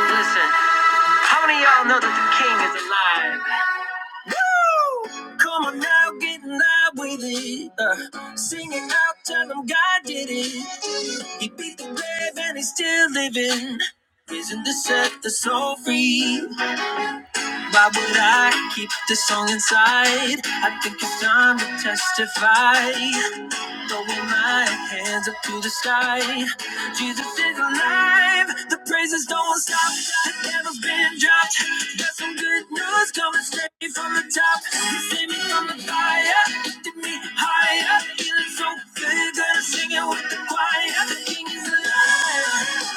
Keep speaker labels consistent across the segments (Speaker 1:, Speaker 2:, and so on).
Speaker 1: Listen, how many of y'all know that the king is alive? Woo! Come on now, get in line with it. Uh, sing it out, tell him God did it. He beat the grave and he's still living. Risen to set the soul free. Why would I keep this song inside? I think it's time to testify. Throwing my hands up to the sky. Jesus is alive. The praises don't stop. The devil's been dropped. Got some good news coming straight from the top. He saved me from the fire. Lifted me higher. Feeling so good. Gonna sing it with the choir. The king is alive.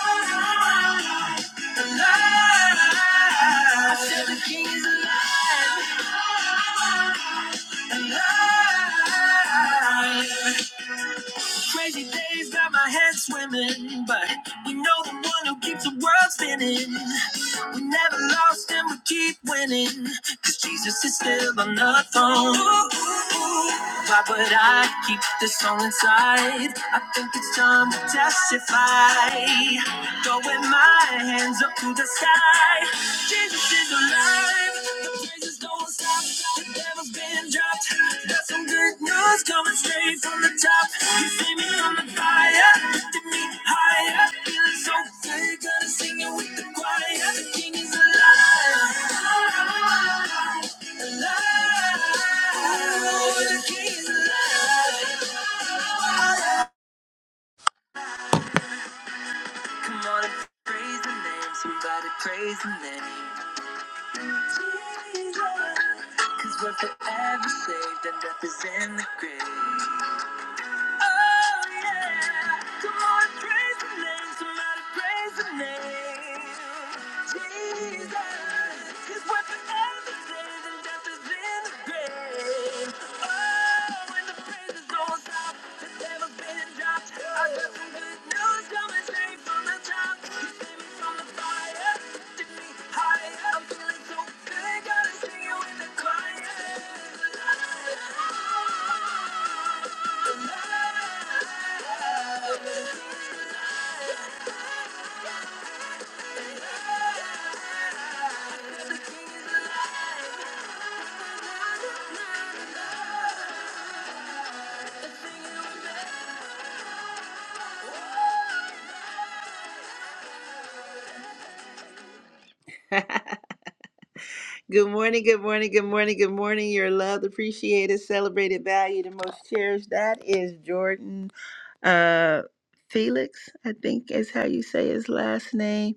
Speaker 1: Alive. I said the king is alive. Alive. Crazy days got my head swimming, but we know the one who keeps the world spinning. We never lost and we keep winning, 'cause Jesus is still on the throne. Why would I keep this song inside? I think it's time to testify. Throwing my hands up to the sky. Jesus is alive. The praises don't stop. The devil's been dropped. Got some good news coming straight from the top. You see me on the fire, lifting me higher. Feeling so good, gonna sing it with the choir. The king is alive. Come on and praise the name, somebody praise the name. Jesus. we we're forever saved and death is in the grave. Oh yeah, come on, praise the name, somebody praise the name. Jesus, 'cause we're forever saved and death is in the grave. Oh, and the praises don't stop, the devil's been dropped. I got some good news coming straight from the top. You saved me from the fire, lifted me higher. I'm feeling so good, gotta sing you in the choir. La, la, la, la. good morning, good morning, good morning, good morning. You're loved, appreciated, celebrated, valued, and most cherished. That is Jordan uh, Felix, I think is how you say his last name.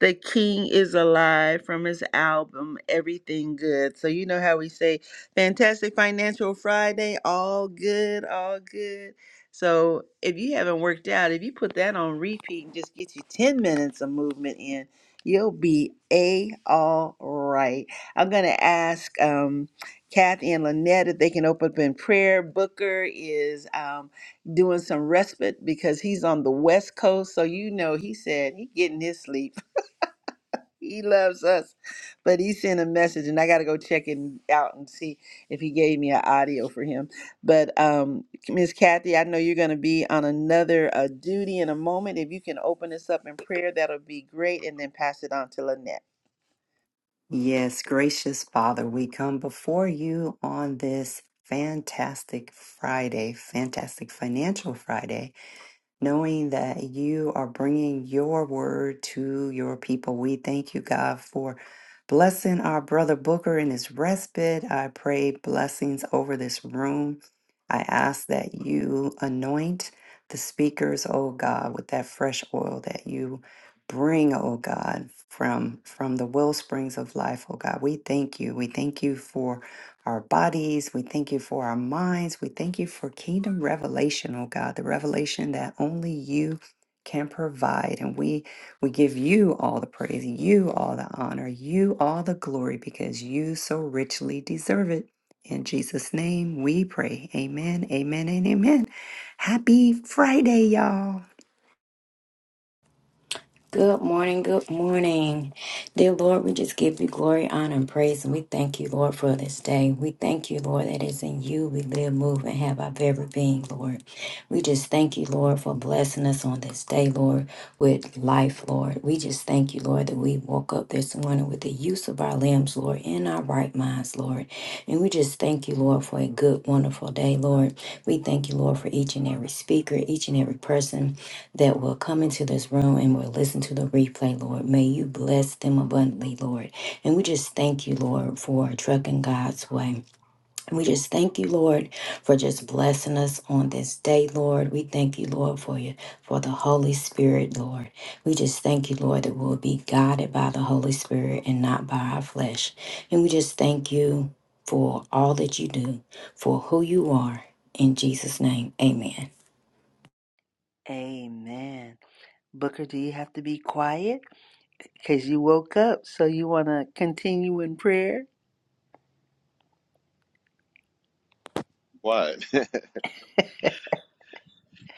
Speaker 1: The King is Alive from his album Everything Good. So you know how we say Fantastic Financial Friday, all good, all good. So if you haven't worked out, if you put that on repeat and just get you 10 minutes of movement in, you'll be a all right. I'm going to ask um, Kathy and Lynette if they can open up in prayer. Booker is. Um, doing some respite because he's on the west coast so you know he said he getting his sleep he loves us but he sent a message and i got to go check it out and see if he gave me an audio for him but um miss kathy i know you're going to be on another uh, duty in a moment if you can open us up in prayer that'll be great and then pass it on to lynette
Speaker 2: Yes, gracious Father, we come before you on this fantastic Friday, fantastic financial Friday knowing that you are bringing your word to your people. We thank you, God, for blessing our brother Booker in his respite. I pray blessings over this room. I ask that you anoint the speakers, oh God, with that fresh oil that you bring, oh God, from from the wellsprings of life, oh God. We thank you. We thank you for our bodies. We thank you for our minds. We thank you for kingdom revelation, oh God, the revelation that only you can provide. And we we give you all the praise, you all the honor, you all the glory, because you so richly deserve it. In Jesus' name we pray. Amen, amen, and amen. Happy Friday, y'all.
Speaker 3: Good morning, good morning. Dear Lord, we just give you glory, honor, and praise, and we thank you, Lord, for this day. We thank you, Lord, that it's in you we live, move, and have our very being, Lord. We just thank you, Lord, for blessing us on this day, Lord, with life, Lord. We just thank you, Lord, that we woke up this morning with the use of our limbs, Lord, in our right minds, Lord. And we just thank you, Lord, for a good, wonderful day, Lord. We thank you, Lord, for each and every speaker, each and every person that will come into this room and will listen to the replay, Lord. May you bless them abundantly, Lord. And we just thank you, Lord, for trucking God's way. And we just thank you, Lord, for just blessing us on this day, Lord. We thank you, Lord, for you, for the Holy Spirit, Lord. We just thank you, Lord, that we'll be guided by the Holy Spirit and not by our flesh. And we just thank you for all that you do, for who you are. In Jesus' name, amen.
Speaker 1: amen booker do you have to be quiet because you woke up so you want to continue in prayer
Speaker 4: What?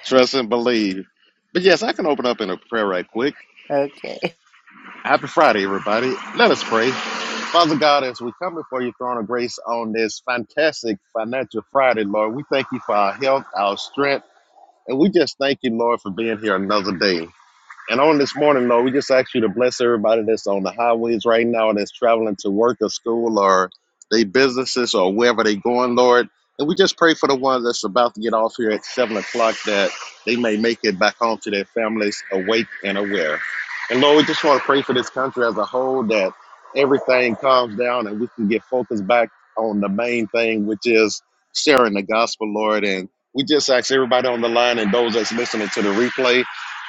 Speaker 4: Trust and believe. But yes, I can open up in a prayer right quick.
Speaker 1: okay
Speaker 4: Happy Friday, everybody. Let us pray. Father God, as we come before your throne of grace on this fantastic financial Friday, Lord, we thank you for our health, our strength, and we just thank you, Lord, for being here another day. And on this morning, Lord, we just ask you to bless everybody that's on the highways right now, that's traveling to work or school or their businesses or wherever they are going, Lord. And we just pray for the ones that's about to get off here at 7 o'clock that they may make it back home to their families awake and aware. And Lord, we just want to pray for this country as a whole that everything calms down and we can get focused back on the main thing, which is sharing the gospel, Lord. And we just ask everybody on the line and those that's listening to the replay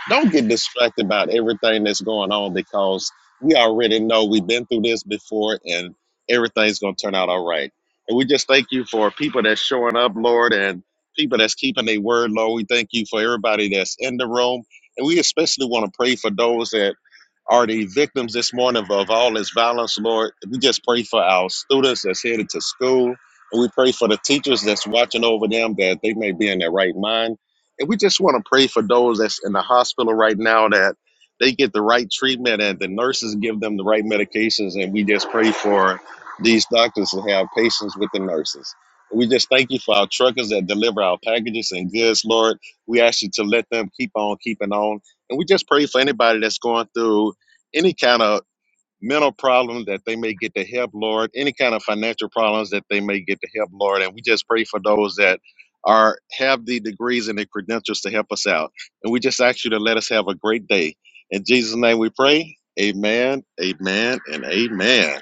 Speaker 4: don't get distracted about everything that's going on because we already know we've been through this before and everything's going to turn out all right. And we just thank you for people that's showing up, Lord, and people that's keeping their word, Lord. We thank you for everybody that's in the room. And we especially want to pray for those that are the victims this morning of all this violence, Lord. We just pray for our students that's headed to school. And we pray for the teachers that's watching over them that they may be in their right mind. And we just want to pray for those that's in the hospital right now that they get the right treatment and the nurses give them the right medications. And we just pray for these doctors to have patience with the nurses. We just thank you for our truckers that deliver our packages and goods, Lord. We ask you to let them keep on keeping on. And we just pray for anybody that's going through any kind of mental problems that they may get to help, Lord, any kind of financial problems that they may get to help, Lord. And we just pray for those that are have the degrees and the credentials to help us out. And we just ask you to let us have a great day. In Jesus' name we pray. Amen, amen, and amen.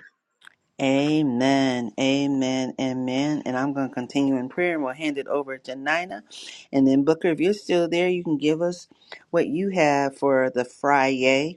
Speaker 1: Amen, amen, amen. And I'm going to continue in prayer and we'll hand it over to Nina. And then, Booker, if you're still there, you can give us what you have for the Friday.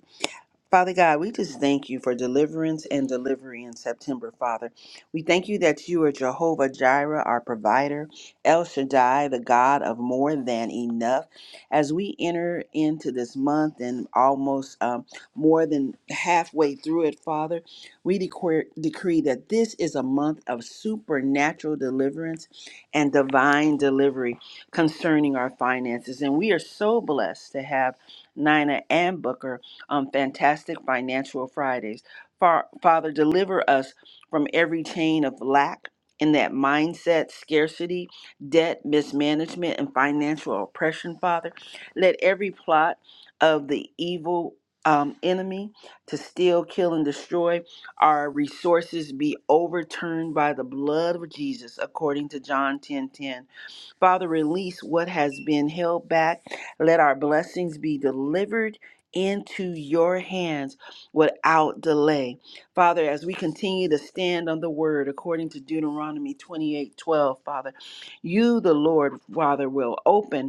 Speaker 1: Father God, we just thank you for deliverance and delivery in September, Father. We thank you that you are Jehovah Jireh, our provider, El Shaddai, the God of more than enough. As we enter into this month and almost um, more than halfway through it, Father, we decree, decree that this is a month of supernatural deliverance and divine delivery concerning our finances. And we are so blessed to have Nina and Booker um, fantastic financial Fridays. Far, Father, deliver us from every chain of lack in that mindset, scarcity, debt, mismanagement, and financial oppression, Father. Let every plot of the evil um, enemy to steal, kill, and destroy our resources be overturned by the blood of Jesus, according to John 10:10. Father, release what has been held back. Let our blessings be delivered into your hands without delay. Father, as we continue to stand on the word according to Deuteronomy 28, 12, Father, you, the Lord, Father, will open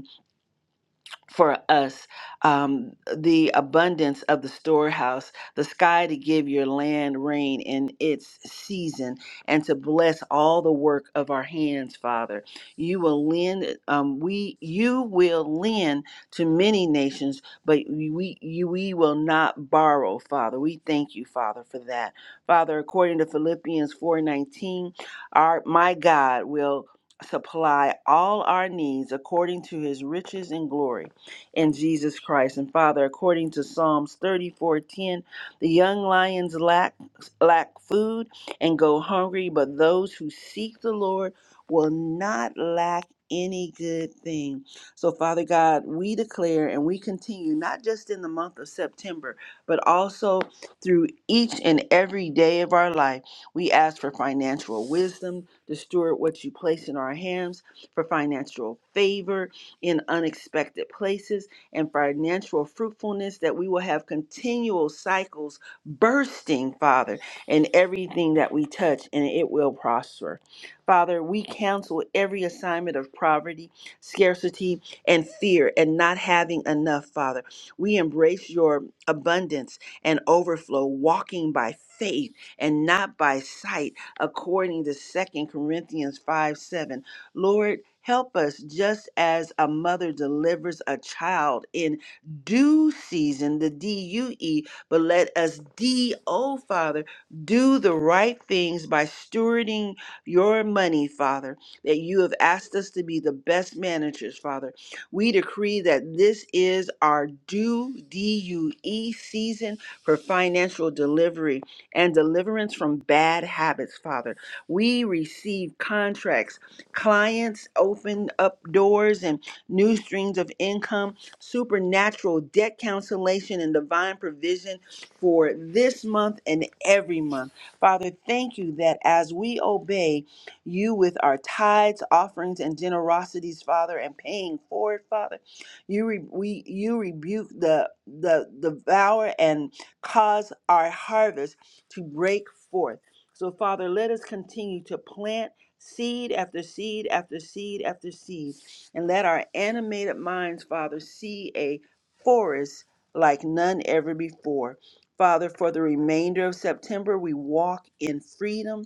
Speaker 1: for us um, the abundance of the storehouse, the sky to give your land rain in its season, and to bless all the work of our hands, Father. You will lend, um, we you will lend to many nations, but we you, we will not borrow, Father. We thank you, Father, for that, Father. According to Philippians four nineteen, our my God will supply all our needs according to His riches and glory in Jesus Christ. And Father, according to Psalms 34:10, the young lions lack lack food and go hungry, but those who seek the Lord will not lack any good thing. So, Father God, we declare and we continue, not just in the month of September, but also through each and every day of our life. We ask for financial wisdom to steward what you place in our hands, for financial favor, in unexpected places and financial fruitfulness, that we will have continual cycles bursting, Father, in everything that we touch, and it will prosper. Father, we cancel every assignment of poverty, scarcity, and fear, and not having enough, Father. We embrace your abundance and overflow, walking by faith and not by sight, according to Second Corinthians five seven. Lord, help us just as a mother delivers a child in due season, the D U E, but let us D O, Father, do the right things by stewarding your money, Father, that you have asked us to be the best managers, Father. We decree that this is our due D U E season for financial delivery and deliverance from bad habits, Father. We receive contracts clients, open up doors and new streams of income, supernatural debt cancellation and divine provision for this month and every month. Father, thank you that as we obey you with our tithes, offerings, and generosities, Father, and paying for it, Father, you re- we you rebuke the the devourer and cause our harvest to break forth. So, Father, let us continue to plant seed after seed after seed after seed, and let our animated minds, Father, see a forest like none ever before. Father, for the remainder of September, we walk in freedom,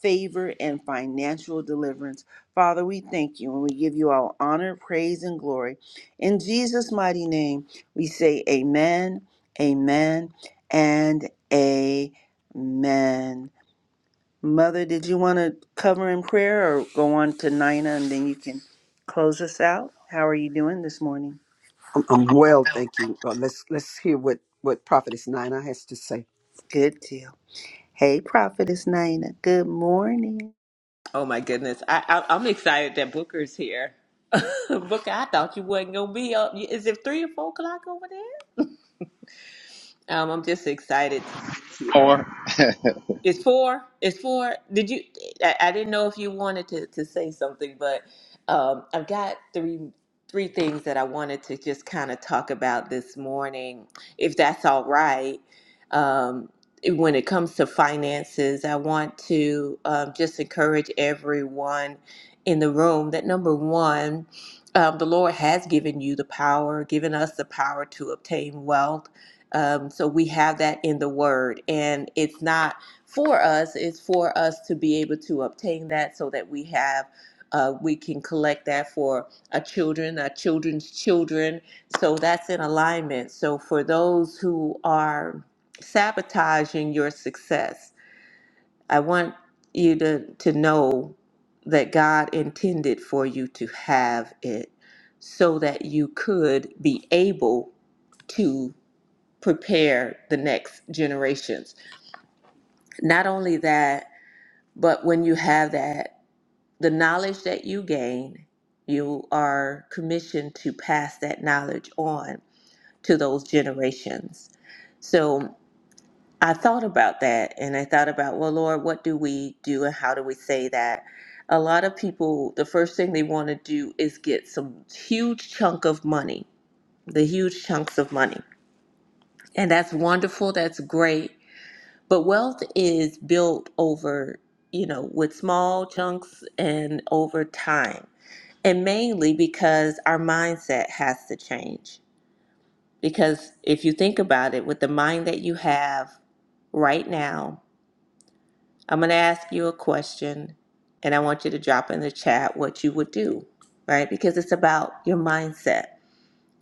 Speaker 1: favor, and financial deliverance. Father, we thank you and we give you all honor, praise, and glory. In Jesus' mighty name, we say amen, amen, and amen. Mother, did you want to cover in prayer or go on to Nina and then you can close us out? How are you doing this morning?
Speaker 5: I'm, I'm well, thank you. Uh, let's let's hear what what Prophetess Nina has to say.
Speaker 1: Good deal. Hey, Prophetess Nina. Good morning.
Speaker 6: Oh my goodness. I, I I'm excited that Booker's here. Booker, I thought you wasn't gonna be up. Is it three or four o'clock over there? Um, I'm just excited to be here. It's four. It's four. Did you? I, I didn't know if you wanted to, to say something, but um, I've got three three things that I wanted to just kind of talk about this morning, if that's all right. Um, when it comes to finances, I want to um, just encourage everyone in the room that number one, um, the Lord has given you the power, given us the power to obtain wealth. Um, so we have that in the Word, and it's not for us is for us to be able to obtain that so that we have uh, we can collect that for our children our children's children so that's in alignment so for those who are sabotaging your success i want you to, to know that god intended for you to have it so that you could be able to prepare the next generations not only that but when you have that, the knowledge that you gain, you are commissioned to pass that knowledge on to those generations. So I thought about that and I thought about, well, Lord, what do we do and how do we say that? A lot of people, the first thing they want to do is get some huge chunk of money, the huge chunks of money. And that's wonderful, that's great But wealth is built over, you know, with small chunks and over time. And mainly because our mindset has to change. Because if you think about it, with the mind that you have right now, I'm going to ask you a question and I want you to drop in the chat what you would do, right? Because it's about your mindset.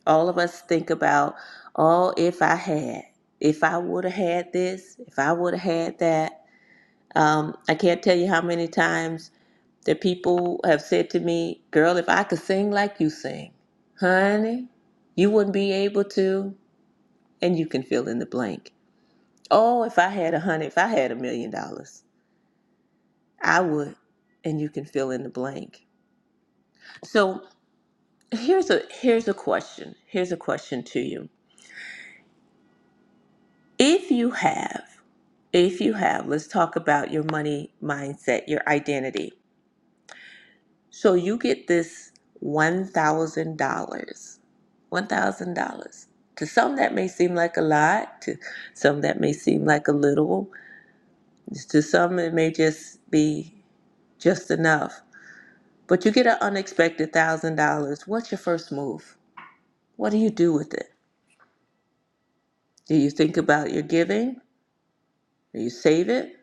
Speaker 6: All of us think about, oh, if I had, if I would have had this, if I would have had that, Um, I can't tell you how many times that people have said to me, Girl, if I could sing like you sing, honey, you wouldn't be able to. And you can fill in the blank. Oh, if I had a hundred, if I had a million dollars, I would. And you can fill in the blank. So here's a here's a question. Here's a question to you. If you have, if you have, let's talk about your money mindset, your identity So you get this $1,000. $1,000. To some, that may seem like a lot. To some, that may seem like a little. To some, it may just be just enough. But you get an unexpected $1,000. What's your first move? What do you do with it? Do you think about your giving? Do you save it?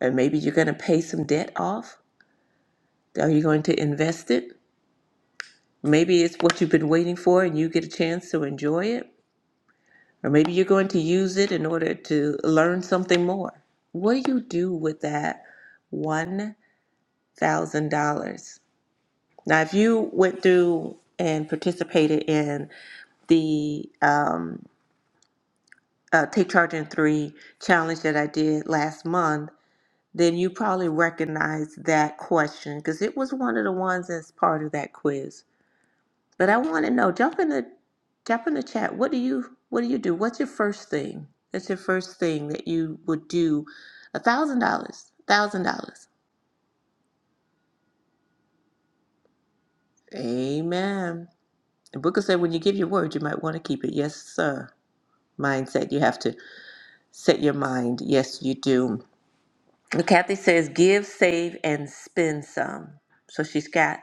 Speaker 6: And maybe you're going to pay some debt off? Are you going to invest it? Maybe it's what you've been waiting for and you get a chance to enjoy it. Or maybe you're going to use it in order to learn something more. What do you do with that $1,000? Now, if you went through and participated in the um, uh, Take Charge in Three challenge that I did last month, then you probably recognize that question because it was one of the ones that's part of that quiz. But I want to know. Jump in the jump in the chat. What do you What do you do? What's your first thing? That's your first thing that you would do. A thousand dollars. Thousand dollars. Amen. And Booker said, when you give your word, you might want to keep it. Yes, sir. Mindset. You have to set your mind. Yes, you do. And Kathy says, give, save, and spend some. So she's got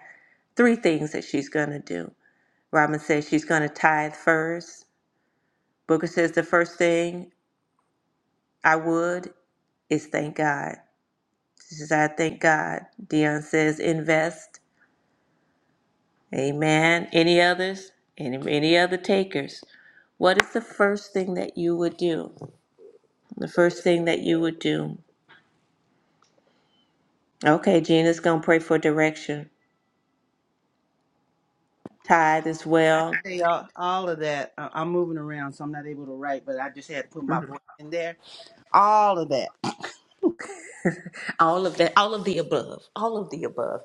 Speaker 6: three things that she's going to do. Robin says she's going to tithe first. Booker says the first thing I would. is thank God. She says, I thank God. Dion says, invest. Amen. Any others? Any, any other takers? What is the first thing that you would do? The first thing that you would do. Okay, Gina's gonna pray for direction. Tithe as
Speaker 1: I
Speaker 6: well.
Speaker 1: say all, all of that. I- I'm moving around, so I'm not able to write, but I just had to put my voice in there. All of that.
Speaker 6: All of that. All of the above. All of the above.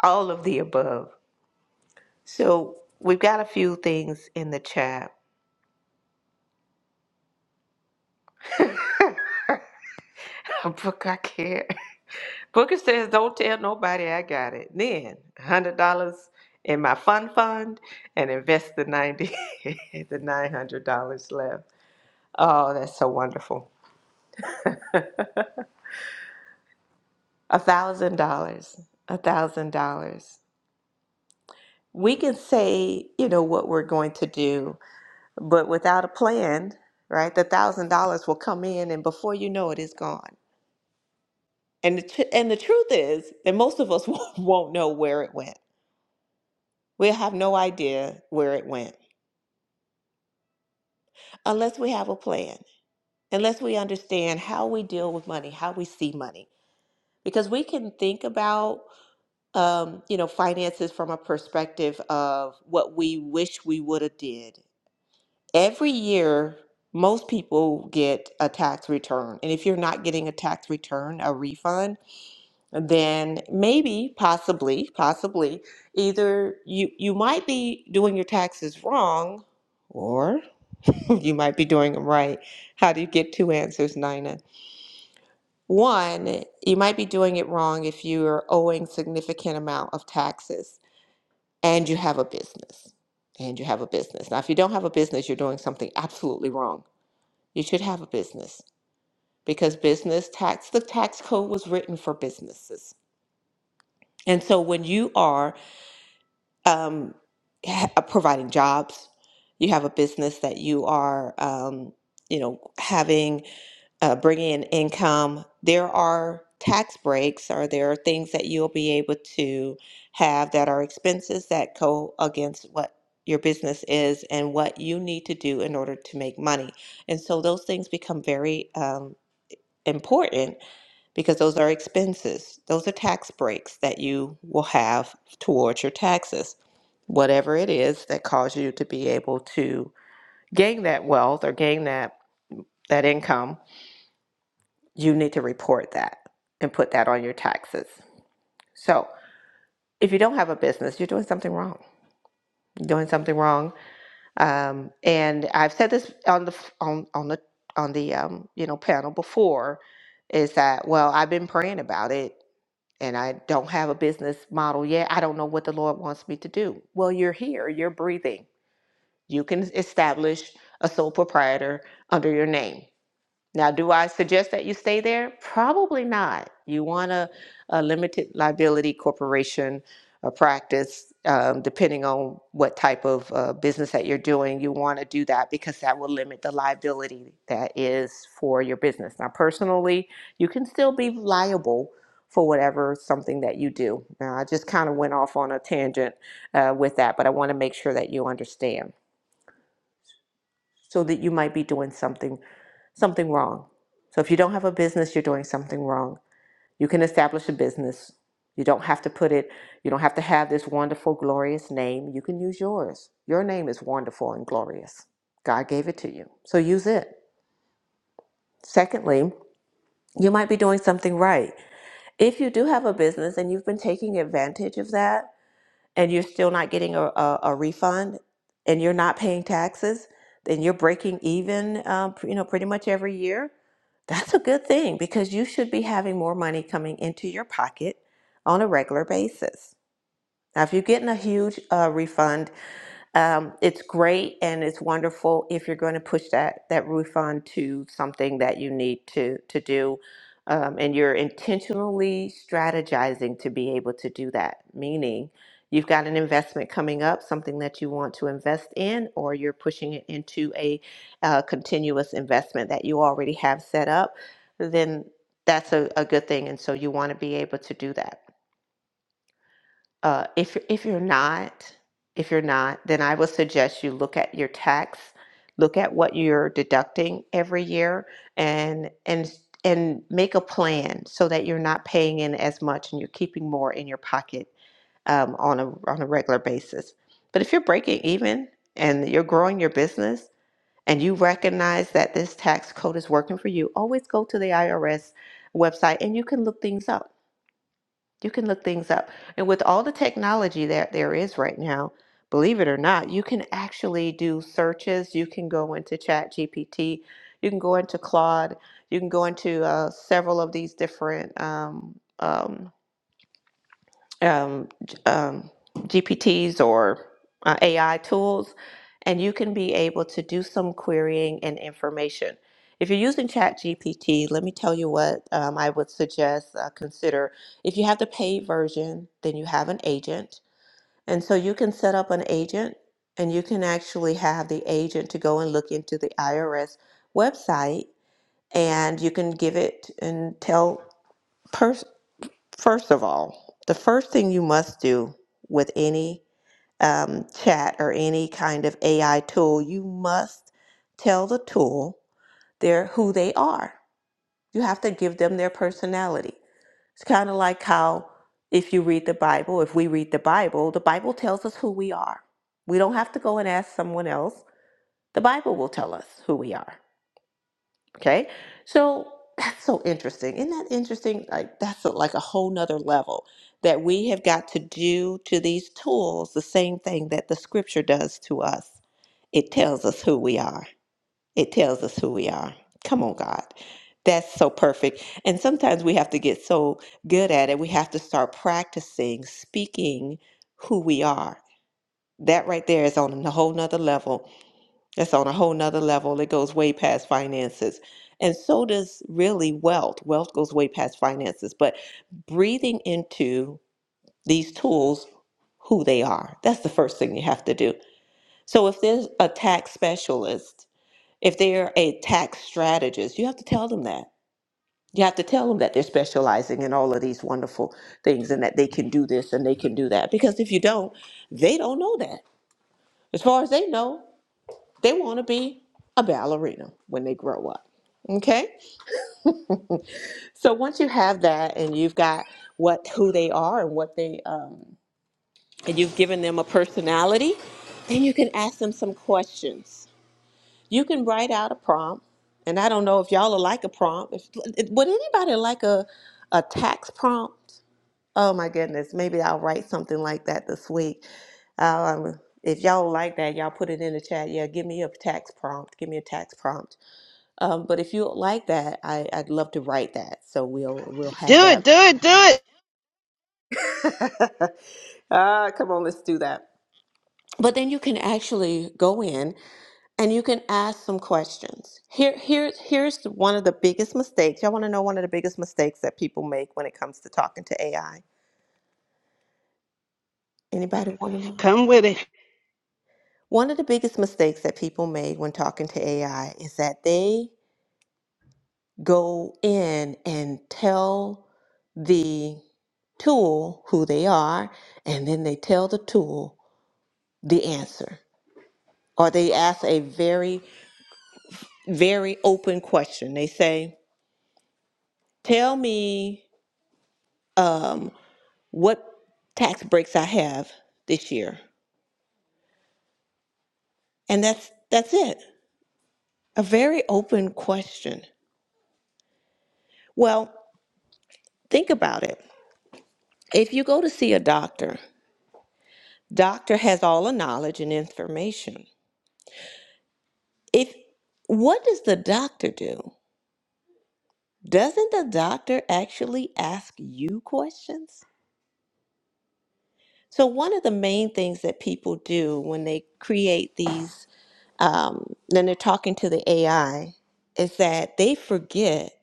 Speaker 6: All of the above. So we've got a few things in the chat. Brooke, I can't. Booker says, "Don't tell nobody I got it." Then one hundred dollars in my fun fund and invest the ninety, the nine hundred dollars left. Oh, that's so wonderful. A thousand dollars, a thousand dollars. We can say, you know, what we're going to do, but without a plan, right? The thousand dollars will come in, and before you know it, it's gone. And the tr- and the truth is that most of us won't won't know where it went. We'll have no idea where it went unless we have a plan, unless we understand how we deal with money, how we see money, because we can think about um, you know finances from a perspective of what we wish we would have did. Every year, most people get a tax return, and if you're not getting a tax return, a refund, then maybe, possibly, possibly, either you you might be doing your taxes wrong, or you might be doing them right. How do you get two answers, Nina? One, you might be doing it wrong if you are owing significant amount of taxes and you have a business. And you have a business. Now, if you don't have a business, you're doing something absolutely wrong. You should have a business because business tax, the tax code was written for businesses. And so when you are um, ha- uh, providing jobs, you have a business that you are, um, you know, having uh, bringing in income, there are tax breaks or there are things that you'll be able to have that are expenses that go against what your business is and what you need to do in order to make money. And so those things become very um, important because those are expenses. Those are tax breaks that you will have towards your taxes, whatever it is that cause you to be able to gain that wealth or gain that that income you need to report that and put that on your taxes. So if you don't have a business, you're doing something wrong. You're doing something wrong. Um, and I've said this on the on on the on the um, you know panel before, is that well I've been praying about it and I don't have a business model yet. I don't know what the Lord wants me to do. Well, you're here. You're breathing. You can establish a sole proprietor under your name Now, do I suggest that you stay there? Probably not. You want a, a limited liability corporation or practice, um, depending on what type of uh, business that you're doing. You want to do that because that will limit the liability that is for your business. Now, personally, you can still be liable for whatever something that you do. Now, I just kind of went off on a tangent uh, with that, but I want to make sure that you understand so that you might be doing something something wrong. So if you don't have a business, you're doing something wrong. You can establish a business. You don't have to put it, you don't have to have this wonderful, glorious name. You can use yours. Your name is wonderful and glorious. God gave it to you. So use it. Secondly, you might be doing something right. If you do have a business and you've been taking advantage of that, and you're still not getting a, a, a refund and you're not paying taxes, then you're breaking even, um, you know, pretty much every year. That's a good thing because you should be having more money coming into your pocket on a regular basis. Now, if you're getting a huge uh, refund um, it's great and it's wonderful if you're going to push that that roof on to something that you need to to do, um, and you're intentionally strategizing to be able to do that. Meaning, you've got an investment coming up, something that you want to invest in, or you're pushing it into a uh, continuous investment that you already have set up. Then that's a, a good thing, and so you want to be able to do that. Uh, if if you're not, if you're not, then I would suggest you look at your tax, look at what you're deducting every year, and and and make a plan so that you're not paying in as much and you're keeping more in your pocket um, on a on a regular basis. But if you're breaking even and you're growing your business and you recognize that this tax code is working for you, always go to the IRS website and you can look things up you can look things up. And with all the technology that there is right now, believe it or not, you can actually do searches. You can go into Chat GPT, you can go into Claude, you can go into uh, several of these different um, um, um, g- um, GPTs or uh, AI tools, and you can be able to do some querying and information. If you're using ChatGPT, let me tell you what um, I would suggest uh, consider. If you have the paid version, then you have an agent. And so you can set up an agent and you can actually have the agent to go and look into the IRS website and you can give it and tell per- First of all, the first thing you must do with any um, chat or any kind of AI tool, you must tell the tool their who they are. You have to give them their personality. It's kind of like how if you read the Bible, if we read the Bible, the Bible tells us who we are. We don't have to go and ask someone else. The Bible will tell us who we are. Okay. So that's so interesting. Isn't that interesting? Like that's a, like a whole nother level that we have got to do to these tools the same thing that the scripture does to us. It tells us who we are. It tells us who we are. Come on, God. That's so perfect. And sometimes we have to get so good at it, we have to start practicing speaking who we are. That right there is on a whole nother level that's on a whole nother level. It goes way past finances. And so does really wealth. Wealth goes way past finances. But breathing into these tools, who they are, that's the first thing you have to do. So if there's a tax specialist, if they're a tax strategist, you have to tell them that. You have to tell them that they're specializing in all of these wonderful things and that they can do this and they can do that. Because if you don't, they don't know that. As far as they know, they want to be a ballerina when they grow up. Okay. So once you have that and you've got what who they are and what they um, and you've given them a personality, then you can ask them some questions. You can write out a prompt, and I don't know if y'all are like a prompt. If, would anybody like a a tax prompt? Oh my goodness, maybe I'll write something like that this week. Um, if y'all like that, y'all put it in the chat. Yeah, give me a tax prompt. Give me a tax prompt Um, but if you like that, I, I'd love to write that. So we'll we'll
Speaker 1: Do
Speaker 6: have
Speaker 1: it,
Speaker 6: that.
Speaker 1: do it, do it.
Speaker 6: ah, come on, let's do that. But then you can actually go in and you can ask some questions. Here, here, here's one of the biggest mistakes. Y'all want to know one of the biggest mistakes that people make when it comes to talking to AI? Anybody want to know?
Speaker 1: Come with it.
Speaker 6: One of the biggest mistakes that people make when talking to AI is that they go in and tell the tool who they are, and then they tell the tool the answer. Or they ask a very, very open question. They say, Tell me um, what tax breaks I have this year. And that's that's it. A very open question. Well, think about it. If you go to see a doctor, doctor has all the knowledge and information. If what does the doctor do? Doesn't the doctor actually ask you questions? So, one of the main things that people do when they create these, um, then they're talking to the AI, is that they forget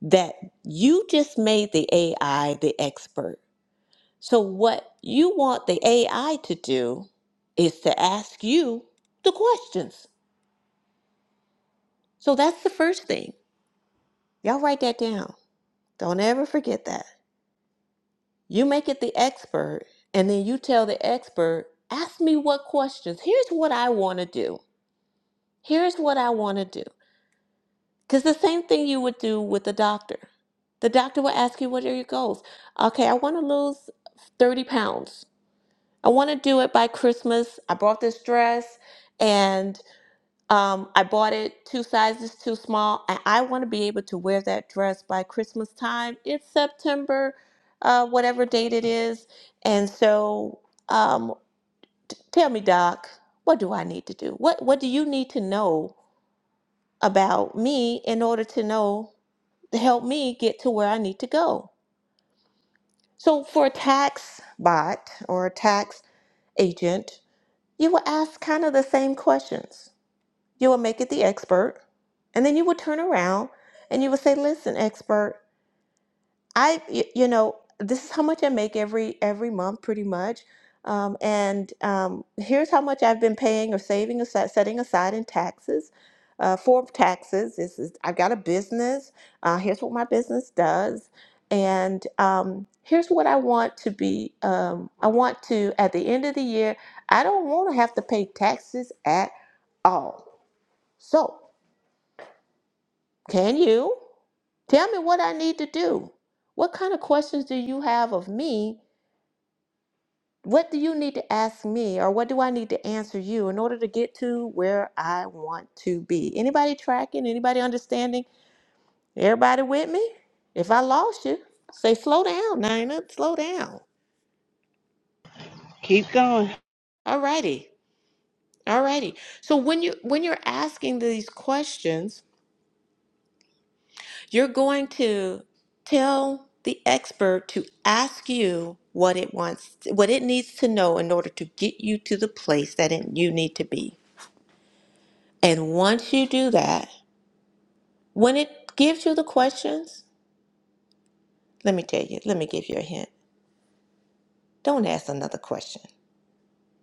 Speaker 6: that you just made the AI the expert. So, what you want the AI to do is to ask you the questions. So, that's the first thing. Y'all write that down. Don't ever forget that. You make it the expert, and then you tell the expert, ask me what questions. Here's what I want to do. Here's what I want to do. Because the same thing you would do with the doctor. The doctor will ask you, what are your goals? Okay, I want to lose 30 pounds. I want to do it by Christmas. I bought this dress, and. Um, I bought it two sizes too small, and I want to be able to wear that dress by Christmas time. It's September, uh, whatever date it is. And so, um, t- tell me, Doc, what do I need to do? What What do you need to know about me in order to know to help me get to where I need to go? So, for a tax bot or a tax agent, you will ask kind of the same questions. You will make it the expert. And then you will turn around and you will say, "Listen, expert, I, you you know, this is how much I make every every month, pretty much, um, and um, here's how much I've been paying or saving or setting aside in taxes uh, for taxes. This is I've got a business. Uh, here's what my business does, and um, here's what I want to be. Um, I want to at the end of the year, I don't want to have to pay taxes at all. So." Can you? Tell me what I need to do. What kind of questions do you have of me? What do you need to ask me or what do I need to answer you in order to get to where I want to be? Anybody tracking? Anybody understanding? Everybody with me? If I lost you, say slow down, Nina, slow down.
Speaker 1: Keep going.
Speaker 6: Alrighty. Alrighty. So when you when you're asking these questions, You're going to tell the expert to ask you what it wants, what it needs to know in order to get you to the place that it, you need to be. And once you do that, when it gives you the questions, let me tell you, let me give you a hint. Don't ask another question.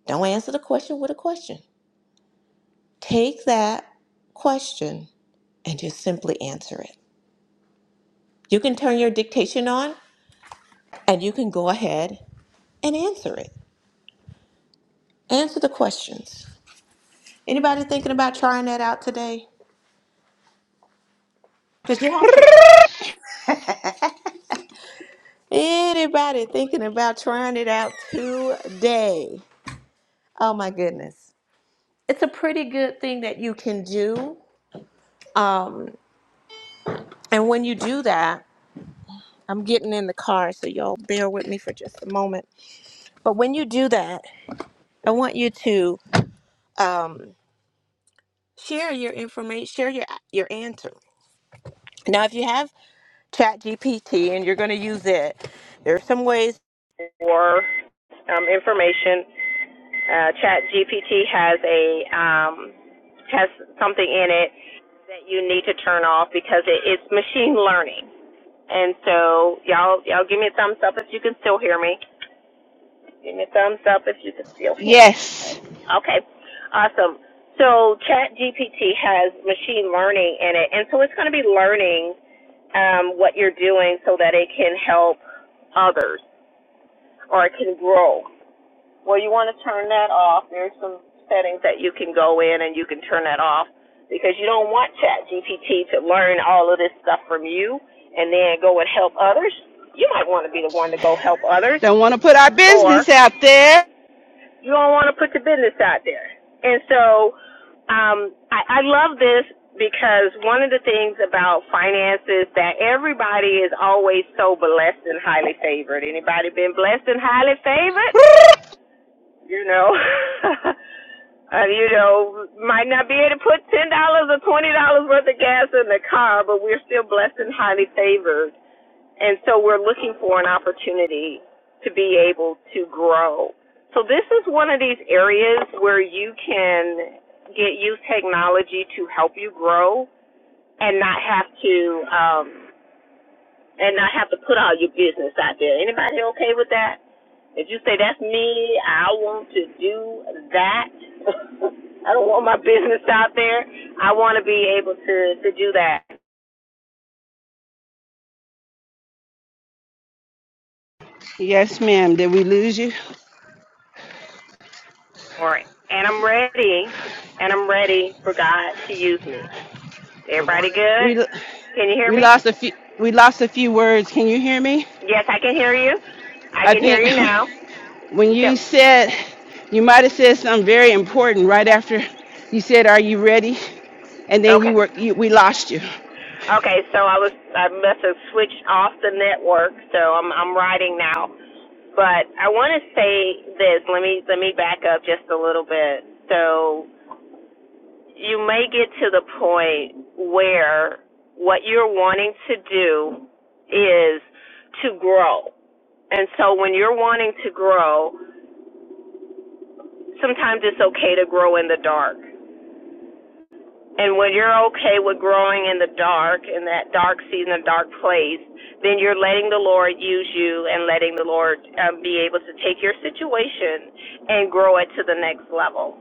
Speaker 6: Don't answer the question with a question. Take that question and just simply answer it. You can turn your dictation on and you can go ahead and answer it. Answer the questions. Anybody thinking about trying that out today? Because you have to. Anybody thinking about trying it out today? Oh my goodness. It's a pretty good thing that you can do. Um, and when you do that, I'm getting in the car, so y'all bear with me for just a moment. But when you do that, I want you to um, share your information, share your your answer. Now, if you have ChatGPT and you're going to use it, there are some ways for um, information. Uh, Chat GPT has a um, has something in it that you need to turn off because it, it's machine learning. And so y'all y'all give me a thumbs up if you can still hear me. Give me a thumbs up if you can still hear me.
Speaker 1: Yes.
Speaker 6: Okay. Okay. Awesome. So Chat GPT has machine learning in it, and so it's going to be learning um, what you're doing so that it can help others or it can grow. Well, you want to turn that off. There's some settings that you can go in and you can turn that off because you don't want ChatGPT to learn all of this stuff from you and then go and help others. You might want to be the one to go help others,
Speaker 1: Don't want to put our
Speaker 6: or
Speaker 1: business out there.
Speaker 6: you don't want to put your business out there. And so, um, I, I love this because one of the things about finances that everybody is always so blessed and highly favored. Anybody been blessed and highly favored? you know. Uh, you know, might not be able to put ten dollars or twenty dollars worth of gas in the car, but we're still blessed and highly favored, and so we're looking for an opportunity to be able to grow. So this is one of these areas where you can get use technology to help you grow and not have to um, and not have to put all your business out there. Anybody okay with that? If you say that's me, I want to do that. I don't want my business out there. I want to be able to to do that
Speaker 1: Yes, ma'am. Did we lose you?
Speaker 6: All right. and I'm ready, and I'm ready for God to use me. Everybody good?
Speaker 1: We
Speaker 6: Can you hear
Speaker 1: we
Speaker 6: me?
Speaker 1: lost a few we lost a few words. Can you hear me?
Speaker 6: Yes, I can hear you. I
Speaker 1: I
Speaker 6: can hear
Speaker 1: think
Speaker 6: you now.
Speaker 1: when you
Speaker 6: Tell-
Speaker 1: said you might have said something very important right after you said are you ready? And then you
Speaker 6: Okay.
Speaker 1: were you, we lost you.
Speaker 6: Okay, so I was I must have switched off the network, so I'm I'm writing now. But I want to say this. Let me let me back up just a little bit. So you may get to the point where what you're wanting to do is to grow. And so when you're wanting to grow, sometimes it's okay to grow in the dark. And when you're okay with growing in the dark, in that dark season, a dark place, then you're letting the Lord use you and letting the Lord um, be able to take your situation and grow it to the next level.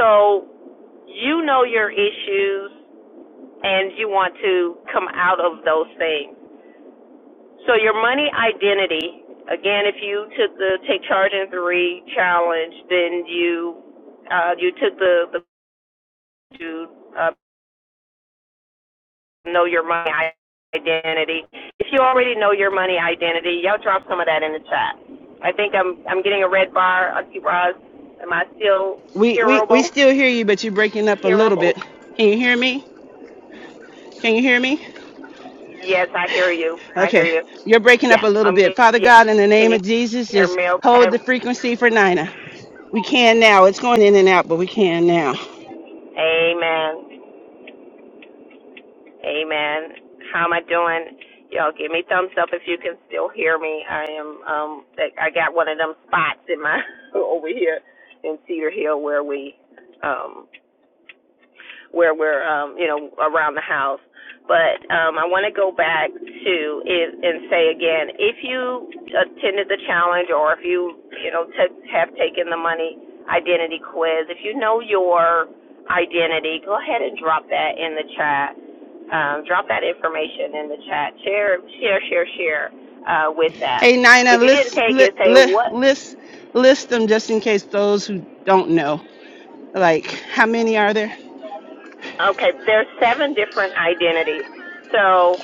Speaker 6: So you know your issues and you want to come out of those things. So your money identity, again, if you took the Take Charge in Three challenge, then you uh, you took the the uh, know your money identity. If you already know your money identity, y'all drop some of that in the chat. I think I'm I'm getting a red bar. Auntie Roz, am I still
Speaker 1: We we we
Speaker 6: hearable?
Speaker 1: still hear you but you're breaking up a little bit.
Speaker 6: Hearable?
Speaker 1: Can you hear me? Can you hear me?
Speaker 6: Yes, I hear you. I hear
Speaker 1: Okay,
Speaker 6: you.
Speaker 1: you're breaking up
Speaker 6: Yeah,
Speaker 1: a little
Speaker 6: I'm.
Speaker 1: bit. Father
Speaker 6: Yeah.
Speaker 1: God, in the
Speaker 6: Can
Speaker 1: name
Speaker 6: you
Speaker 1: of Jesus,
Speaker 6: hear
Speaker 1: just
Speaker 6: me? Okay.
Speaker 1: hold the frequency for Nina. We can now. It's going in and out, but we can now.
Speaker 6: Amen. Amen. How am I doing? Y'all give me thumbs up if you can still hear me. I am. Um, I got one of them spots in my over here in Cedar Hill where we um where we're um, you know around the house. But um, I want to go back to it and say again, if you attended the challenge or if you you know t- have taken the money identity quiz, if you know your identity, go ahead and drop that in the chat. Um, drop that information in the chat. Share share share share uh, with that.
Speaker 1: Hey, Nina,
Speaker 6: If you didn't
Speaker 1: list
Speaker 6: take
Speaker 1: li,
Speaker 6: it, say
Speaker 1: li,
Speaker 6: what.
Speaker 1: list list them just in case those who don't know. Like, how many are there
Speaker 6: Okay, there's seven different identities. So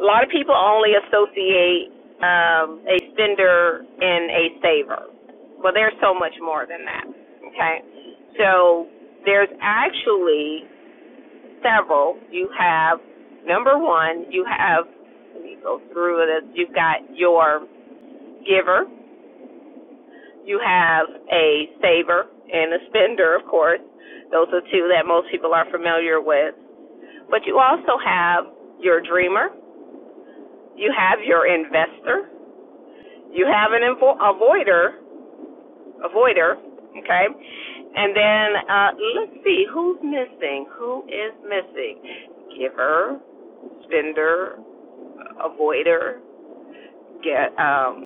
Speaker 6: A lot of people only associate um, a spender and a saver. Well, there's so much more than that. Okay, so there's actually several. You have number one. You have let me go through this. You've got your giver. You have a saver and a spender, of course. Those are two that most people are familiar with. But you also have your dreamer. You have your investor You have an invo- avoider, avoider, okay? And then uh, let's see who's missing. Who is missing? Giver, spender, avoider, get. Um,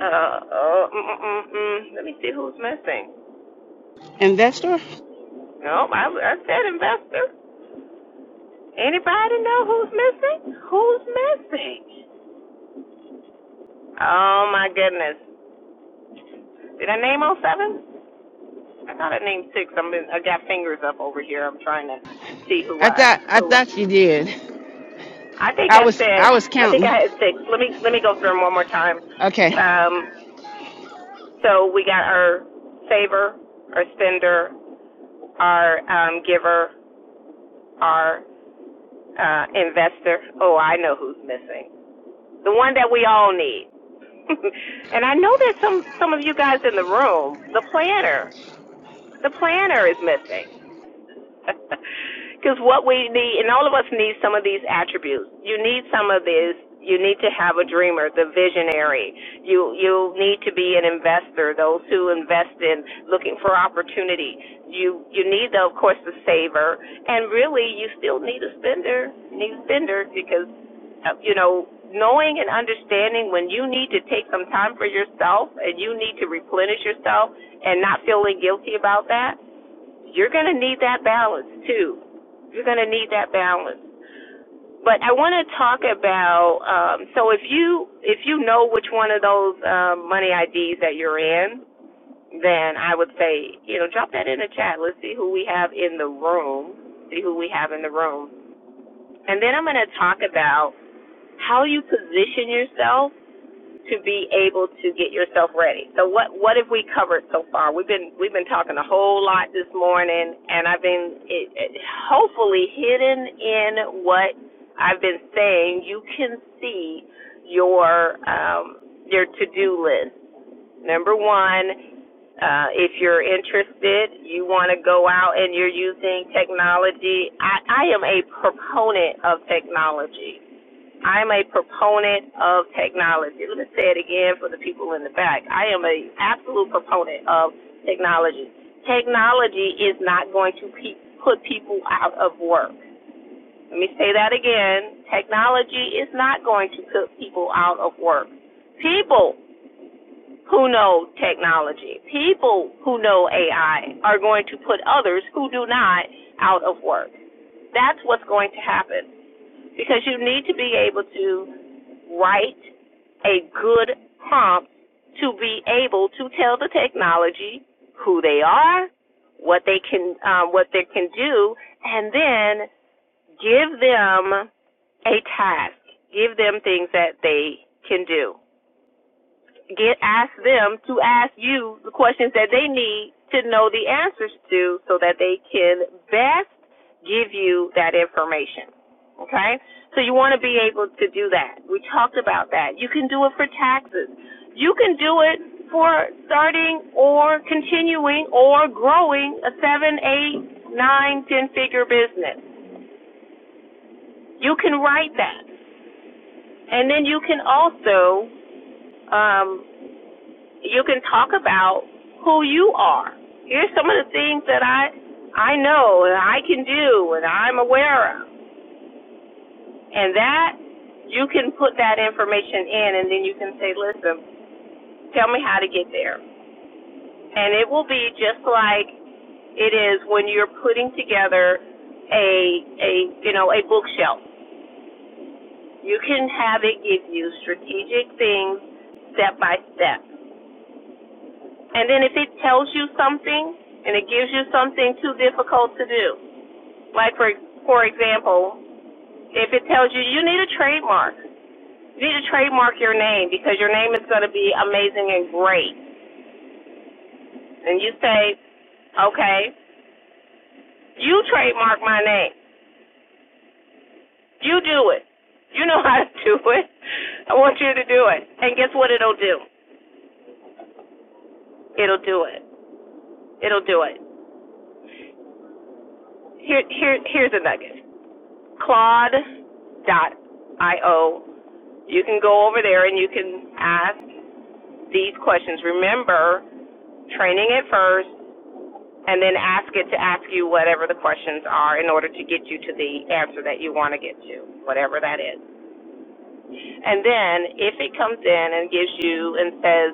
Speaker 6: uh, uh, mm, mm, mm. mm. Let me see who's missing.
Speaker 1: in that store?
Speaker 6: No, I, I said investor. Anybody know who's missing? Who's missing? Oh my goodness! Did I name all seven? I thought I named six. I'm in, I got fingers up over here. I'm trying to see who
Speaker 1: I
Speaker 6: I
Speaker 1: thought I
Speaker 6: who. I
Speaker 1: thought you did.
Speaker 6: I think
Speaker 1: I
Speaker 6: I
Speaker 1: was
Speaker 6: said.
Speaker 1: I was
Speaker 6: I think
Speaker 1: counting.
Speaker 6: I had six. Let me let me go through them one more time.
Speaker 1: Okay,
Speaker 6: Um, so we got our saver, our spender, our um, giver, our uh, investor. Oh, I know who's missing. The one that we all need. and I know there's some some of you guys in the room. The planner. The planner is missing. Because what we need, and all of us need some of these attributes. You need some of this. You need to have a dreamer, the visionary. You you need to be an investor, those who invest in looking for opportunity. You you need, the, of course, the saver, and really, you still need a spender. You need a spender because uh, you know knowing and understanding when you need to take some time for yourself and you need to replenish yourself and not feeling guilty about that you're going to need that balance too. You're going to need that balance. But I want to talk about um, so if you if you know which one of those um, money IDs that you're in, then I would say you know drop that in the chat. Let's see who we have in the room. See who we have in the room, and then I'm going to talk about how you position yourself to be able to get yourself ready. So what what have we covered so far? We've been we've been talking a whole lot this morning, and I've been it, it, hopefully hidden in what I've been saying. You can see your um, your to do list. Number one, uh, if you're interested, you want to go out and you're using technology. I, I am a proponent of technology. I'm a proponent of technology. Let me say it again for the people in the back. I am a absolute proponent of technology. Technology is not going to pe- put people out of work. Let me say that again. Technology is not going to put people out of work. People who know technology, people who know AI are going to put others who do not out of work. That's what's going to happen because you need to be able to write a good prompt to be able to tell the technology who they are, what they can um, what they can do, and then give them a task, give them things that they can do get ask them to ask you the questions that they need to know the answers to so that they can best give you that information. Okay? So you want to be able to do that. We talked about that. You can do it for taxes. You can do it for starting or continuing or growing a seven, eight, nine, ten figure business. You can write that. And then you can also um, you can talk about who you are. Here's some of the things that I I know and I can do and I'm aware of. And that you can put that information in and then you can say, Listen, tell me how to get there. And it will be just like it is when you're putting together a a you know, a bookshelf. You can have it give you strategic things step by step. And then if it tells you something and it gives you something too difficult to do, like for for example, if it tells you you need a trademark, you need to trademark your name because your name is going to be amazing and great, and you say, okay, you trademark my name, you do it, you know how to do it, I want you to do it, and guess what it'll do? It'll do it. It'll do it. Here, here, here's a nugget. Claude. dot Io. You can go over there and you can ask these questions. Remember, training it first, and then ask it to ask you whatever the questions are in order to get you to the answer that you want to get to, whatever that is. And then if it comes in and gives you and says,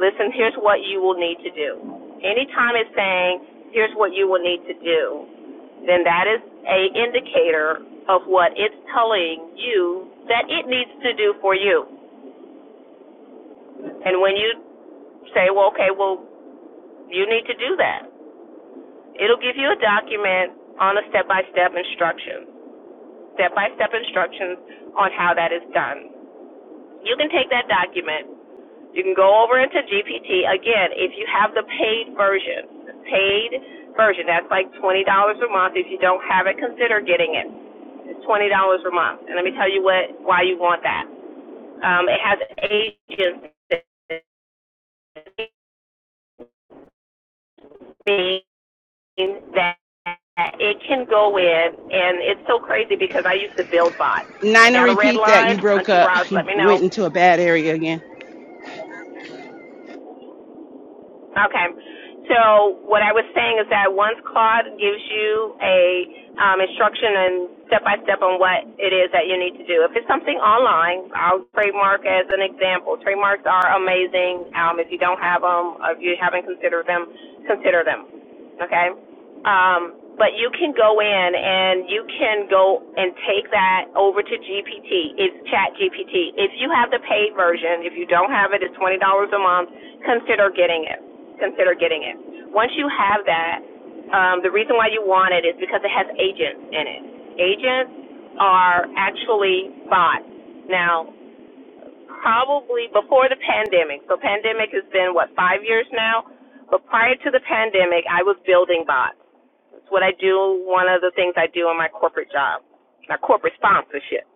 Speaker 6: listen, here's what you will need to do. Anytime it's saying, here's what you will need to do, then that is a indicator of what it's telling you that it needs to do for you. And when you say, well, okay, well, you need to do that. It'll give you a document on a step-by-step instruction, step-by-step instructions on how that is done. You can take that document You can go over into GPT. Again, if you have the paid version, the paid version, that's like $20 a month. If you don't have it, consider getting it. It's $20 a month. And let me tell you what, why you want that. Um, it has agents that it can go in, and it's so crazy because I used to build bots. I
Speaker 1: Nina,
Speaker 6: got a red
Speaker 1: repeat that. You
Speaker 6: line.
Speaker 1: broke
Speaker 6: Auntie
Speaker 1: up.
Speaker 6: Roz, let
Speaker 1: You
Speaker 6: me
Speaker 1: went
Speaker 6: know.
Speaker 1: into a bad area again.
Speaker 6: Okay. So what I was saying is that once Claude gives you a um, instruction and step by step on what it is that you need to do. If it's something online, I'll trademark as an example. Trademarks are amazing. Um, if you don't have them, or if you haven't considered them, consider them okay? Um, but you can go in and you can go and take that over to GPT. It's Chat GPT. If you have the paid version, if you don't have it, it's twenty dollars a month. Consider getting it. Consider getting it. Once you have that, um, the reason why you want it is because it has agents in it. Agents are actually bots. Now, probably before the pandemic. So pandemic has been what five years now, but prior to the pandemic, I was building bots. It's what I do. One of the things I do in my corporate job, my corporate sponsorship.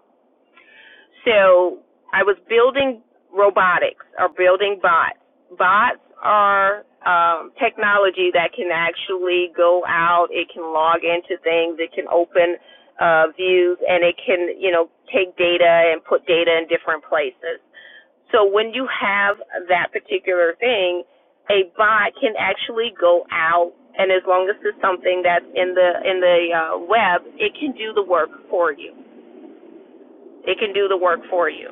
Speaker 6: So I was building robotics or building bots. Bots are um, technology that can actually go out. It can log into things. It can open uh, views, and it can you know take data and put data in different places. So when you have that particular thing, a bot can actually go out, and as long as it's something that's in the in the uh, web, it can do the work for you. It can do the work for you.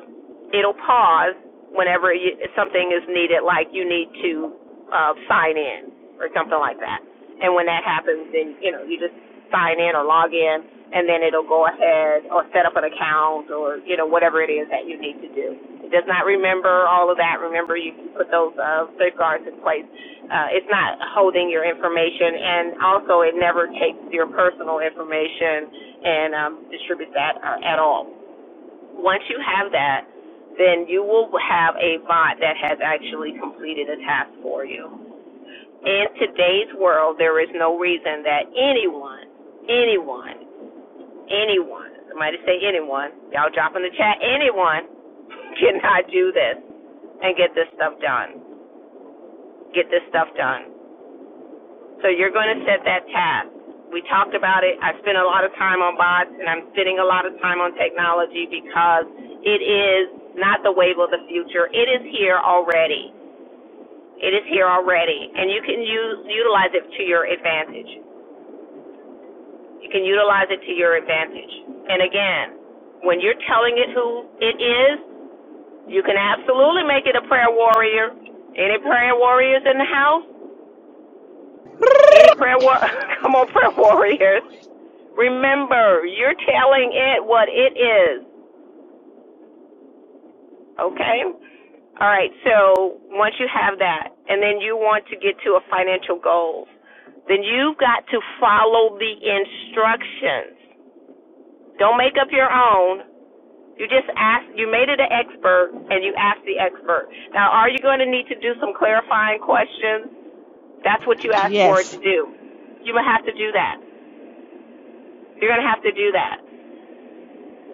Speaker 6: It'll pause whenever you, something is needed, like you need to uh, sign in or something like that. And when that happens, then you know you just sign in or log in, and then it'll go ahead or set up an account or you know whatever it is that you need to do. It does not remember all of that. Remember, you can put those uh, safeguards in place. Uh, it's not holding your information, and also it never takes your personal information and um, distributes that uh, at all. Once you have that, then you will have a bot that has actually completed a task for you. In today's world, there is no reason that anyone, anyone, anyone, somebody say anyone, y'all drop in the chat, anyone cannot do this and get this stuff done. Get this stuff done. So you're going to set that task. We talked about it. I spent a lot of time on bots and I'm spending a lot of time on technology because it is not the wave of the future. It is here already. It is here already and you can use, utilize it to your advantage. You can utilize it to your advantage. And again, when you're telling it who it is, you can absolutely make it a prayer warrior. Any prayer warriors in the house? Any prayer war? Come on, prayer warriors. Remember, you're telling it what it is, okay? All right, so once you have that, and then you want to get to a financial goal, then you've got to follow the instructions. Don't make up your own. You just ask, you made it an expert, and you ask the expert. Now, are you going to need to do some clarifying questions? That's what you asked for it
Speaker 1: Yes.
Speaker 6: to do. You're going to have to do that. You're going to have to do that.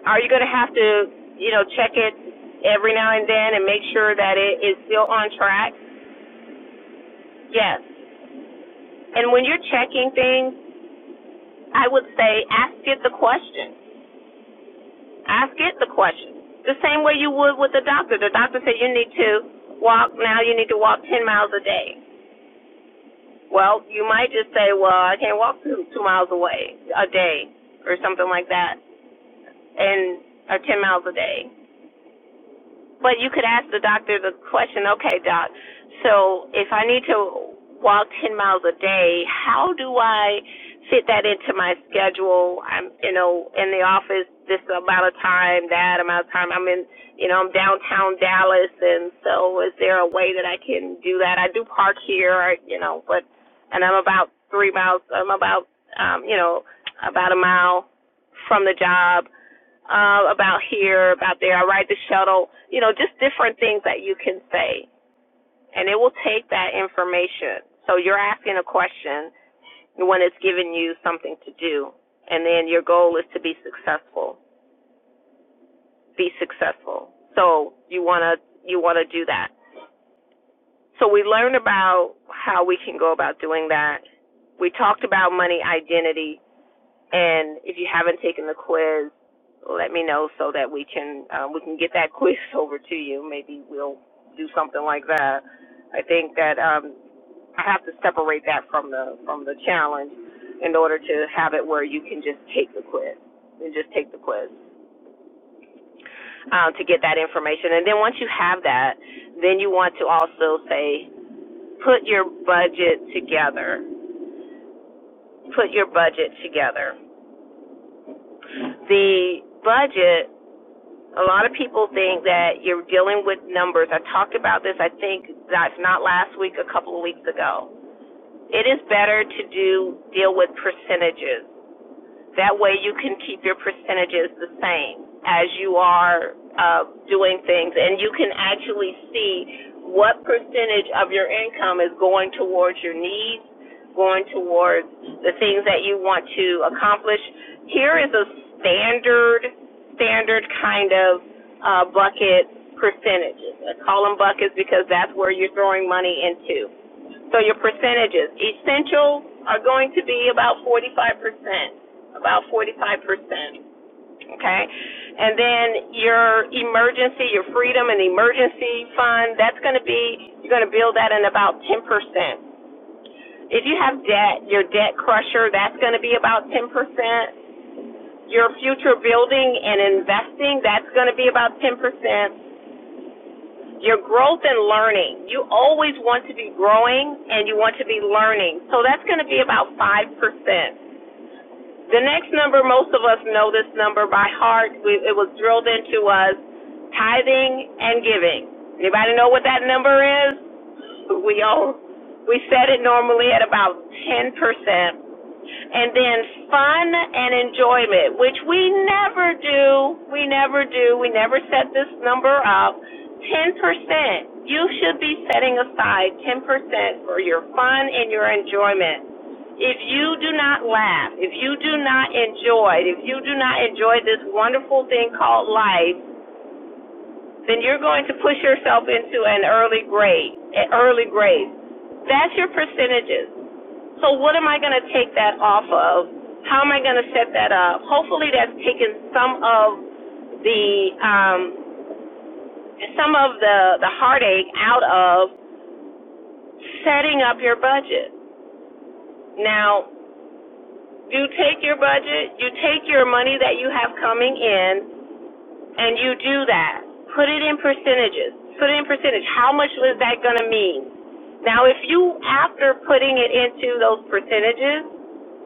Speaker 6: Are you going to have to, you know, check it every now and then and make sure that it is still on track? Yes. And when you're checking things, I would say ask it the question. Ask it the question. The same way you would with the doctor. The doctor said you need to walk now. You need to walk ten miles a day. Well, you might just say, well, I can't walk two, two miles away a day or something like that, and or ten miles a day. But you could ask the doctor the question, okay, doc, so if I need to walk 10 miles a day, how do I fit that into my schedule? I'm, you know, in the office this amount of time, that amount of time. I'm in, you know, I'm downtown Dallas, and so is there a way that I can do that? I do park here, you know, but, and I'm about three miles, I'm about, um, you know, about a mile from the job uh, about here, about there. I ride the shuttle. You know, just different things that you can say, and it will take that information. So you're asking a question when it's giving you something to do, and then your goal is to be successful. Be successful. So you wanna you wanna do that. So we learned about how we can go about doing that. We talked about money identity And if you haven't taken the quiz, let me know so that we can uh, we can get that quiz over to you. Maybe we'll do something like that. I think that um, I have to separate that from the from the challenge in order to have it where you can just take the quiz and just take the quiz um, to get that information. And then once you have that, then you want to also say put your budget together. Put your budget together. The budget A lot of people think that you're dealing with numbers. I talked about this, I think, that's not last week, a couple of weeks ago. It is better to do deal with percentages. That way you can keep your percentages the same as you are uh, doing things, and you can actually see what percentage of your income is going towards your needs, going towards the things that you want to accomplish. Here is a standard standard kind of uh, bucket percentages. I call them buckets because that's where you're throwing money into. So your percentages, essentials are going to be about 45%, about 45%. Okay? And then your emergency, your freedom and emergency fund, that's going to be, you're going to build that in about 10%. If you have debt, your debt crusher, that's going to be about 10% your future building and investing, that's going to be about 10%. Your growth and learning. You always want to be growing and you want to be learning. So that's going to be about 5%. The next number, most of us know this number by heart. We, it was drilled into us tithing and giving. Anybody know what that number is? we all we set it normally at about ten percent, and then fun and enjoyment, which we never do. We never do. We never set this number up. Ten percent. You should be setting aside ten percent for your fun and your enjoyment. If you do not laugh, if you do not enjoy, if you do not enjoy this wonderful thing called life, then you're going to push yourself into an early grade, an early grade. That's your percentages. So what am I going to take that off of? How am I going to set that up? Hopefully that's taken some of the um, some of the the heartache out of setting up your budget. Now, you take your budget, you take your money that you have coming in, and you do that, put it in percentages. Put it in percentage. How much was that going to mean? Now, if you, after putting it into those percentages,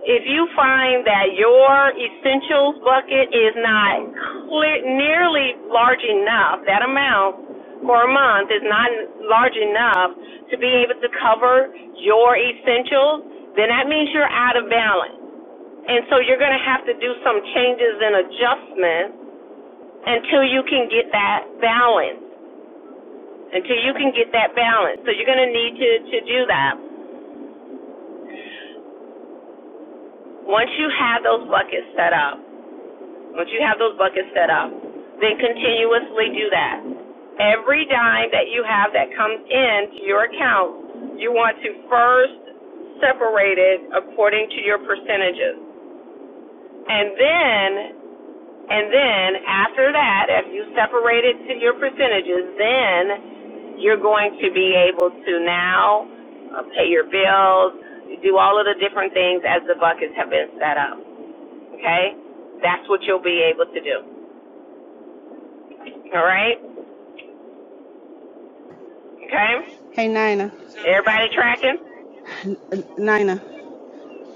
Speaker 6: if you find that your essentials bucket is not clear, nearly large enough, that amount for a month is not large enough to be able to cover your essentials, then that means you're out of balance. And so you're going to have to do some changes and adjustments until you can get that balance. Until you can get that balance. So you're going to need to, to do that. Once you have those buckets set up, once you have those buckets set up, then continuously do that. Every dime that you have that comes into your account, you want to first separate it according to your percentages. And then And then after that, if you separate it to your percentages, then you're going to be able to now uh, pay your bills, do all of the different things as the buckets have been set up. Okay? That's what you'll be able to do. All right? Okay?
Speaker 1: Hey, Nina.
Speaker 6: Everybody tracking?
Speaker 1: N- Nina.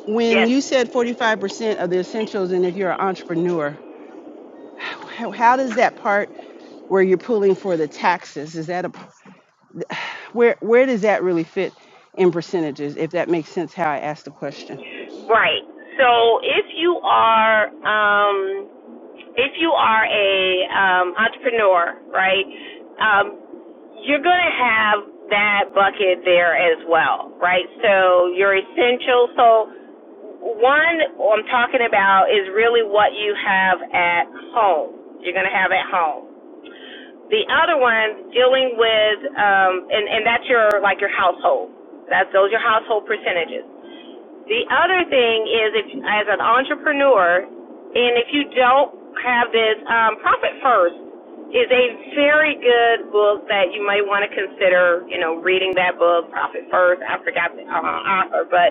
Speaker 1: when
Speaker 6: Yes.
Speaker 1: you said 45% of the essentials and if you're an entrepreneur how, how does that part where you're pulling for the taxes is that a where where does that really fit in percentages if that makes sense how i asked the question
Speaker 6: Right. So if you are um if you are a um, entrepreneur, right, um, you're going to have that bucket there as well, right? So your essential. So one I'm talking about is really what you have at home. You're going to have at home. The other one dealing with um, and and that's your like your household. That's those are your household percentages. The other thing is, if as an entrepreneur, and if you don't have this um, profit first, is a very good book that you might want to consider. You know, reading that book, Profit First. I forgot the uh, author, but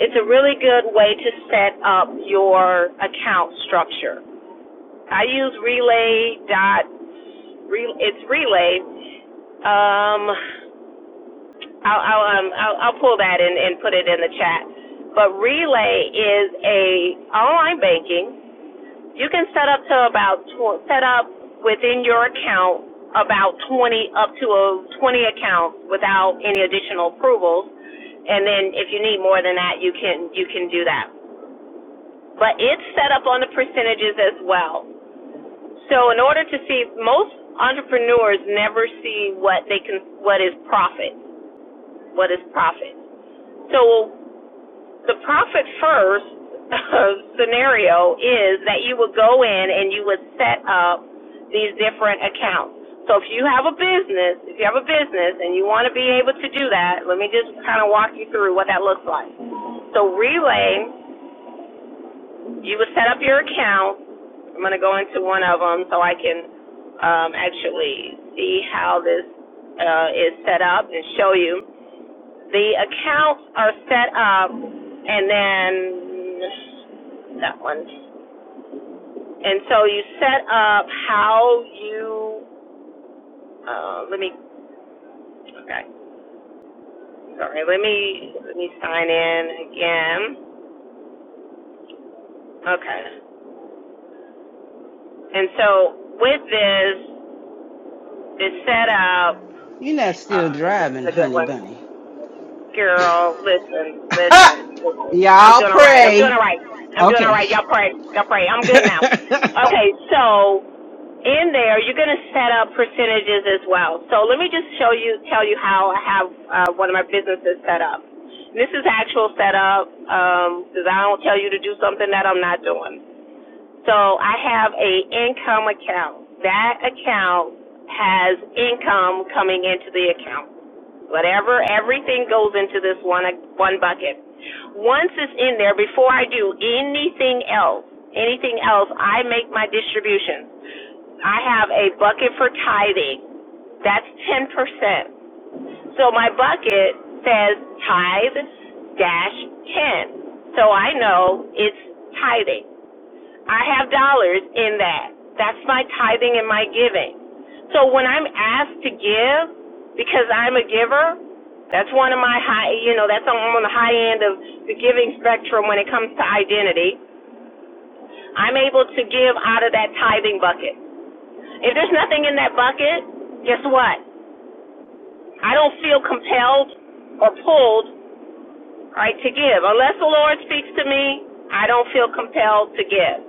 Speaker 6: it's a really good way to set up your account structure. I use Relay dot. it's Relay. Um, I'll I'll um I'll, I'll pull that and and put it in the chat. But Relay is a online banking. You can set up to about tw- set up within your account about 20 up to a 20 accounts without any additional approvals. And then if you need more than that, you can you can do that. But it's set up on the percentages as well. So in order to see most entrepreneurs never see what they can what is profit, what is profit. So The profit first scenario is that you would go in and you would set up these different accounts. So if you have a business, if you have a business and you want to be able to do that, let me just kind of walk you through what that looks like. So Relay, you would set up your account. I'm going to go into one of them so I can um, actually see how this uh, is set up and show you. The accounts are set up and then that one. And so you set up how you uh let me okay. Sorry, let me let me sign in again. Okay. And so with this it's set up
Speaker 1: you're not still
Speaker 6: uh this is
Speaker 1: driving
Speaker 6: a good
Speaker 1: honey
Speaker 6: one.
Speaker 1: bunny
Speaker 6: Girl, listen, listen.
Speaker 1: Ha!
Speaker 6: I'm
Speaker 1: y'all
Speaker 6: doing all right. I'm doing
Speaker 1: pray
Speaker 6: all right. I'm doing all
Speaker 1: okay
Speaker 6: right. Y'all pray. Y'all pray. I'm good now. Okay, so in there, you're going to set up percentages as well. So let me just show you, tell you how I have uh, one of my businesses set up. This is actual setup um, because I don't tell you to do something that I'm not doing. So I have a income account. That account has income coming into the account. Whatever, everything goes into this one one bucket. Once it's in there, before I do anything else, anything else, I make my distributions. I have a bucket for tithing. That's ten percent. So my bucket says tithe dash ten. So I know it's tithing. I have dollars in that. That's my tithing and my giving. So when I'm asked to give, because I'm a giver, that's one of my high, you know, that's on, the high end of the giving spectrum when it comes to identity. I'm able to give out of that tithing bucket. If there's nothing in that bucket, guess what? I don't feel compelled or pulled, right, to give. Unless the Lord speaks to me, I don't feel compelled to give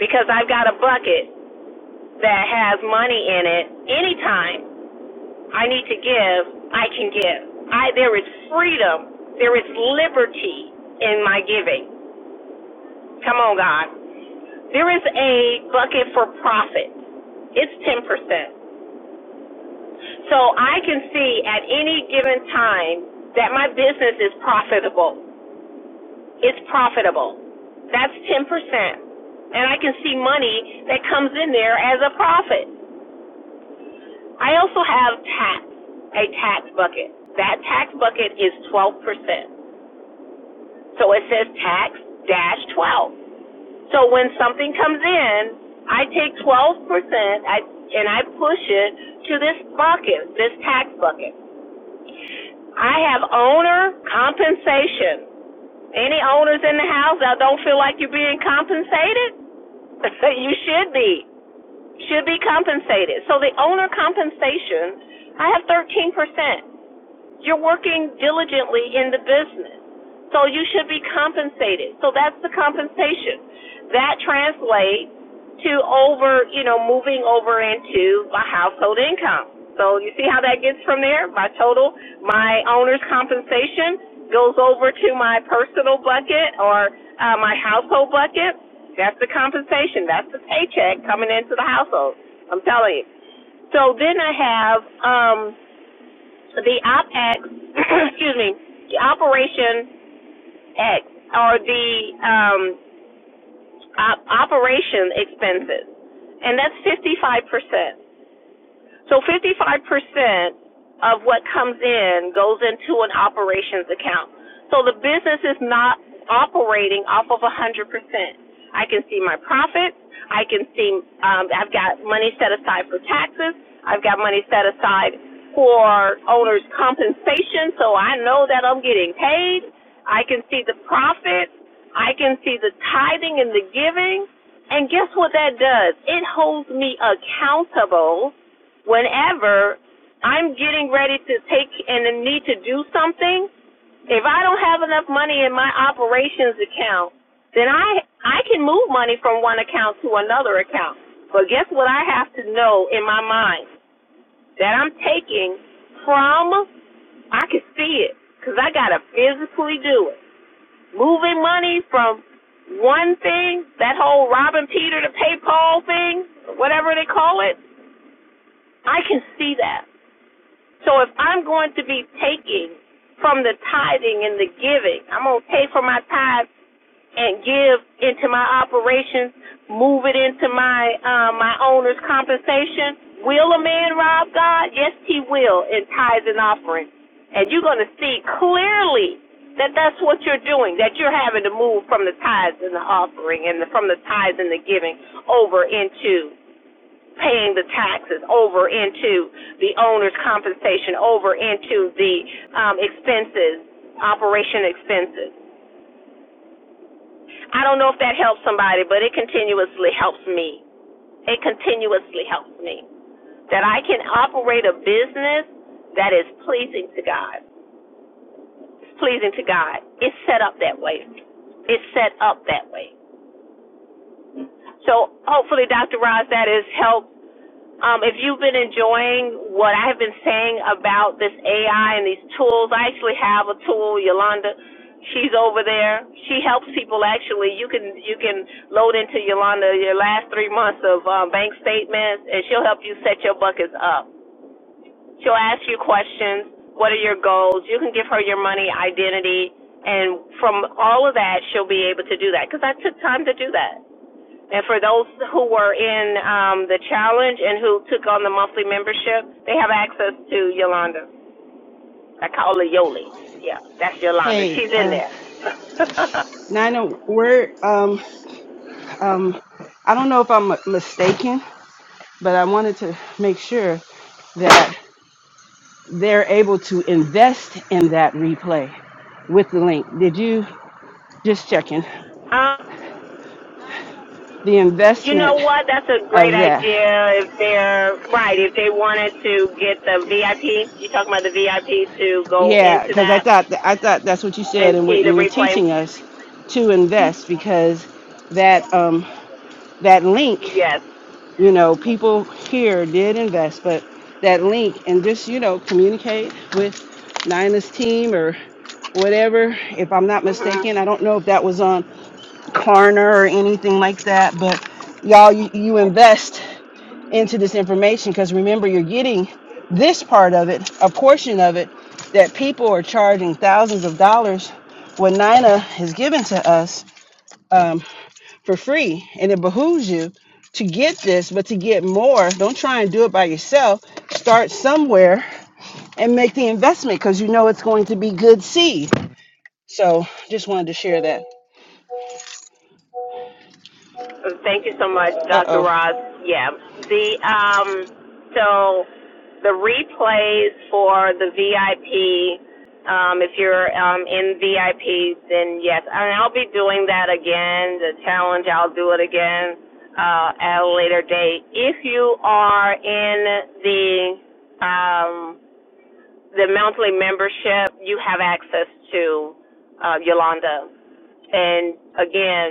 Speaker 6: because I've got a bucket that has money in it, anytime I need to give, I can give. I there is freedom, there is liberty in my giving. Come on, God. There is a bucket for profit. It's ten percent. So I can see at any given time that my business is profitable. It's profitable. That's ten percent. And I can see money that comes in there as a profit. I also have tax, a tax bucket. That tax bucket is 12%. So it says tax dash 12. So when something comes in, I take 12% and I push it to this bucket, this tax bucket. I have owner compensation. Any owners in the house that don't feel like you're being compensated? you should be. Should be compensated. So the owner compensation, I have 13%. You're working diligently in the business. So you should be compensated. So that's the compensation. That translates to over, you know, moving over into my household income. So you see how that gets from there? My total, my owner's compensation goes over to my personal bucket or uh, my household bucket. That's the compensation. That's the paycheck coming into the household. I'm telling you. So then I have um the OpEx, excuse me, the Operation X or the um, op- operation expenses, and that's 55%. So 55% of what comes in goes into an operations account. So the business is not operating off of 100%. I can see my profits. I can see um, I've got money set aside for taxes. I've got money set aside for owner's compensation, so I know that I'm getting paid. I can see the profits. I can see the tithing and the giving. And guess what that does? It holds me accountable whenever I'm getting ready to take and need to do something, if I don't have enough money in my operations account, then I I can move money from one account to another account. But guess what I have to know in my mind that I'm taking from I can see it cuz I got to physically do it. Moving money from one thing, that whole Robin Peter to pay Paul thing, whatever they call it, I can see that. So if I'm going to be taking from the tithing and the giving, I'm going to take from my tithe and give into my operations, move it into my uh, my owner's compensation. Will a man rob God? Yes, he will in tithes and offerings. And you're going to see clearly that that's what you're doing, that you're having to move from the tithes and the offering and the, from the tithes and the giving over into paying the taxes over into the owner's compensation, over into the um, expenses, operation expenses. I don't know if that helps somebody, but it continuously helps me. It continuously helps me that I can operate a business that is pleasing to God. It's pleasing to God. It's set up that way. It's set up that way. So hopefully, Dr. Roz, that has helped. Um, if you've been enjoying what I have been saying about this AI and these tools, I actually have a tool, Yolanda. She's over there. She helps people actually. You can you can load into Yolanda your last three months of um, bank statements, and she'll help you set your buckets up. She'll ask you questions. What are your goals? You can give her your money identity, and from all of that, she'll be able to do that. Because I took time to do that. And for those who were in um, the challenge and who took on the monthly membership, they have access to Yolanda. I call her Yoli. Yeah, that's Yolanda.
Speaker 1: hey
Speaker 6: She's in
Speaker 1: uh
Speaker 6: there.
Speaker 1: nina are um um i don't know if i'm mistaken but i wanted to make sure that. they're able to invest in that replay with the link. Did you just checking
Speaker 6: um,
Speaker 1: the
Speaker 6: you know
Speaker 1: investment
Speaker 6: what? That's a great
Speaker 1: of that?
Speaker 6: idea. If they're right, if they wanted to get the VIP, you talking about the VIP to go
Speaker 1: Yeah,
Speaker 6: into
Speaker 1: because I
Speaker 6: that
Speaker 1: thought I thought that's what you said,
Speaker 6: and
Speaker 1: and we're
Speaker 6: see the
Speaker 1: and you're
Speaker 6: replay?
Speaker 1: teaching us to invest because that um that link,
Speaker 6: Yes.
Speaker 1: you know, people here did invest, but that link and just you know communicate with Nina's team or whatever. If I'm not
Speaker 6: hmm
Speaker 1: mistaken, I don't know if that was on. Klarna or anything like that. But y'all, you, you invest into this information because remember, you're getting this part of it, a portion of it that people are charging thousands of dollars when Nina is given to us um, for free. And it behooves you to get this, but to get more, don't try and do it by yourself. Start somewhere and make the investment because you know it's going to be good seed. So just wanted to share that.
Speaker 6: Thank you so much,
Speaker 1: Uh
Speaker 6: Dr.
Speaker 1: oh.
Speaker 6: Ross. Yeah. The um so the replays for the VIP um if you're um in VIP then yes, and I'll be doing that again. The challenge I'll do it again uh at a later date. If you are in the um the monthly membership, you have access to uh Yolanda and again,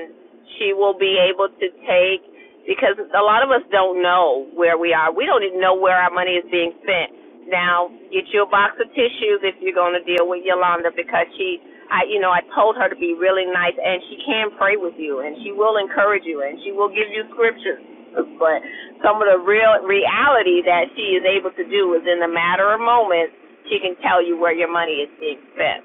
Speaker 6: she will be able to take because a lot of us don't know where we are. We don't even know where our money is being spent. Now, get you a box of tissues if you're going to deal with Yolanda because she, I, you know, I told her to be really nice and she can pray with you and she will encourage you and she will give you scriptures. But some of the real reality that she is able to do is in a matter of moments, she can tell you where your money is being spent.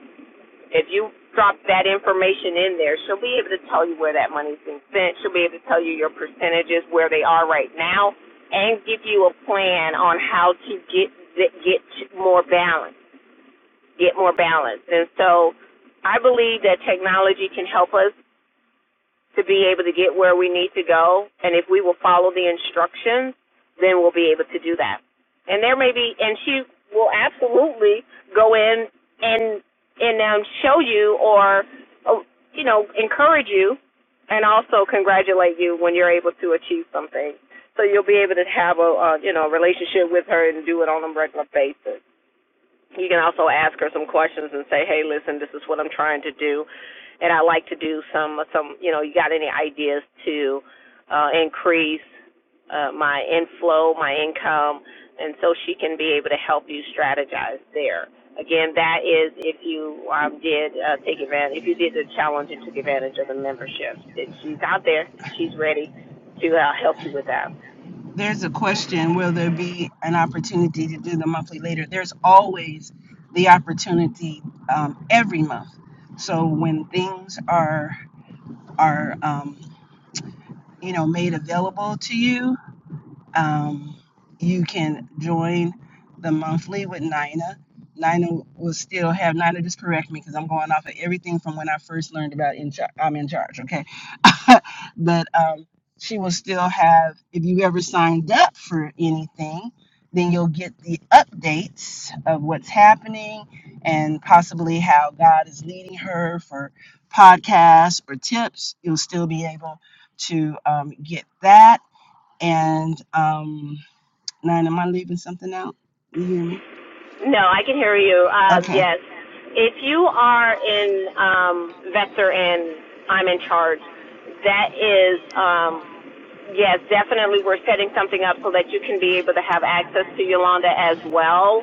Speaker 6: If you drop that information in there, she'll be able to tell you where that money's been sent. She'll be able to tell you your percentages, where they are right now, and give you a plan on how to get get more balance, get more balance. And so, I believe that technology can help us to be able to get where we need to go. And if we will follow the instructions, then we'll be able to do that. And there may be, and she will absolutely go in and and um, show you or uh, you know encourage you, and also congratulate you when you're able to achieve something. So you'll be able to have a uh, you know relationship with her and do it on a regular basis. You can also ask her some questions and say, "Hey, listen, this is what I'm trying to do, and I like to do some some. You know, you got any ideas to uh, increase uh, my inflow, my income, and so she can be able to help you strategize there. Again, that is if you um, did uh, take advantage, if you did the challenge and took advantage of the membership. That she's out there, she's ready to uh, help you with that.
Speaker 1: There's a question, will there be an opportunity to do the monthly later? There's always the opportunity um, every month. So when things are are um, you know made available to you, um, you can join the monthly with Nina. Nina will still have Nina. Just correct me because I'm going off of everything from when I first learned about in charge. I'm in charge, okay? but um, she will still have. If you ever signed up for anything, then you'll get the updates of what's happening and possibly how God is leading her for podcasts or tips. You'll still be able to um, get that and um, nine, am I leaving something out? You hear me?
Speaker 6: No, I can hear you. Uh,
Speaker 1: Okay.
Speaker 6: yes. If you are in um, Vector and I'm in charge, that is um, yes, definitely we're setting something up so that you can be able to have access to Yolanda as well.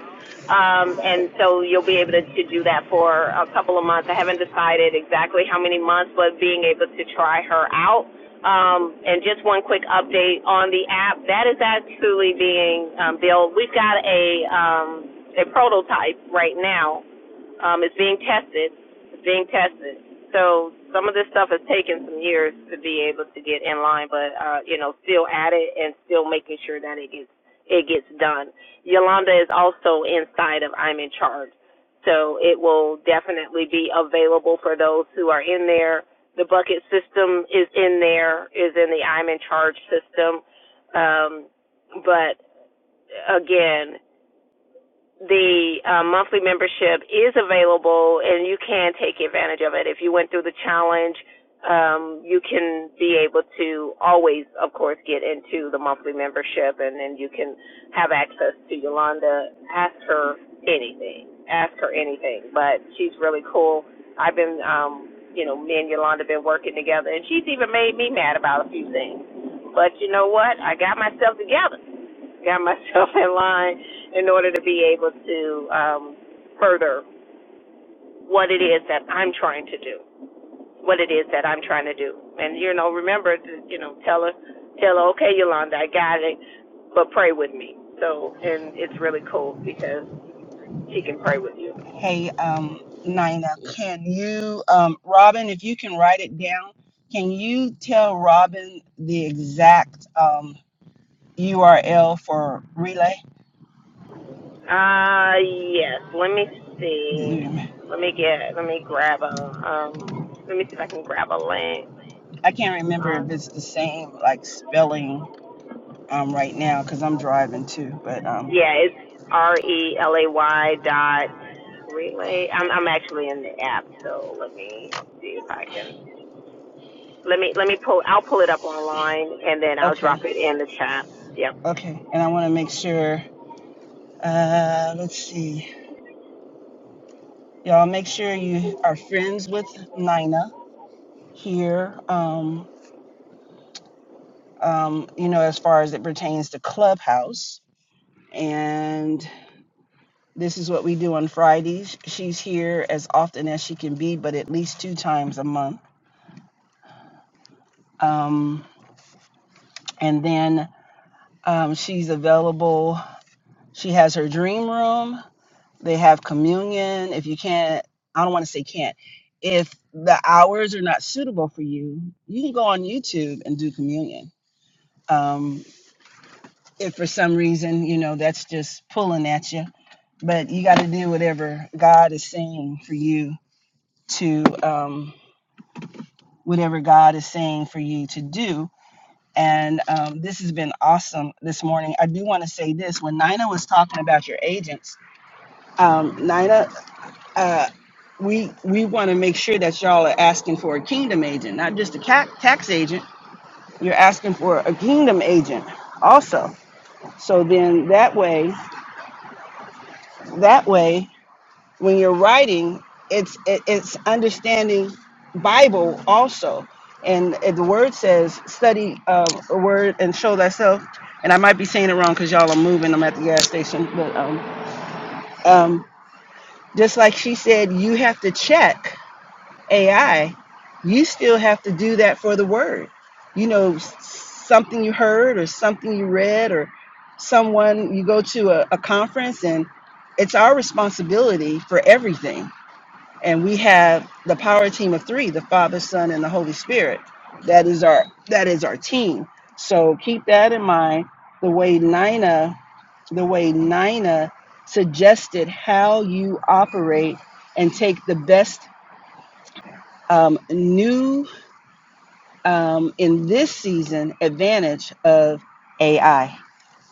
Speaker 6: Um, and so you'll be able to, to do that for a couple of months. I haven't decided exactly how many months, but being able to try her out. Um, and just one quick update on the app that is actually being um, built. We've got a um, a prototype right now um, it's being tested. It's being tested. So some of this stuff has taken some years to be able to get in line, but uh, you know, still at it and still making sure that it gets it gets done. Yolanda is also inside of I'm in charge. So it will definitely be available for those who are in there. The bucket system is in there, is in the I'm in charge system. Um, but again, the uh, monthly membership is available and you can take advantage of it. If you went through the challenge, um, you can be able to always, of course, get into the monthly membership and then you can have access to Yolanda. Ask her anything. Ask her anything. But she's really cool. I've been, um, you know, me and Yolanda have been working together and she's even made me mad about a few things. But you know what? I got myself together got myself in line in order to be able to um, further what it is that I'm trying to do, what it is that I'm trying to do. And you know, remember, to, you know, tell her, tell her, okay, Yolanda, I got it, but pray with me. So, and it's really cool because she can pray with you.
Speaker 1: Hey, um, Nina, can you, um, Robin, if you can write it down, can you tell Robin the exact um, URL for Relay?
Speaker 6: Uh, yes. Let me see.
Speaker 1: Mm,
Speaker 6: Let me get. Let me grab a. Um. Let me see if I can grab a link
Speaker 1: I can't remember if
Speaker 6: on
Speaker 1: it's the same like spelling um, right now because I'm driving too. But um,
Speaker 6: Yeah, it's R E L A Y dot relay. I'm I'm actually in the app, so let me see if I can. Let me let me pull. I'll pull it up online and then I'll drop
Speaker 1: okay,
Speaker 6: it in the chat. Yep.
Speaker 1: okay, and I want to make sure. Uh, let's see. Y'all make sure you are friends with Nina here. Um, um, you know, as far as it pertains to Clubhouse, and this is what we do on Fridays. She's here as often as she can be, but at least two times a month. Um, and then um, she's available. She has her dream room. They have communion. If you can't, I don't want to say can't. If the hours are not suitable for you, you can go on YouTube and do communion Um, if for some reason, you know, that's just pulling at you, but you got to do whatever God is saying for you to, um, whatever God is saying for you to do. And um, this has been awesome this morning. I do want to say this when Nina was talking about your agents, um, Nina, uh, we we want to make sure that y'all are asking for a kingdom agent, not just a ca- tax agent. You're asking for a kingdom agent also. So then that way. That way, when you're writing, it's it, it's understanding Bible also, and uh, the word says study uh, a word and show thyself. And I might be saying it wrong because y'all are moving. I'm at the gas station, but um, um, just like she said, you have to check. AI, you still have to do that for the word. You know, s- something you heard or something you read or someone you go to a, a conference and it's our responsibility for everything. And we have the power team of three, the Father, Son, and the Holy Spirit. That is our that is our team. So keep that in mind. The way Nina the way Nina suggested how you operate and take the best um, new um, in this season advantage of AI.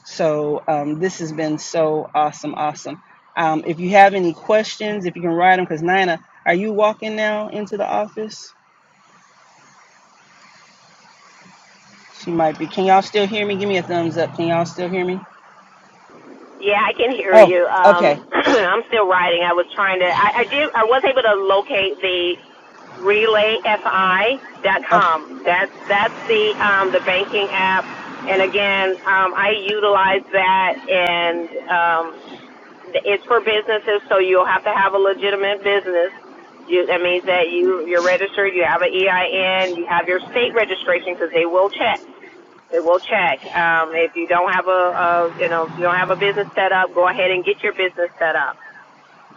Speaker 1: So um, this has been so awesome, awesome. Um, if you have any questions, if you can write them, because Nina, are you walking now into the office? She might be. Can y'all still hear me? Give me a thumbs up. Can y'all still hear me?
Speaker 6: Yeah, I can hear
Speaker 1: Oh,
Speaker 6: you.
Speaker 1: okay.
Speaker 6: Um, I'm still writing. I was trying to. I, I did. I was able to locate the relay f i dot
Speaker 1: okay.
Speaker 6: com. That's that's the um, the banking app, and again, um, I utilize that and um, it's for businesses, so you'll have to have a legitimate business. You, that means that you you're registered, you have an EIN, you have your state registration because they will check. They will check. Um, if you don't have a, a you know if you don't have a business set up, go ahead and get your business set up.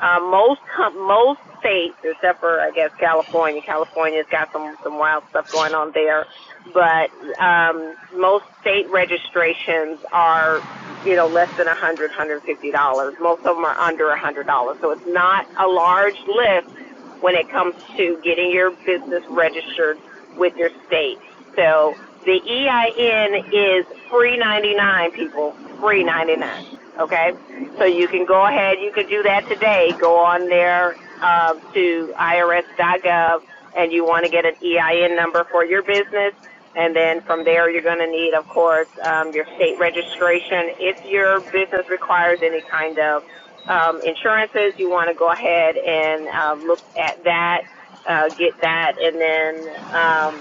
Speaker 6: Uh, most most states, except for I guess California. California's got some some wild stuff going on there, but um, most state registrations are you know less than a hundred, dollars, one hundred fifty dollars. Most of them are under a hundred dollars, so it's not a large lift when it comes to getting your business registered with your state. So the EIN is free ninety nine people, free ninety nine. Okay, so you can go ahead. You can do that today. Go on there uh, to irs.gov, and you want to get an EIN number for your business. And then from there, you're going to need, of course, um, your state registration. If your business requires any kind of um, insurances, you want to go ahead and uh, look at that, uh, get that, and then um,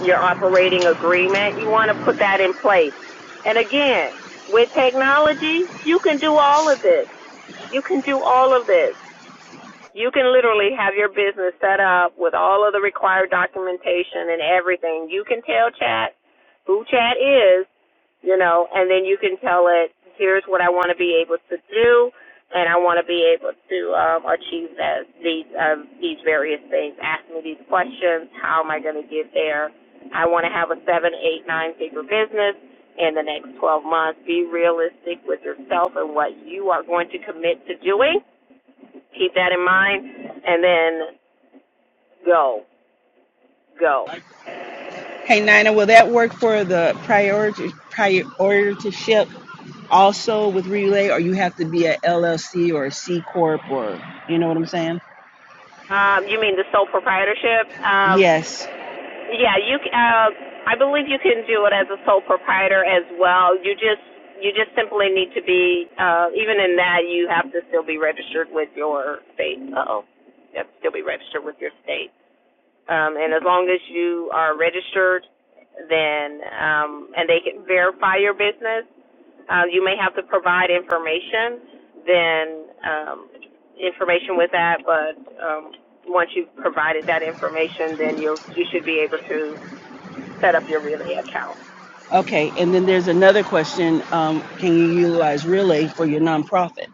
Speaker 6: your operating agreement. You want to put that in place. And again, with technology, you can do all of this. You can do all of this. You can literally have your business set up with all of the required documentation and everything. You can tell chat who chat is you know, and then you can tell it, here's what I want to be able to do, and I want to be able to um, achieve that, these um, these various things. Ask me these questions. How am I going to get there? I want to have a seven, eight, nine figure business in the next 12 months. Be realistic with yourself and what you are going to commit to doing. Keep that in mind, and then go, go.
Speaker 1: Hey, Nina, will that work for the priority priorityship also with Relay, or you have to be a LLC or a C corp, or you know what I'm saying?
Speaker 6: Um, you mean the sole proprietorship? Um,
Speaker 1: Yes.
Speaker 6: Yeah, you. Uh, I believe you can do it as a sole proprietor as well. You just you just simply need to be uh, even in that you have to still be registered with your state. Uh oh, you have to still be registered with your state. Um, and as long as you are registered, then um, and they can verify your business. Uh, you may have to provide information, then um, information with that. But um, once you've provided that information, then you will you should be able to set up your relay account.
Speaker 1: Okay. And then there's another question. Um, can you utilize Relay for your nonprofit?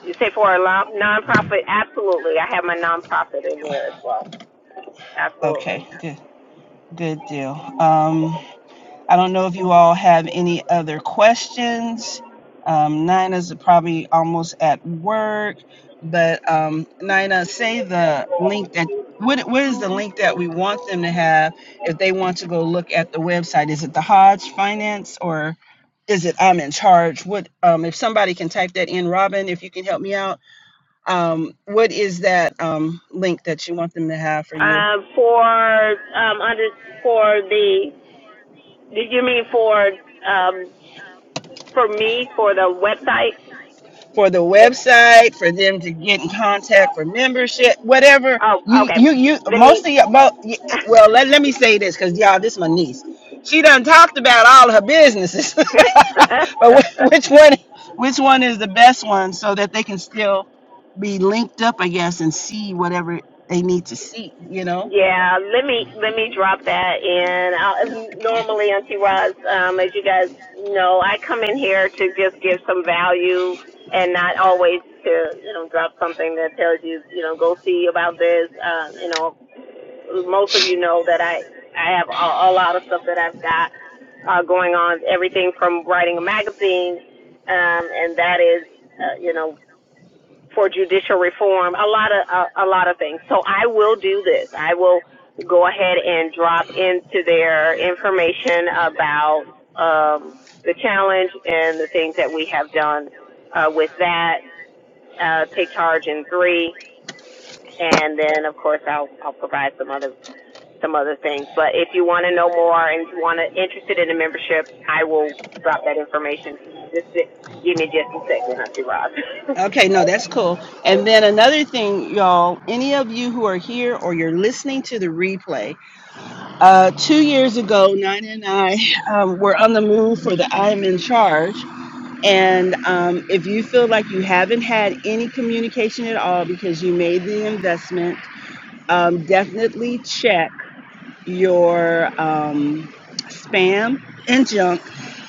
Speaker 6: You say for a non- nonprofit, absolutely. I have my nonprofit in there as well. Absolutely.
Speaker 1: Okay. Good. Good deal. Um, I don't know if you all have any other questions. Um, Nina's probably almost at work, but um, Nina, say the link that what what is the link that we want them to have if they want to go look at the website? Is it the Hodge Finance or is it I'm in charge? What um, if somebody can type that in, Robin? If you can help me out, um, what is that um, link that you want them to have for you?
Speaker 6: Um, for um under for the did you mean for um for me for the website?
Speaker 1: for the website, for them to get in contact for membership, whatever.
Speaker 6: Oh,
Speaker 1: You
Speaker 6: okay.
Speaker 1: you you
Speaker 6: Let
Speaker 1: most of your mo-
Speaker 6: me
Speaker 1: well, let, let me say this because y'all, this is my niece. She done talked about all of her businesses, but wh- which one which one is the best one so that they can still be linked up, I guess, and see whatever they need to see. You know.
Speaker 6: Yeah, let me let me drop that in. I'll, normally, Auntie Roz, um, as you guys know, I come in here to just give some value and not always to you know drop something that tells you you know go see about this. Uh, you know, most of you know that I I have a, a lot of stuff that I've got uh, going on. Everything from writing a magazine, um, and that is uh, you know for judicial reform, a lot of a, a lot of things. So I will do this. I will go ahead and drop into their information about um, the challenge and the things that we have done uh, with that. Uh, take charge in three, and then of course I'll I'll provide some other some other things. But if you want to know more and if you want to interested in the membership, I will drop that information. Just give me just a second, Auntie Rob.
Speaker 1: Okay, no, that's cool. And then another thing, y'all, any of you who are here or you're listening to the replay, Uh, two years ago, Nina and I um, were on the move for the I Am in Charge. And um, if you feel like you haven't had any communication at all because you made the investment, um, definitely check your um, spam and junk.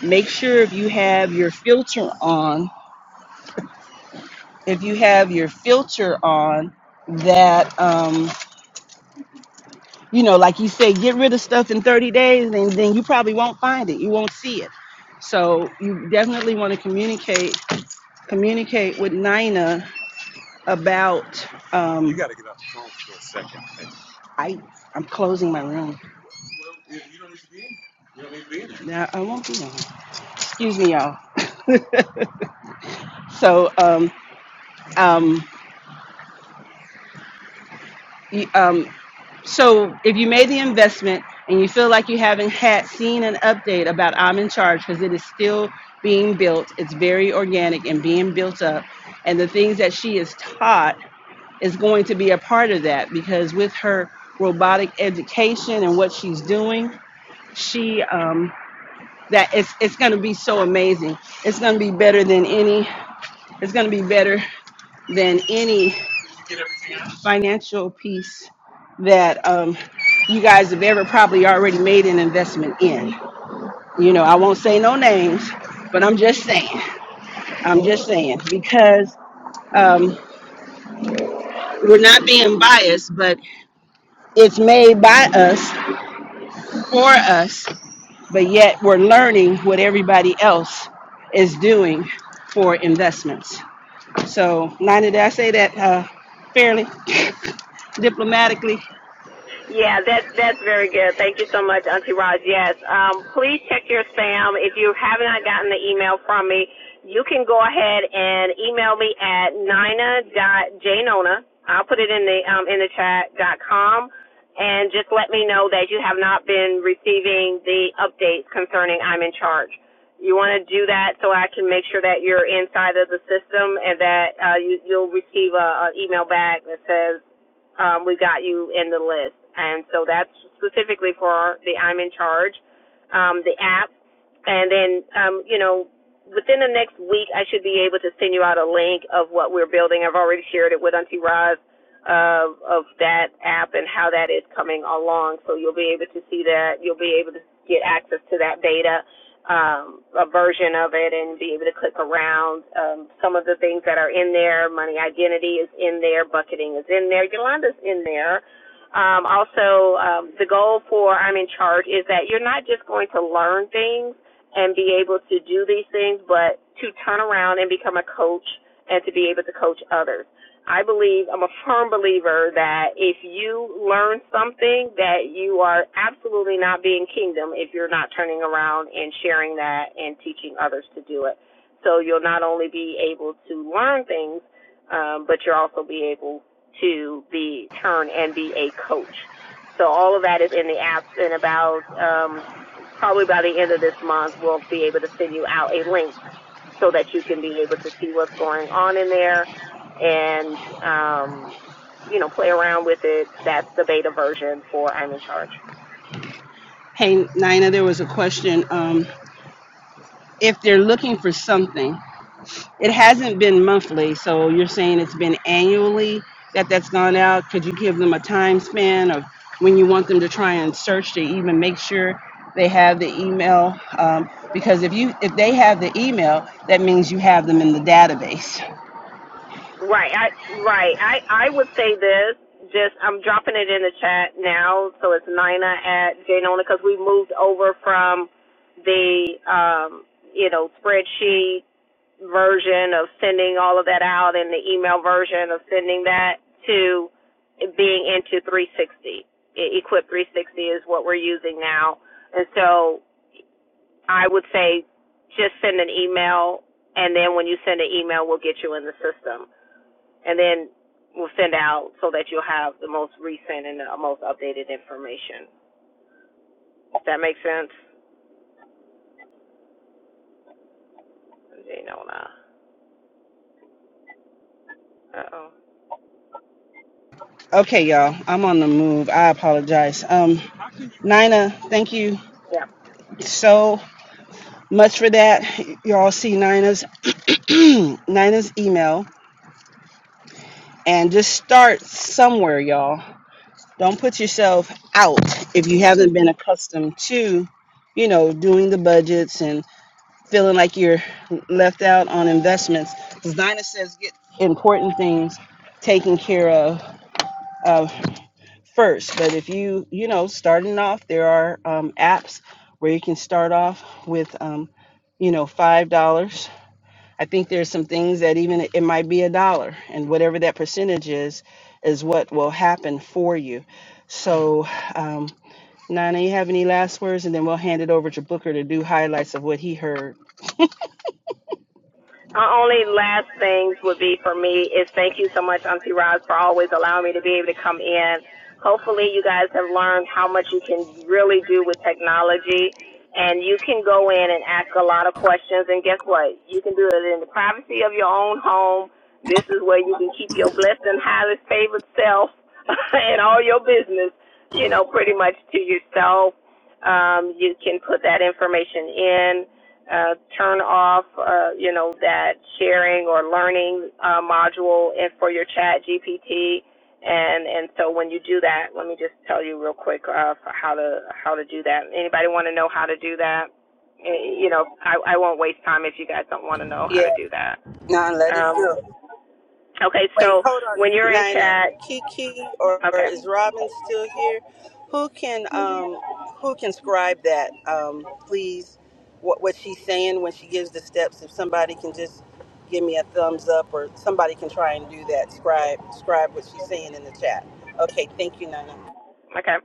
Speaker 1: Make sure if you have your filter on, if you have your filter on, that. Um, you know, like you say, get rid of stuff in 30 days, and then you probably won't find it. You won't see it. So you definitely want to communicate communicate with Nina about. You Um, got to I I'm closing my room. Now I won't be long. Excuse me, y'all. so um, um, you, um, so if you made the investment and you feel like you haven't had seen an update about I'm in charge because it is still being built, it's very organic and being built up, and the things that she is taught is going to be a part of that because with her robotic education and what she's doing, she um, that it's it's going to be so amazing. It's going to be better than any. It's going to be better than any financial piece that um, you guys have ever probably already made an investment in. You know, I won't say no names, but I'm just saying. I'm just saying because um, we're not being biased, but it's made by us for us, but yet we're learning what everybody else is doing for investments. So, Nina, did I say that uh, fairly, diplomatically?
Speaker 6: Yeah, that's that's very good. Thank you so much, Auntie Raj. Yes, um, please check your spam. If you have not gotten the email from me, you can go ahead and email me at nina.jnona. I'll put it in the um, in the chat dot com, and just let me know that you have not been receiving the updates concerning I'm in charge. You want to do that so I can make sure that you're inside of the system and that uh, you, you'll receive an email back that says um, we got you in the list. And so that's specifically for the I'm in charge, um, the app. And then, um, you know, within the next week, I should be able to send you out a link of what we're building. I've already shared it with Auntie Roz of, of that app and how that is coming along. So you'll be able to see that. You'll be able to get access to that data um, a version of it and be able to click around. Um, some of the things that are in there, money identity is in there, bucketing is in there, Yolanda's in there. Um, also, um, the goal for I'm in charge is that you're not just going to learn things and be able to do these things, but to turn around and become a coach and to be able to coach others. I believe I'm a firm believer that if you learn something that you are absolutely not being kingdom if you're not turning around and sharing that and teaching others to do it. So you'll not only be able to learn things, um, but you'll also be able to be turn and be a coach. So all of that is in the app and about um, probably by the end of this month we'll be able to send you out a link so that you can be able to see what's going on in there and um, you know play around with it. That's the beta version for I'm in charge.
Speaker 1: Hey, Nina, there was a question. Um, if they're looking for something it hasn't been monthly so you're saying it's been annually that that's gone out could you give them a time span of when you want them to try and search to even make sure they have the email um, because if you if they have the email that means you have them in the database
Speaker 6: Right, I right. I I would say this. Just I'm dropping it in the chat now, so it's Nina at Janona because we moved over from the um you know spreadsheet version of sending all of that out and the email version of sending that to being into 360. E- Equip 360 is what we're using now. And so I would say just send an email, and then when you send an email, we'll get you in the system. And then we'll send out so that you'll have the most recent and the most updated information. Does that make sense? You know, uh oh.
Speaker 1: okay y'all i'm on the move i apologize um, nina thank you so much for that y'all see nina's nina's email and just start somewhere, y'all. Don't put yourself out if you haven't been accustomed to, you know, doing the budgets and feeling like you're left out on investments. Because Dinah says get important things taken care of uh, first. But if you, you know, starting off, there are um, apps where you can start off with, um, you know, $5. I think there's some things that even it might be a dollar, and whatever that percentage is, is what will happen for you. So, um, Nana, you have any last words, and then we'll hand it over to Booker to do highlights of what he heard.
Speaker 6: Our only last things would be for me is thank you so much, Auntie Roz, for always allowing me to be able to come in. Hopefully, you guys have learned how much you can really do with technology, and you can go in and ask a lot of questions. And guess what? You can do it in the privacy of your own home. This is where you can keep your blessed and highly favored self and all your business, you know, pretty much to yourself. Um, you can put that information in uh, turn off, uh, you know, that sharing or learning uh, module and for your chat GPT. And, and so when you do that, let me just tell you real quick uh, how to how to do that. Anybody want to know how to do that? Eh, You know, I, I won't waste time if you guys don't want to know how to do that. Um, okay, so when you're in chat, okay,
Speaker 1: Who can um who can scribe that? Um, please, what what she's saying when she gives the steps. If somebody can just give me a thumbs up, or somebody can try and do that. Scribe scribe what she's saying in the chat. Okay, thank you, Nana.
Speaker 6: okay,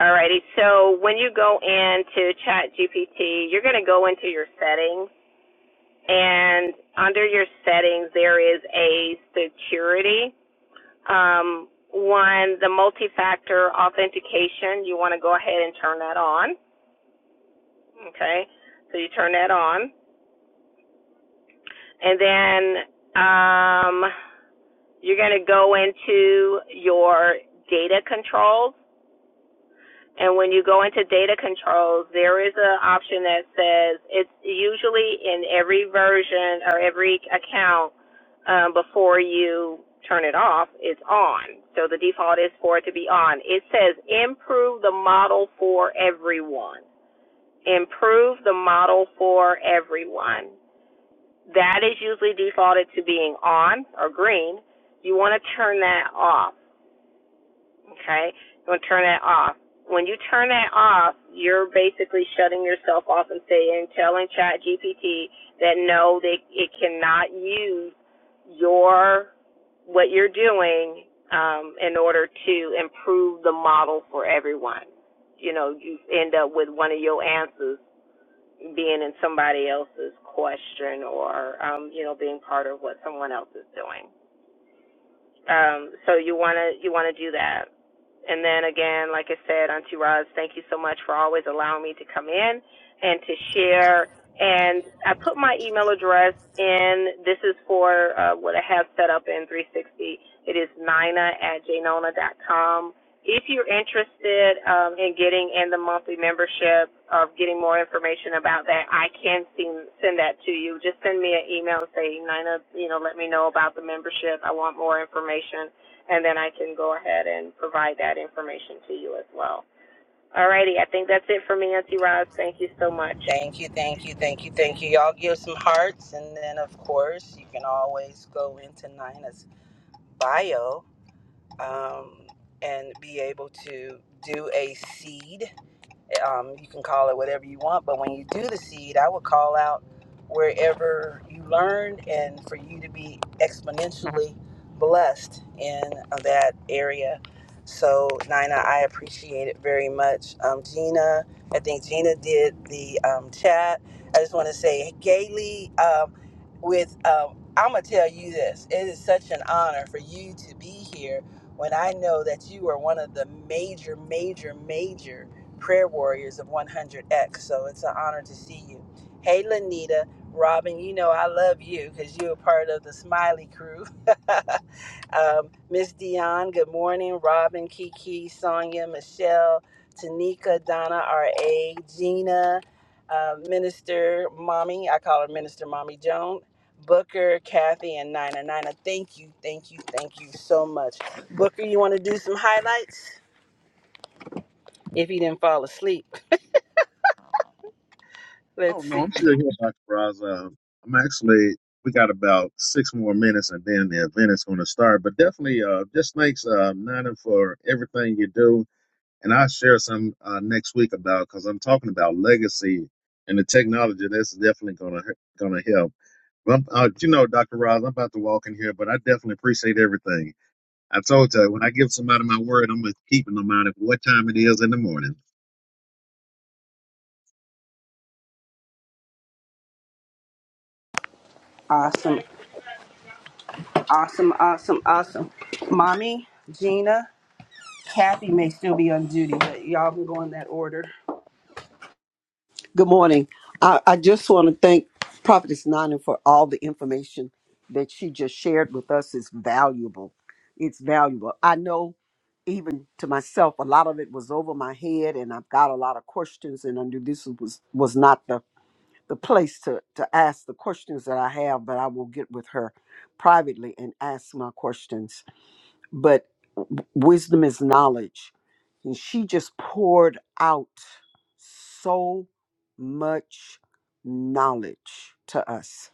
Speaker 6: alrighty. So when you go into chat GPT, you're going to go into your settings and under your settings there is a security um, one the multi-factor authentication you want to go ahead and turn that on okay so you turn that on and then um, you're going to go into your data controls And when you go into data controls, there is an option that says it's usually in every version or every account um, before you turn it off, it's on. So the default is for it to be on. It says improve the model for everyone. Improve the model for everyone. That is usually defaulted to being on or green. You want to turn that off. Okay? You're going to turn that off. When you turn that off, you're basically shutting yourself off and saying, telling ChatGPT that no, they, it cannot use your, what you're doing um, in order to improve the model for everyone. You know, you end up with one of your answers being in somebody else's question or, um, you know, being part of what someone else is doing. Um, so you wanna you wanna do that. And then again, like I said, Auntie Roz, thank you so much for always allowing me to come in and to share. And I put my email address in. This is for uh, what I have set up in 360. It is nina at Janona dot com. If you're interested um, in getting in the monthly membership or getting more information about that, I can send send that to you. Just send me an email and say, Nina, you know, let me know about the membership. I want more information, and then I can go ahead and provide that information to you as well. Alrighty, I think that's it for me, Auntie Roz. Thank you so much.
Speaker 1: So, Nina, I appreciate it very much. Um, Gina, I think Gina did the um, chat. I just want to say, Gaily, um, with um, I'm gonna tell you this. It is such an honor for you to be here when I know that you are one of the major, major, major prayer warriors of 100X. So it's an honor to see you. Hey, Lanita, Robin, you know I love you because you're a part of the Smiley Crew. Um, Miss Dion, good morning. Robin, Kiki, Sonia, Michelle, Tanika, Donna, R.A., Gina, uh, Minister Mommy, I call her Minister Mommy Joan, Booker, Kathy, and Nina. Nina, thank you, thank you, thank you so much. Booker, you want to do some highlights? If he didn't fall asleep,
Speaker 4: I don't
Speaker 1: let's
Speaker 4: know.
Speaker 1: see.
Speaker 4: I'm still here, Dr. Roz. Um, I'm actually, we got about six more minutes and then the event is going to start. But definitely, uh, just thanks, uh, Nana, for everything you do. and I'll share some uh, next week about because I'm talking about legacy and the technology. That's definitely gonna gonna help. Well, I'm- uh, you know, Doctor Ross, I'm about to walk in here, but I definitely appreciate everything. I told you when I give somebody my word, I'm gonna keep in mind of what time it is in the morning.
Speaker 1: Awesome, awesome, awesome, awesome. Mommy, Gina, Kathy may still be on duty, but y'all can go in that order.
Speaker 5: Good morning. I, I just want to thank Prophetess Nina for all the information that she just shared with us. It's valuable. It's valuable. I know, even to myself, a lot of it was over my head, and I've got a lot of questions. And I knew this was was not the the place to to ask the questions that I have, but I will get with her privately and ask my questions but w- wisdom is knowledge. And she just poured out so much knowledge to us.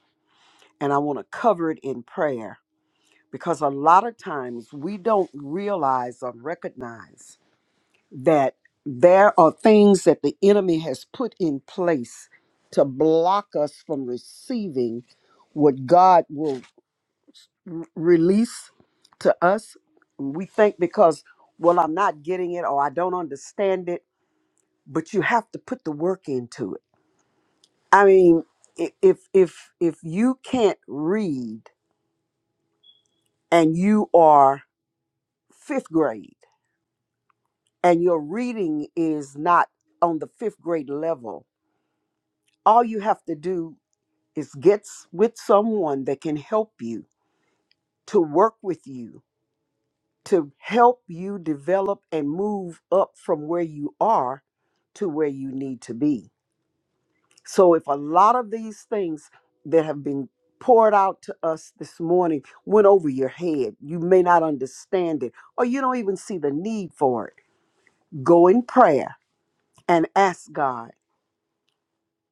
Speaker 5: And I want to cover it in prayer because a lot of times we don't realize or recognize that there are things that the enemy has put in place to block us from receiving what God will release to us. We think because, well, I'm not getting it or I don't understand it, but you have to put the work into it. I mean, i- if if if you can't read and you are fifth grade and your reading is not on the fifth grade level, all you have to do is get s- with someone that can help you to work with you to help you develop and move up from where you are to where you need to be. So, if a lot of these things that have been poured out to us this morning went over your head, you may not understand it or you don't even see the need for it. Go in prayer and ask God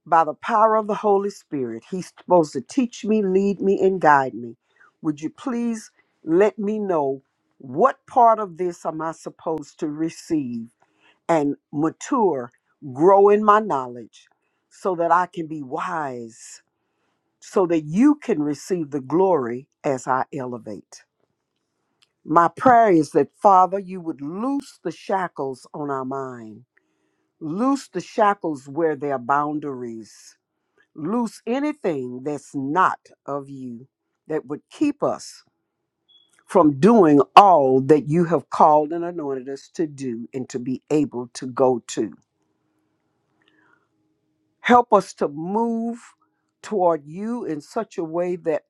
Speaker 5: by the power of the Holy Spirit. He's supposed to teach me, lead me, and guide me. Would you please let me know what part of this am I supposed to receive? and mature, grow in my knowledge so that I can be wise, so that you can receive the glory as I elevate. My prayer is that, Father, you would loose the shackles on our mind, loose the shackles where there are boundaries, loose anything that's not of you that would keep us from doing all that you have called and anointed us to do and to be able to go to. Help us to move toward you in such a way that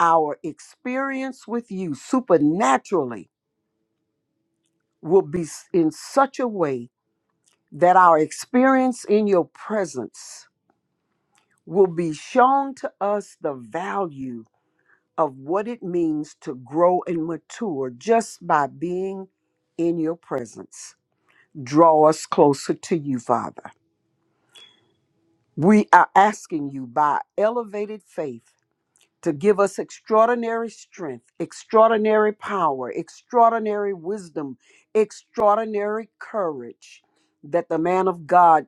Speaker 5: our experience with you supernaturally will be s- in such a way that our experience in your presence will be shown to us the value of what it means to grow and mature just by being in your presence. Draw us closer to you, Father. We are asking you by elevated faith to give us extraordinary strength, extraordinary power, extraordinary wisdom, extraordinary courage that the man of God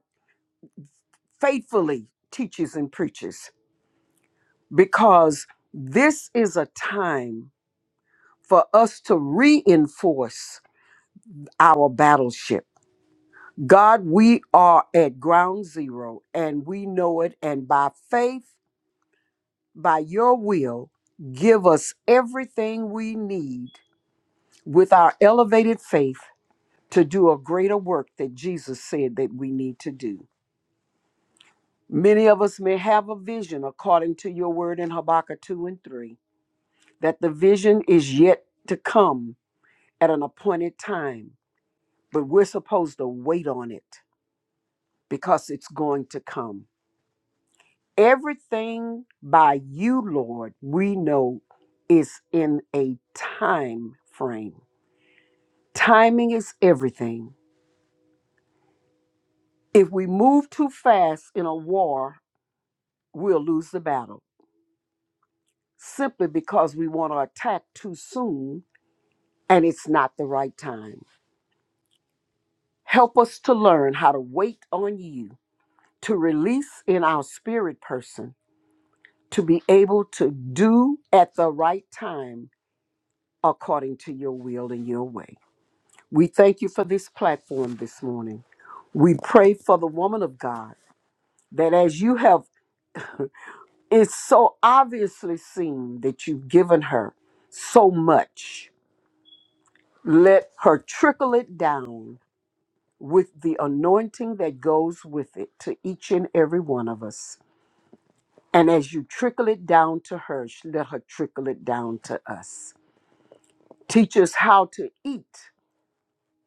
Speaker 5: faithfully teaches and preaches. Because this is a time for us to reinforce our battleship. God, we are at ground zero and we know it. And by faith, by your will, give us everything we need with our elevated faith to do a greater work that Jesus said that we need to do. Many of us may have a vision according to your word in Habakkuk 2 and 3, that the vision is yet to come at an appointed time, but we're supposed to wait on it because it's going to come. Everything by you, Lord, we know is in a time frame. Timing is everything. If we move too fast in a war we'll lose the battle simply because we want to attack too soon and it's not the right time. Help us to learn how to wait on you, to release in our spirit person, to be able to do at the right time according to your will and your way. We thank you for this platform this morning. We pray for the woman of God that as you have, it's so obviously seen that you've given her so much Let her trickle it down with the anointing that goes with it to each and every one of us. And as you trickle it down to her, sh- let her trickle it down to us. Teach us how to eat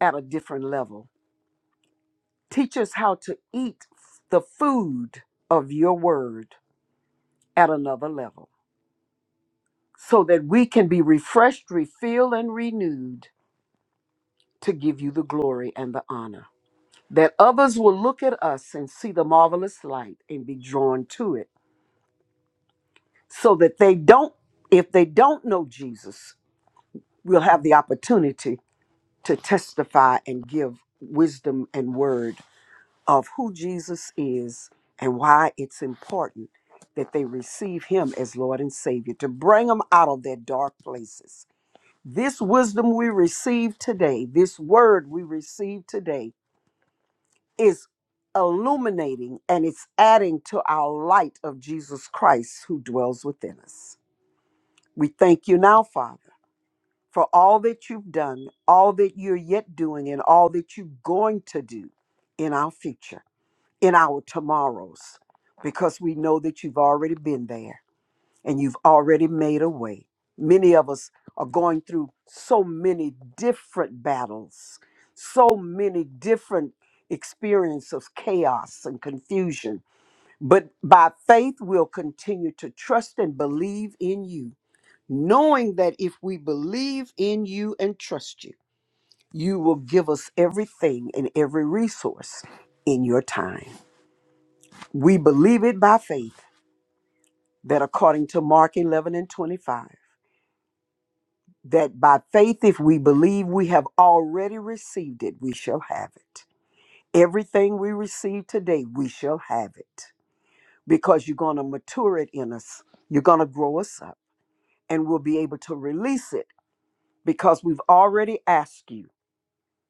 Speaker 5: at a different level. Teach us how to eat f- the food of your word at another level so that we can be refreshed, refilled, and renewed to give you the glory and the honor. that others will look at us and see the marvelous light and be drawn to it so that they don't if they don't know jesus we'll have the opportunity to testify and give wisdom and word of who jesus is and why it's important that they receive him as lord and savior to bring them out of their dark places this wisdom we receive today this word we receive today is illuminating and it's adding to our light of Jesus Christ who dwells within us. We thank you now, Father, for all that you've done, all that you're yet doing, and all that you're going to do in our future, in our tomorrows, because we know that you've already been there and you've already made a way. Many of us are going through so many different battles, so many different experiences of chaos and confusion. But by faith, we'll continue to trust and believe in you, knowing that if we believe in you and trust you, you will give us everything and every resource in your time. We believe it by faith that according to Mark 11 and 25, that by faith, if we believe we have already received it, we shall have it. Everything we receive today, we shall have it because you're going to mature it in us. You're going to grow us up and we'll be able to release it because we've already asked you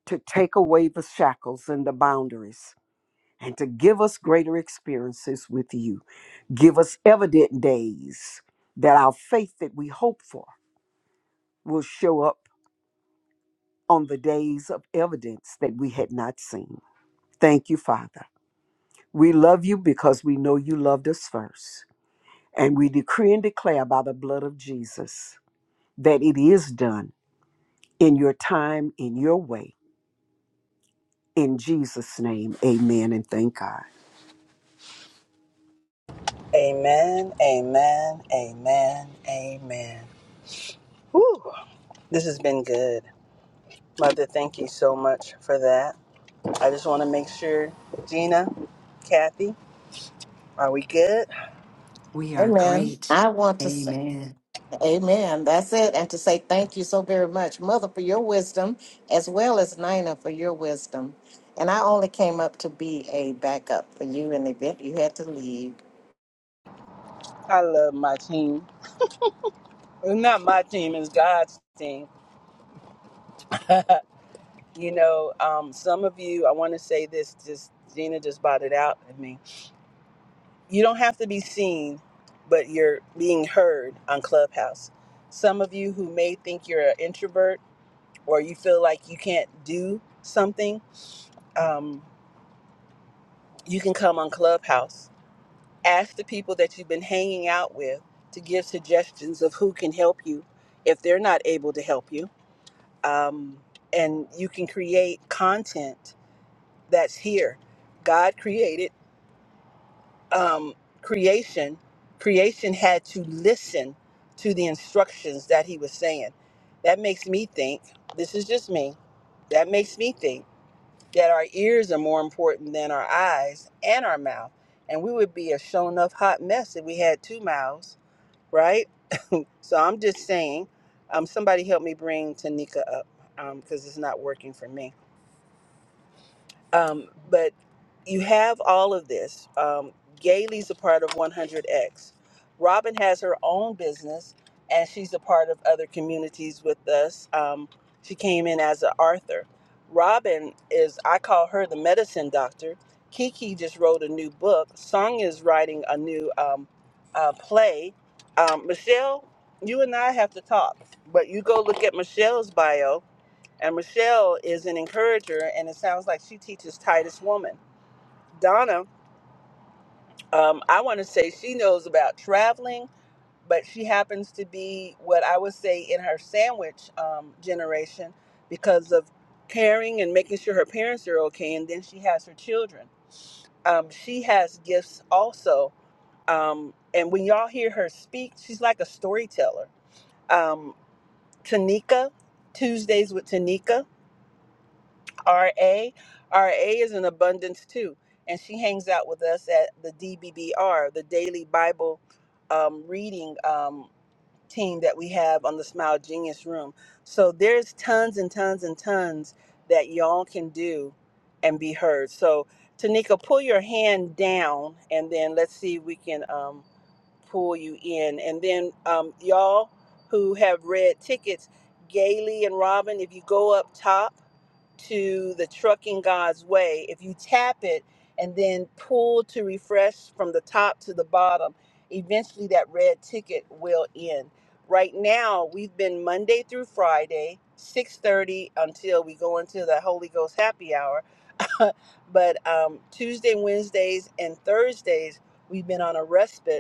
Speaker 5: to take away the shackles and the boundaries and to give us greater experiences with you. Give us evident days that our faith that we hope for will show up on the days of evidence that we had not seen. Thank you, Father. We love you because we know you loved us first. And we decree and declare by the blood of Jesus that it is done in your time, in your way. In Jesus' name, amen and thank God.
Speaker 1: Amen, amen, amen, amen. Whew, this has been good. Mother, thank you so much for that. I just want to make sure, Gina, Kathy, are we good?
Speaker 2: We are
Speaker 7: Amen.
Speaker 2: great.
Speaker 7: I want to say,
Speaker 2: Amen.
Speaker 7: Amen. That's it. And to say thank you so very much, Mother, for your wisdom, as well as Nina for your wisdom. And I only came up to be a backup for you in the event you had to leave.
Speaker 1: I love my team. Well, Not my team, it's God's team. you know, um, some of you, I want to say this, just Gina just bought it out at me. You don't have to be seen, but you're being heard on Clubhouse. Some of you who may think you're an introvert, or you feel like you can't do something, um, you can come on Clubhouse. Ask the people that you've been hanging out with to give suggestions of who can help you if they're not able to help you. Um, and you can create content that's here. God created um, creation. Creation had to listen to the instructions that He was saying. That makes me think, this is just me, that makes me think that our ears are more important than our eyes and our mouth. And we would be a shown up hot mess if we had two mouths, right? So I'm just saying, um, somebody help me bring Tanika up because it's not working for me. Um, but you have all of this. Um, Gailey's a part of 100X. Robin has her own business, and she's a part of other communities with us. Um, she came in as an author. Robin is, I call her the medicine doctor. Kiki just wrote a new book. Song is writing a new um, uh, play. Um, Michelle, you and I have to talk, but you go look at Michelle's bio and Michelle is an encourager, and it sounds like she teaches Titus Woman. Donna, um, I want to say she knows about traveling, but she happens to be what I would say in her sandwich um, generation because of caring and making sure her parents are okay, and then she has her children. Um, she has gifts also. Um, and when y'all hear her speak, she's like a storyteller. Um, Tanika, Tuesdays with Tanika. R A, R A is in abundance too. And she hangs out with us at the DBBR, the daily Bible um, reading um, team that we have on the Smile Genius Room. So there's tons and tons and tons that y'all can do and be heard. So, Tanika, pull your hand down and then let's see if we can. Um, pull you in. And then um, y'all who have red tickets, Gailey and Robin, if you go up top to the Trucking God's Way, if you tap it and then pull to refresh from the top to the bottom, eventually that red ticket will end. Right now, we've been Monday through Friday, 6:30 until we go into the Holy Ghost happy hour. but um, Tuesday, Wednesdays, and Thursdays, we've been on a respite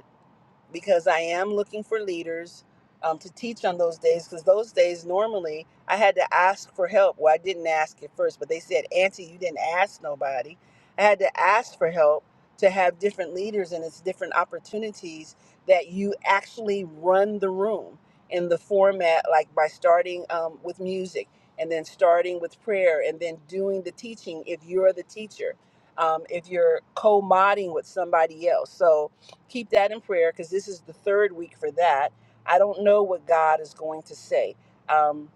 Speaker 1: because I am looking for leaders um, to teach on those days. Because those days, normally, I had to ask for help. Well, I didn't ask at first, but they said, Auntie, you didn't ask nobody. I had to ask for help to have different leaders, and it's different opportunities that you actually run the room in the format, like by starting um, with music and then starting with prayer and then doing the teaching if you're the teacher. Um, if you're co-modding with somebody else, so keep that in prayer because this is the third week for that. I don't know what God is going to say. Um,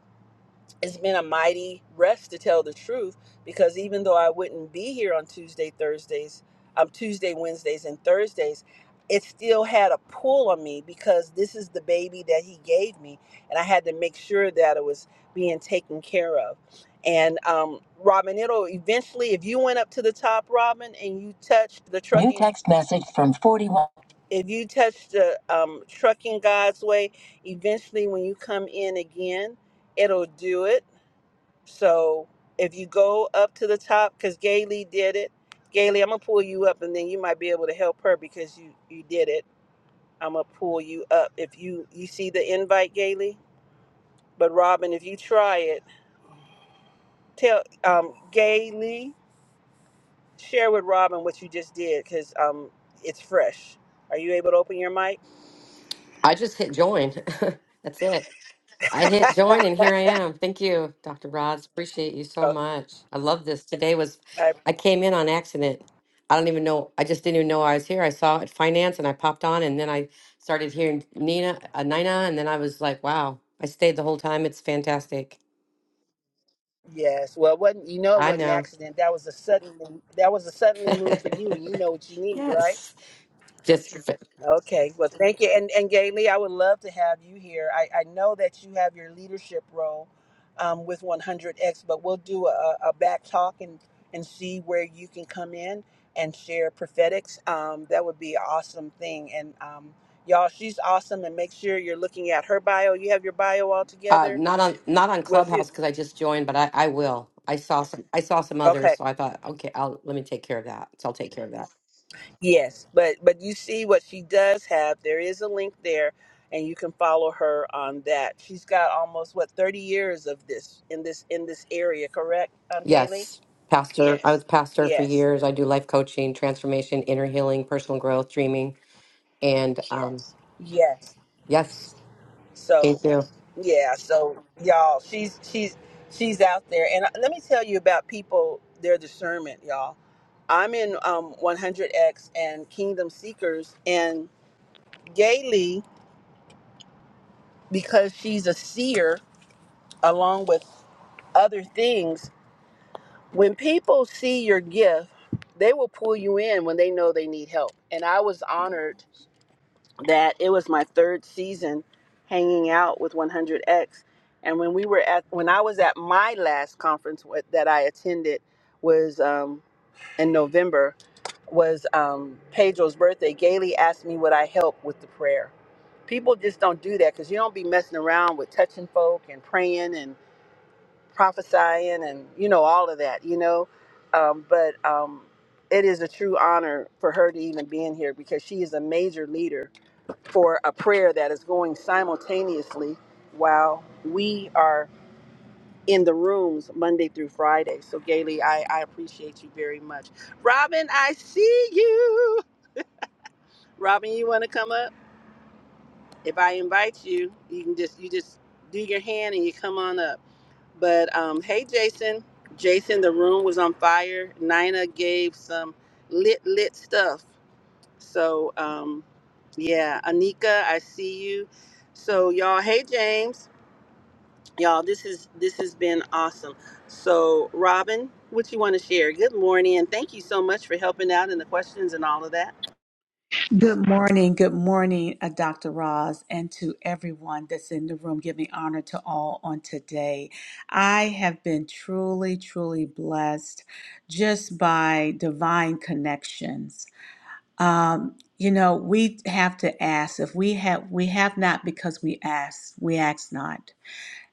Speaker 1: it's been a mighty rest to tell the truth because even though I wouldn't be here on Tuesday, Thursdays, um, Tuesday, Wednesdays, and Thursdays, it still had a pull on me because this is the baby that he gave me, and I had to make sure that it was being taken care of. And um, Robin, it'll eventually, if you went up to the top, Robin, and you touched the You trucking if you touch the um, trucking God's way, eventually when you come in again, it'll do it. So if you go up to the top, because Gailey did it, Gailey, I'm gonna pull you up, and then you might be able to help her because you you did it. I'm gonna pull you up if you you see the invite, Gailey. But Robin, if you try it, tell um, Gailey share with Robin what you just did because um, it's fresh. Are you able to open your mic?
Speaker 8: I just hit join. That's it. I hit join and here I am. Thank you, Dr. Roz. Appreciate you so much. I love this. Today was,
Speaker 1: I
Speaker 8: I came in on accident. I don't even know. I just didn't even know I was here. I saw it finance and I popped on and then I started hearing Nina, uh, Nina, and then I was like, wow, I stayed the whole time. It's fantastic.
Speaker 1: Yes. Well, it wasn't you know it
Speaker 8: I
Speaker 1: wasn't an
Speaker 8: know.
Speaker 1: accident. That was a suddenly that was a suddenly move for you, and you know what you need, right?
Speaker 8: yes. Just
Speaker 1: Okay. Well, thank you. And and Gailey, I would love to have you here. I I know that you have your leadership role um, with 100X, but we'll do a, a back talk and and see where you can come in and share prophetics. Um, that would be an awesome thing. And um, y'all, she's awesome. And make sure you're looking at her bio. You have your bio all
Speaker 8: Uh,
Speaker 1: together.
Speaker 8: not on not on
Speaker 1: Well, she,
Speaker 8: Clubhouse because I just joined, but I, I will. I saw some I saw some
Speaker 1: okay.
Speaker 8: others, so I thought, okay, I'll let me take care of that. So I'll take care of that.
Speaker 1: Yes, but but you see what she does have. There is a link there, and you can follow her on that. She's got almost what thirty years of this in this in this area, correct, um, Gailey?
Speaker 8: Yes, pastor. I was pastor for
Speaker 1: Yes,
Speaker 8: years. I do life coaching, transformation, inner healing, personal growth, dreaming, and um,
Speaker 1: yes.
Speaker 8: yes,
Speaker 1: So
Speaker 8: thank you.
Speaker 1: yeah, so y'all, she's she's she's out there, and uh, let me tell you about people their discernment, y'all. I'm in um 100x and Kingdom Seekers, and Gailey because she's a seer along with other things when people see your gift, they will pull you in when they know they need help. And I was honored that it was my third season hanging out with 100X. And when we were at, when I was at my last conference with, that I attended was um, in November, was um, Pedro's birthday. Gailey asked me would I help with the prayer. People just don't do that because you don't be messing around with touching folk and praying and prophesying and you know all of that you know um, but um, it is a true honor for her to even be in here because she is a major leader for a prayer that is going simultaneously while we are in the rooms Monday through Friday. So, Gailey, I, I appreciate you very much. Robin, I see you. Robin, you want to come up? If I invite you, you can just you just do your hand and you come on up. But um, hey, Jason. Jason, the room was on fire. Nina gave some lit, lit stuff. So, um, yeah, Anika, I see you. So, y'all, hey, James, y'all, this is this has been awesome. So, Robin, what you want to share? Good morning, and thank you so much for helping out and the questions and all of that.
Speaker 9: Good morning, good morning, uh, Dr. Roz, and to everyone that's in the room, giving honor to all on today. I have been truly, truly blessed just by divine connections. Um, you know, we have to ask if we have we have not because we ask, we ask not.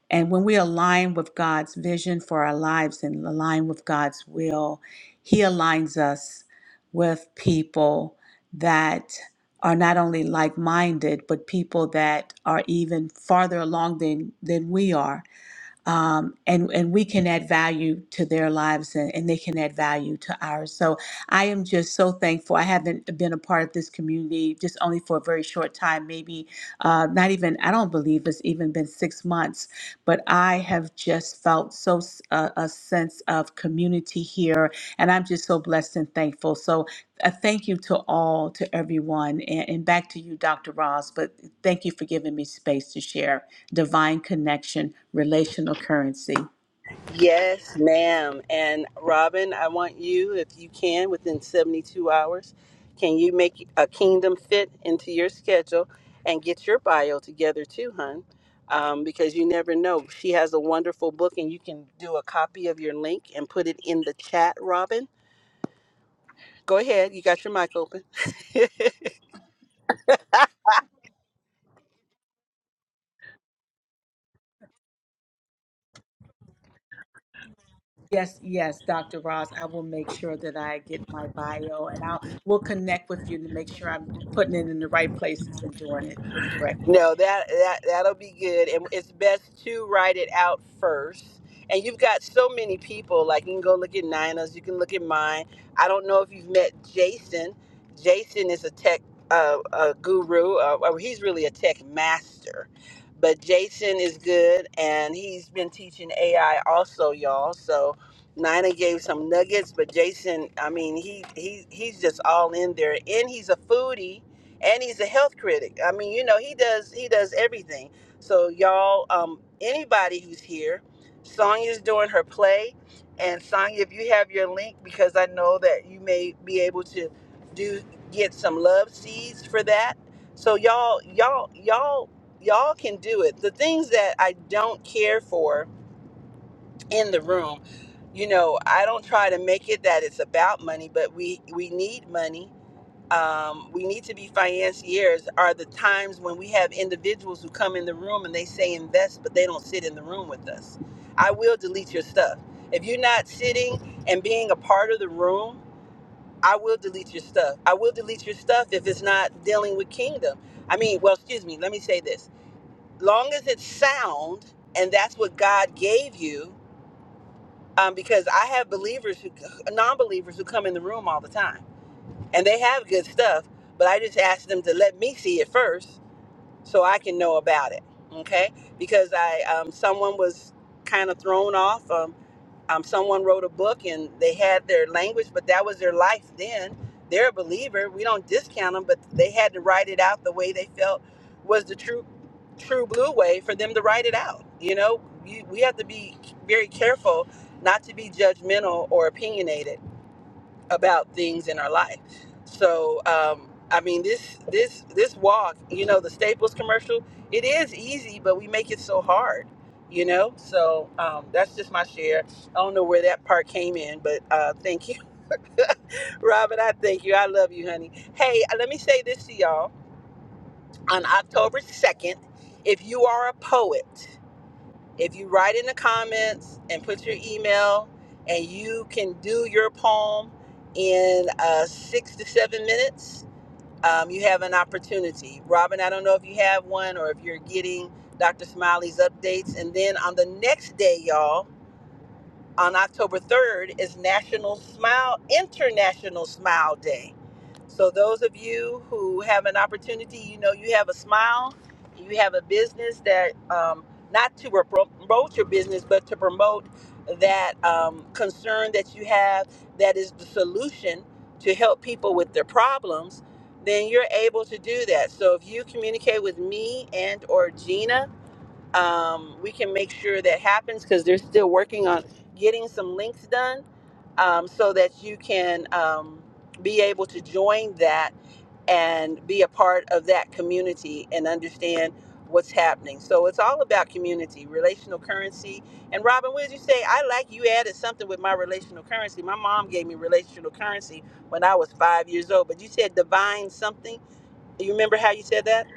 Speaker 9: And when we align with God's vision for our lives and align with God's will, He aligns us with people that are not only like minded, but people that are even farther along than, than we are. Um, and, and we can add value to their lives and, and they can add value to ours. So I am just so thankful. I haven't been a part of this community just only for a very short time, maybe uh, not even i don't believe it's even been six months but i have just felt so uh, a sense of community here and i'm just so blessed and thankful so a thank you to all to everyone and, and back to you dr ross but thank you for giving me space to share divine connection relational currency
Speaker 1: Yes, ma'am. And Robin, I want you, if you can, within 72 hours, can you make a kingdom fit into your schedule and get your bio together too, hun? Um, because you never know. She has a wonderful book, and you can do a copy of your link and put it in the chat, Robin. Go ahead. You got your mic open.
Speaker 9: Yes, yes, Dr. Ross. I will make sure that I get my bio and I'll we'll connect with you to make sure I'm putting it in the right places and doing it the correct.
Speaker 1: No, that that that'll be good, and it's best to write it out first. And you've got so many people. Like you can go look at Nina's, you can look at mine. I don't know if you've met Jason. Jason is a tech uh, a guru. Uh, well, he's really a tech master, but Jason is good, and he's been teaching AI also, y'all. So Nina gave some nuggets, but Jason, I mean, he he he's just all in there, and he's a foodie and he's a health critic. I mean, you know, he does he does everything. So y'all, um, anybody who's here, Sonya's doing her play, and Sonya, if you have your link, because I know that you may be able to do get some love seeds for that. So y'all, y'all, y'all, y'all can do it. The things that I don't care for in the room, you know, I don't try to make it that it's about money, but we we need money um, we need to be financiers are the times when we have individuals who come in the room and they say invest, but they don't sit in the room with us. I will delete your stuff. If you're not sitting and being a part of the room, I will delete your stuff. I will delete your stuff if it's not dealing with kingdom. I mean, well, excuse me, let me say this. Long as it's sound and that's what God gave you, um, because I have believers who, non believers who come in the room all the time and they have good stuff but i just asked them to let me see it first so i can know about it okay because i um, someone was kind of thrown off um, um, someone wrote a book and they had their language but that was their life then they're a believer we don't discount them but they had to write it out the way they felt was the true true blue way for them to write it out you know you, we have to be very careful not to be judgmental or opinionated about things in our life. So, um, I mean, this this this walk, you know, the Staples commercial, it is easy, but we make it so hard, you know. So um, that's just my share. I don't know where that part came in, but uh, thank you, Robin. I thank you. I love you, honey. Hey, let me say this to y'all on October second. If you are a poet if you write in the comments and put your email and you can do your poem in uh, six to seven minutes um, you have an opportunity robin i don't know if you have one or if you're getting dr smiley's updates and then on the next day y'all on October 3rd is National Smile International Smile Day. So those of you who have an opportunity, you know, you have a smile, you have a business that um, not to repro- promote your business, but to promote that um, concern that you have that is the solution to help people with their problems then you're able to do that so if you communicate with me and or gina um, we can make sure that happens because they're still working on getting some links done um, so that you can um, be able to join that and be a part of that community and understand what's happening. So it's all about community, relational currency. And Robin, what did you say? I like you added something with my relational currency. My mom gave me relational currency when I was five years old, but you said divine something. You remember how you said that?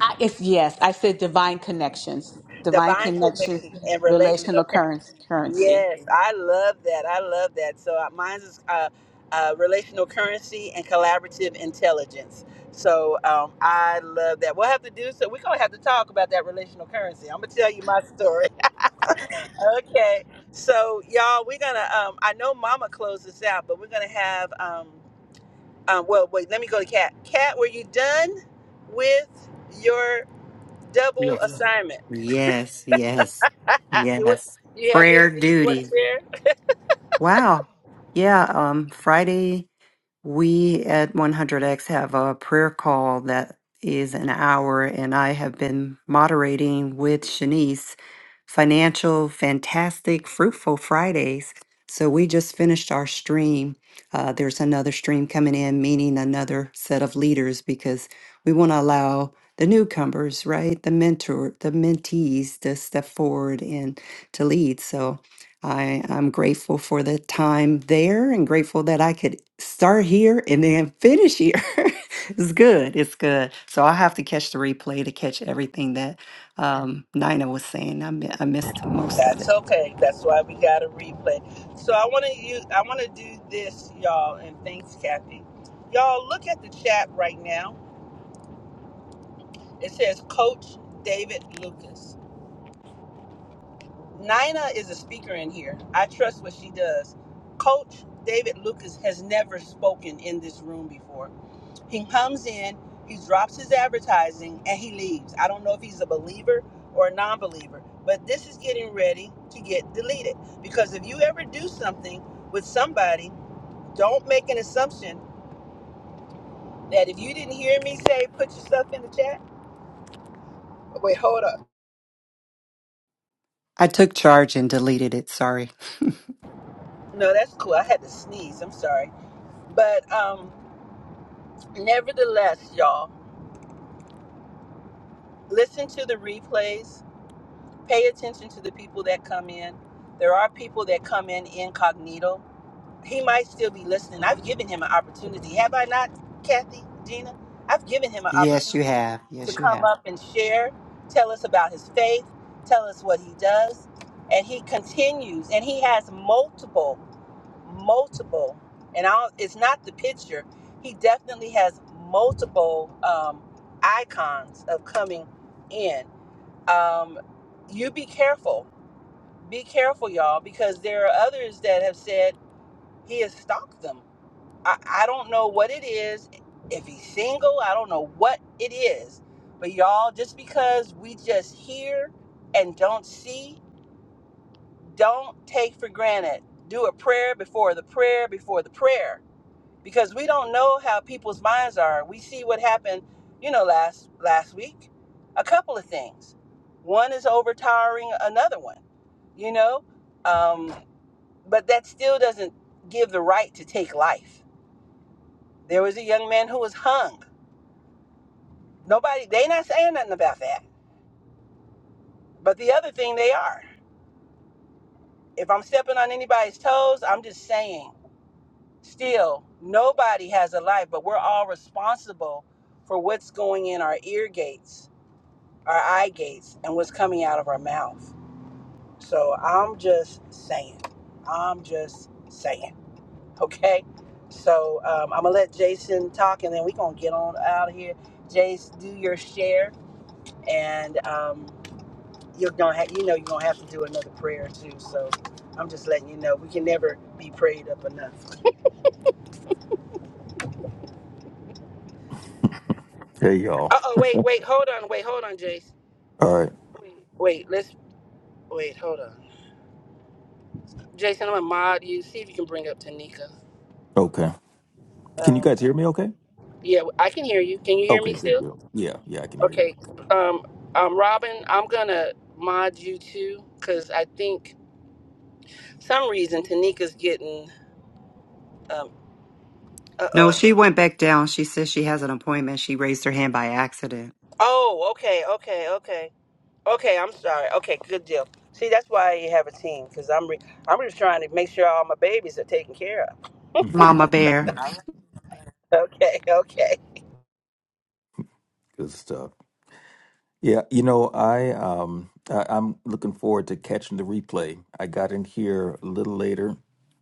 Speaker 9: I, it's yes. I said divine connections, divine
Speaker 1: Divine
Speaker 9: connection,
Speaker 1: connection and relational
Speaker 9: relational
Speaker 1: currency.
Speaker 9: currency, currency.
Speaker 1: Yes, I love that. I love that. So uh, mine's is uh, uh, relational currency and collaborative intelligence. So um, I love that. We'll have to do so. We're gonna have to talk about that relational currency. I'm gonna tell you my story. okay. So y'all, we're gonna. Um, I know Mama closed this out, but we're gonna have. Um, um, well, wait. Let me go to Kat. Kat, were you done with your double
Speaker 2: Yes.
Speaker 1: assignment?
Speaker 2: Yes, yes,
Speaker 1: You- What,
Speaker 2: yes.
Speaker 1: do you have
Speaker 2: Prayer
Speaker 1: anything you want
Speaker 2: duty.
Speaker 1: to share?
Speaker 2: Wow. Yeah, um, Friday, we at 100X have a prayer call that is an hour, and I have been moderating with Shanice Financial Fantastic Fruitful Fridays. So we just finished our stream. Uh, there's another stream coming in, meaning another set of leaders, because we want to allow the newcomers, right? The mentor, the mentees to step forward and to lead. So, I am grateful for the time there and grateful that I could start here and then finish here. it's good. It's good. So I'll have to catch the replay to catch everything that um, Nina was saying. I, mi- I missed most of
Speaker 1: That's
Speaker 2: it.
Speaker 1: okay. That's why we got a replay. So I want to use. I want to do this, y'all, and thanks, Kathy. Y'all, look at the chat right now. It says Coach David Lucas. Nina is a speaker in here. I trust what she does. Coach David Lucas has never spoken in this room before. He comes in, he drops his advertising, and he leaves. I don't know if he's a believer or a non believer, but this is getting ready to get deleted. Because if you ever do something with somebody, don't make an assumption that if you didn't hear me say, put your stuff in the chat. Wait, hold up.
Speaker 2: I took charge and deleted it. Sorry.
Speaker 1: No, that's cool. I had to sneeze. I'm sorry. But um, nevertheless, y'all. listen to the replays pay attention to the people that come in there are people that come in incognito he might still be listening i've given him an opportunity have i not kathy gina i've given him an
Speaker 2: Yes, you
Speaker 1: opportunity
Speaker 2: have.
Speaker 1: to
Speaker 2: Yes, you
Speaker 1: come
Speaker 2: have.
Speaker 1: up and share tell us about his faith tell us what he does and he continues and he has multiple multiple and I'll, it's not the picture he definitely has multiple um, icons of coming in um, you be careful. Be careful, y'all, because there are others that have said he has stalked them. I, I don't know what it is. If he's single, I don't know what it is. But y'all, just because we just hear and don't see, don't take for granted. Do a prayer before the prayer before the prayer because we don't know how people's minds are. We see what happened, you know, last last week. A couple of things. One is overtowering another one, you know, um, but that still doesn't give the right to take life. There was a young man who was hung. Nobody, they not saying nothing about that. But the other thing they are. If I'm stepping on anybody's toes, I'm just saying. Still, nobody has a life, but we're all responsible for what's going in our ear gates our eye gates and what's coming out of our mouth. So I'm just saying. I'm just saying. Okay? So um, I'm going to let Jason talk and then we're going to get on out of here. Jace, do your share and um, you're gonna have. you know you're going to have to do another prayer too. So I'm just letting you know we can never be prayed up enough.
Speaker 10: Hey y'all.
Speaker 1: Uh oh, wait, wait, hold on, wait, hold on, Jace.
Speaker 10: All right.
Speaker 1: Wait, let's, wait, hold on. Jason, I'm going to mod you. See if you can bring up Tanika.
Speaker 10: Okay. Can you
Speaker 1: Um,
Speaker 10: guys hear me okay?
Speaker 1: Yeah, I can hear you. Can you hear me
Speaker 10: Okay, good
Speaker 1: still?
Speaker 10: deal. Yeah, yeah, I can hear you.
Speaker 1: Okay.
Speaker 10: Okay.
Speaker 1: Um, um, Robin, I'm gonna mod you too, cause I think some reason Tanika's getting um. Uh
Speaker 2: No,
Speaker 1: oh.
Speaker 2: she went back down. She says she has an appointment. She raised her hand by accident.
Speaker 1: Oh, okay, okay, okay, okay. I'm sorry. Okay, good deal. See, that's why you have a team, cause I'm re- I'm just trying to make sure all my babies are taken care of.
Speaker 2: Mama Bear.
Speaker 1: Okay, okay.
Speaker 10: Good stuff. Yeah, you know, I um I, I'm looking forward to catching the replay. I got in here a little later.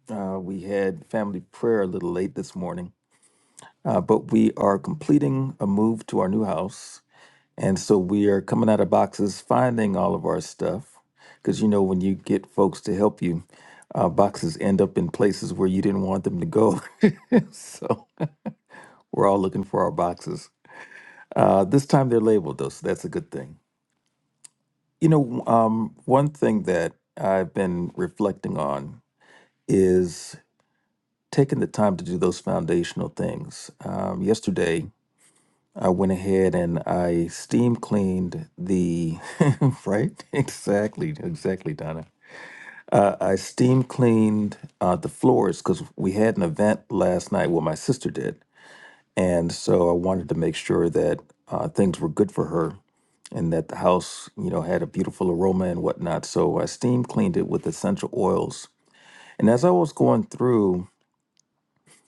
Speaker 10: Uh we had family prayer a little late this morning. Uh but we are completing a move to our new house. And so we are coming out of boxes, finding all of our stuff. Because you know, when you get folks to help you, uh, boxes end up in places where you didn't want them to go. so We're all looking for our boxes. Uh, this time they're labeled, though, so that's a good thing. You know, um, one thing that I've been reflecting on is taking the time to do those foundational things. Um, yesterday, I went ahead and I steam cleaned the, right? Exactly, exactly, Donna. Uh, I steam cleaned uh, the floors because we had an event last night. Well, my sister did And so I wanted to make sure that uh, things were good for her and that the house, you know, had a beautiful aroma and whatnot. So I steam cleaned it with essential oils. And as I was going through,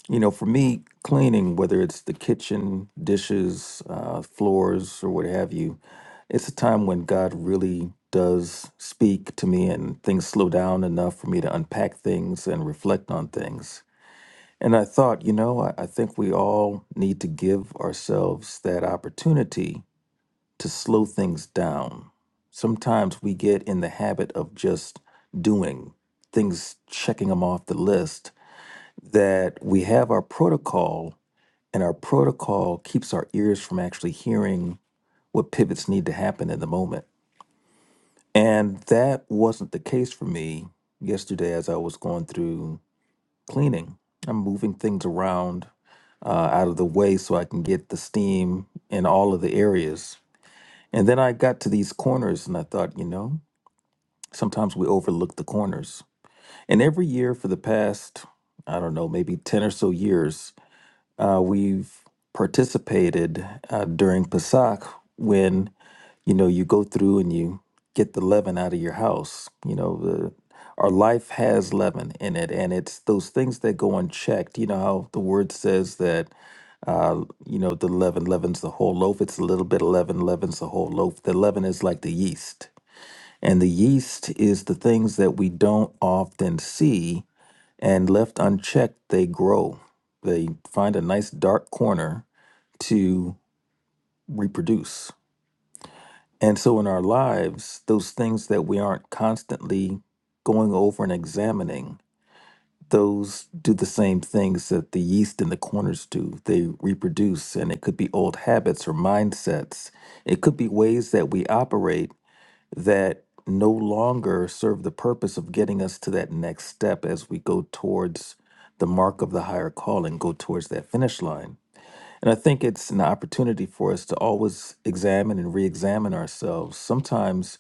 Speaker 10: you know, for me, cleaning, whether it's the kitchen, dishes, uh, floors, or what have you, it's a time when God really does speak to me and things slow down enough for me to unpack things and reflect on things. And I thought, you know, I, I think we all need to give ourselves that opportunity to slow things down. Sometimes we get in the habit of just doing things, checking them off the list, that we have our protocol, and our protocol keeps our ears from actually hearing what pivots need to happen in the moment. And that wasn't the case for me yesterday as I was going through. cleaning. I'm moving things around uh, out of the way so I can get the steam in all of the areas. And then I got to these corners and I thought, you know, sometimes we overlook the corners. And every year for the past, I don't know, maybe 10 or so years, uh, we've participated uh, during Pesach when you know you go through and you get the leaven out of your house you know the our life has leaven in it and it's those things that go unchecked you know how the word says that uh, you know the leaven leavens the whole loaf it's a little bit of leaven leavens the whole loaf the leaven is like the yeast and the yeast is the things that we don't often see and left unchecked they grow they find a nice dark corner to reproduce and so in our lives, those things that we aren't constantly going over and examining, those do the same things that the yeast in the corners do. They reproduce, and it could be old habits or mindsets. It could be ways that we operate that no longer serve the purpose of getting us to that next step as we go towards the mark of the higher calling, go towards that finish line. And I think it's an opportunity for us to always examine and re examine ourselves. Sometimes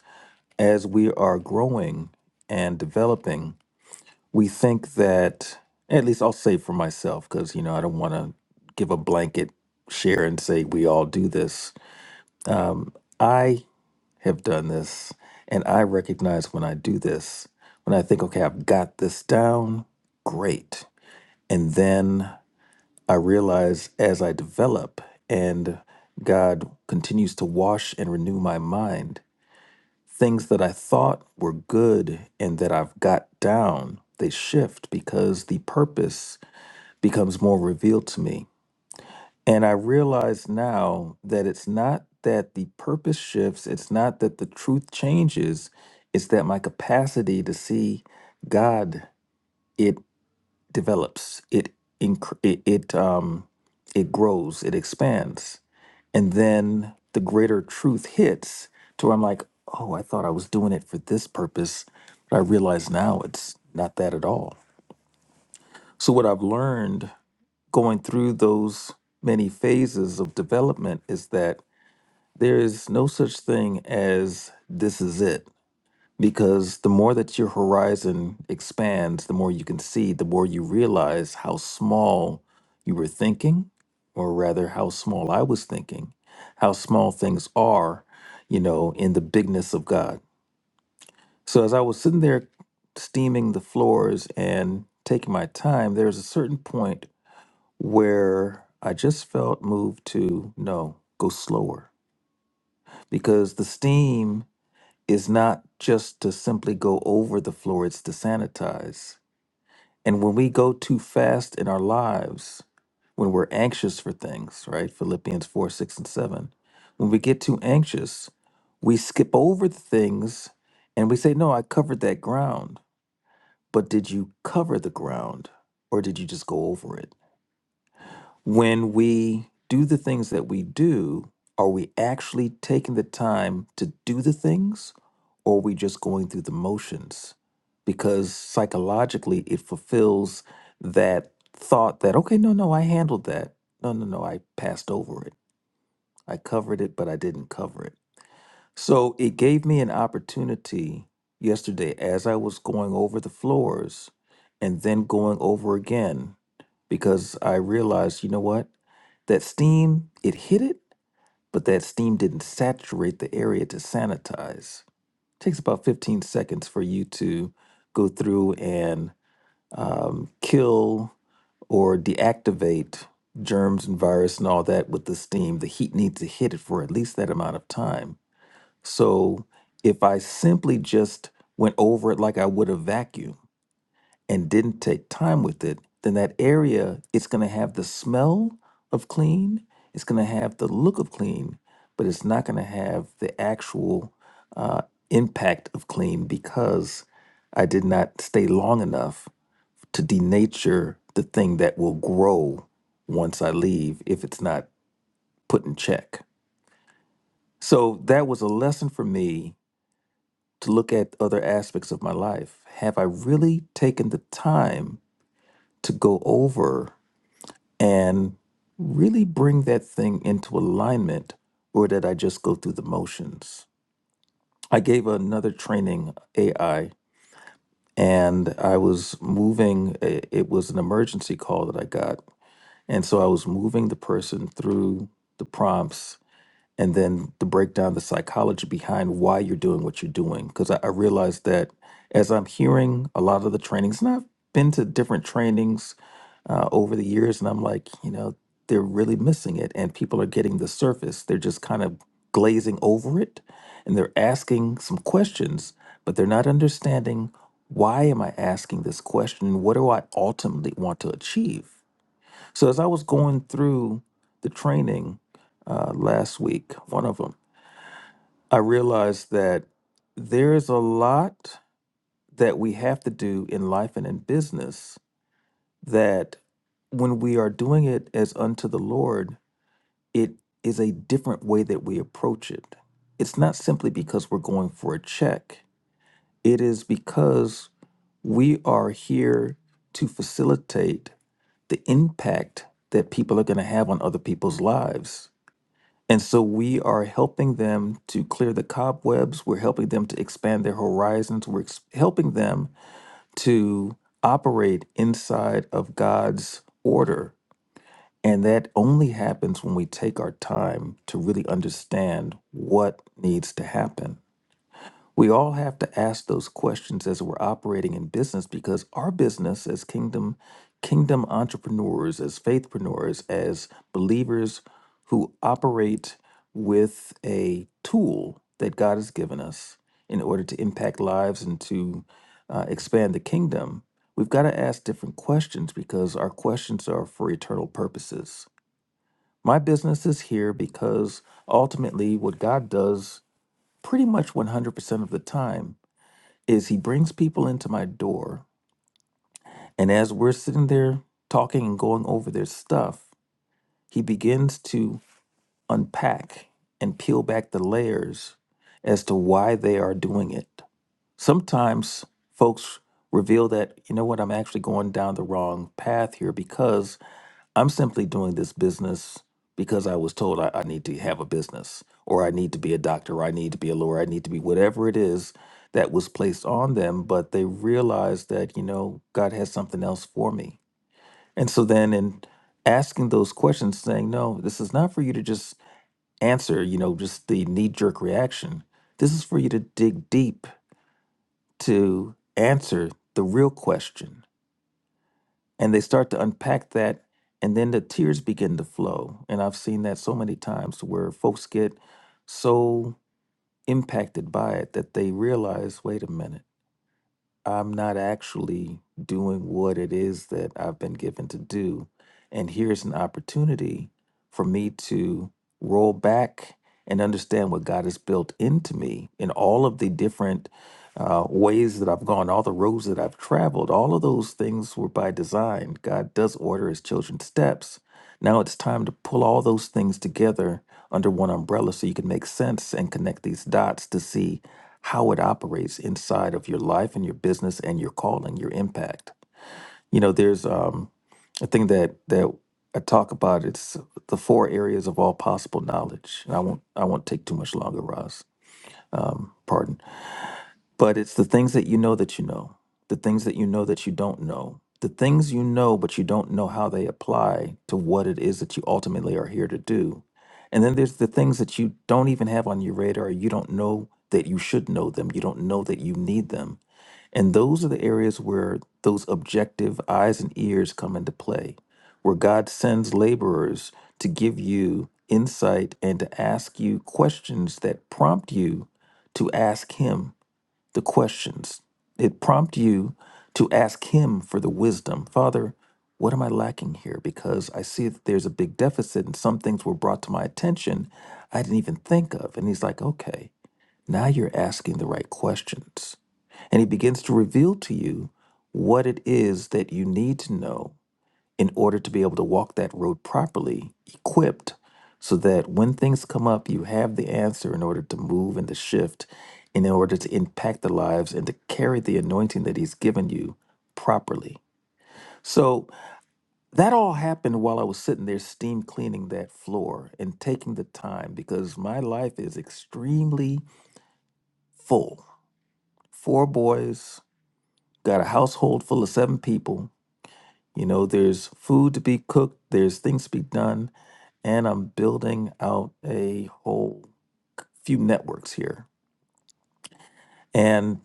Speaker 10: as we are growing and developing, we think that, at least I'll say for myself, because, you know, I don't want to give a blanket share and say we all do this. Um, I have done this and I recognize when I do this, when I think, okay, I've got this down, great. And then I realize as I develop and God continues to wash and renew my mind, things that I thought were good and that I've got down, they shift because the purpose becomes more revealed to me. And I realize now that it's not that the purpose shifts, it's not that the truth changes, it's that my capacity to see God it develops, it inc- it, it um it grows, it expands and then the greater truth hits to where I'm like, oh, I thought I was doing it for this purpose, but I realize now it's not that at all. So what I've learned going through those many phases of development is that there is no such thing as this is it because the more that your horizon expands, the more you can see, the more you realize how small you were thinking, or rather, how small I was thinking, how small things are, you know, in the bigness of God. So as I was sitting there steaming the floors and taking my time, there's a certain point where I just felt moved to no, go slower because the steam is not just to simply go over the floor, it's to sanitize. And when we go too fast in our lives, when we're anxious for things, right? Philippians 4, 6, and 7. When we get too anxious, we skip over the things and we say, No, I covered that ground. But did you cover the ground or did you just go over it? when we do the things that we do, are we actually taking the time to do the things or are we just going through the motions? Because psychologically, it fulfills that thought that, okay, no, no, I handled that. No, no, no, I passed over it. I covered it, but I didn't cover it. So it gave me an opportunity yesterday as I was going over the floors and then going over again because I realized, you know what? That steam, it hit it, but that steam didn't saturate the area to sanitize. takes about 15 seconds for you to go through and um, kill or deactivate germs and virus and all that with the steam. The heat needs to hit it for at least that amount of time. So if I simply just went over it like I would a vacuum, and didn't take time with it, then that area it's going to have the smell of clean, it's going to have the look of clean, but it's not going to have the actual uh, impact of clean because I did not stay long enough to denature the thing that will grow once I leave if it's not put in check. So that was a lesson for me to look at other aspects of my life. Have I really taken the time to go over? and really bring that thing into alignment, or did I just go through the motions? I gave another training AI, and I was moving. i- It was an emergency call that I got, and so I was moving the person through the prompts and then to break down the psychology behind why you're doing what you're doing. Because I, I realized that as I'm hearing a lot of the trainings, and I've been to different trainings uh, over the years, and I'm like, you know, they're really missing it, and people are getting the surface. They're just kind of glazing over it, and they're asking some questions, but they're not understanding why am I asking this question? What do I ultimately want to achieve? So as I was going through the training uh, last week, one of them, I realized that there is a lot that we have to do in life and in business that when we are doing it as unto the Lord, it is a different way that we approach it. It's not simply because we're going for a check. It is because we are here to facilitate the impact that people are going to have on other people's lives And so we are helping them to clear the cobwebs. We're helping them to expand their horizons. We're ex- helping them to operate inside of God's order. And that only happens when we take our time to really understand what needs to happen. We all have to ask those questions as we're operating in business because our business as kingdom kingdom entrepreneurs, as faithpreneurs, as believers who operate with a tool that God has given us in order to impact lives and to uh, expand the kingdom, we've got to ask different questions because our questions are for eternal purposes. My business is here because ultimately what God does pretty much 100% of the time is he brings people into my door and as we're sitting there talking and going over their stuff he begins to unpack and peel back the layers as to why they are doing it sometimes folks reveal that you know what i'm actually going down the wrong path here because I'm simply doing this business because I was told I, I need to have a business, or I need to be a doctor, or I need to be a lawyer, I need to be whatever it is that was placed on them. But they realized that, you know, God has something else for me. And so then in asking those questions, saying, no, this is not for you to just answer, you know, just the knee jerk reaction. This is for you to dig deep to answer the real question and they start to unpack that and then the tears begin to flow and i've seen that so many times where folks get so impacted by it that they realize wait a minute I'm not actually doing what it is that I've been given to do. And here's an opportunity for me to roll back and understand what God has built into me in all of the different uh, ways that I've gone, all the roads that I've traveled, all of those things were by design. God does order his children's steps. Now it's time to pull all those things together under one umbrella so you can make sense and connect these dots to see how it operates inside of your life and your business and your calling, your impact. You know, there's um, a thing that that I talk about. It's the four areas of all possible knowledge, and I won't I won't take too much longer, Roz. Um, pardon. But it's the things that you know that you know, the things that you know that you don't know, the things you know, but you don't know how they apply to what it is that you ultimately are here to do. And then there's the things that you don't even have on your radar. You don't know that you should know them. You don't know that you need them. And those are the areas where those objective eyes and ears come into play, where God sends laborers to give you insight and to ask you questions that prompt you to ask Him the questions. It prompts you to ask him for the wisdom. Father, what am I lacking here? Because I see that there's a big deficit and some things were brought to my attention I didn't even think of. And he's like, okay, now you're asking the right questions. And he begins to reveal to you what it is that you need to know in order to be able to walk that road properly, equipped, so that when things come up, you have the answer in order to move and to shift, in order to impact the lives and to carry the anointing that He's given you properly. So that all happened while I was sitting there steam cleaning that floor and taking the time because my life is extremely full. Four boys, got a household full of seven people. You know, there's food to be cooked, there's things to be done and I'm building out a whole few networks here. And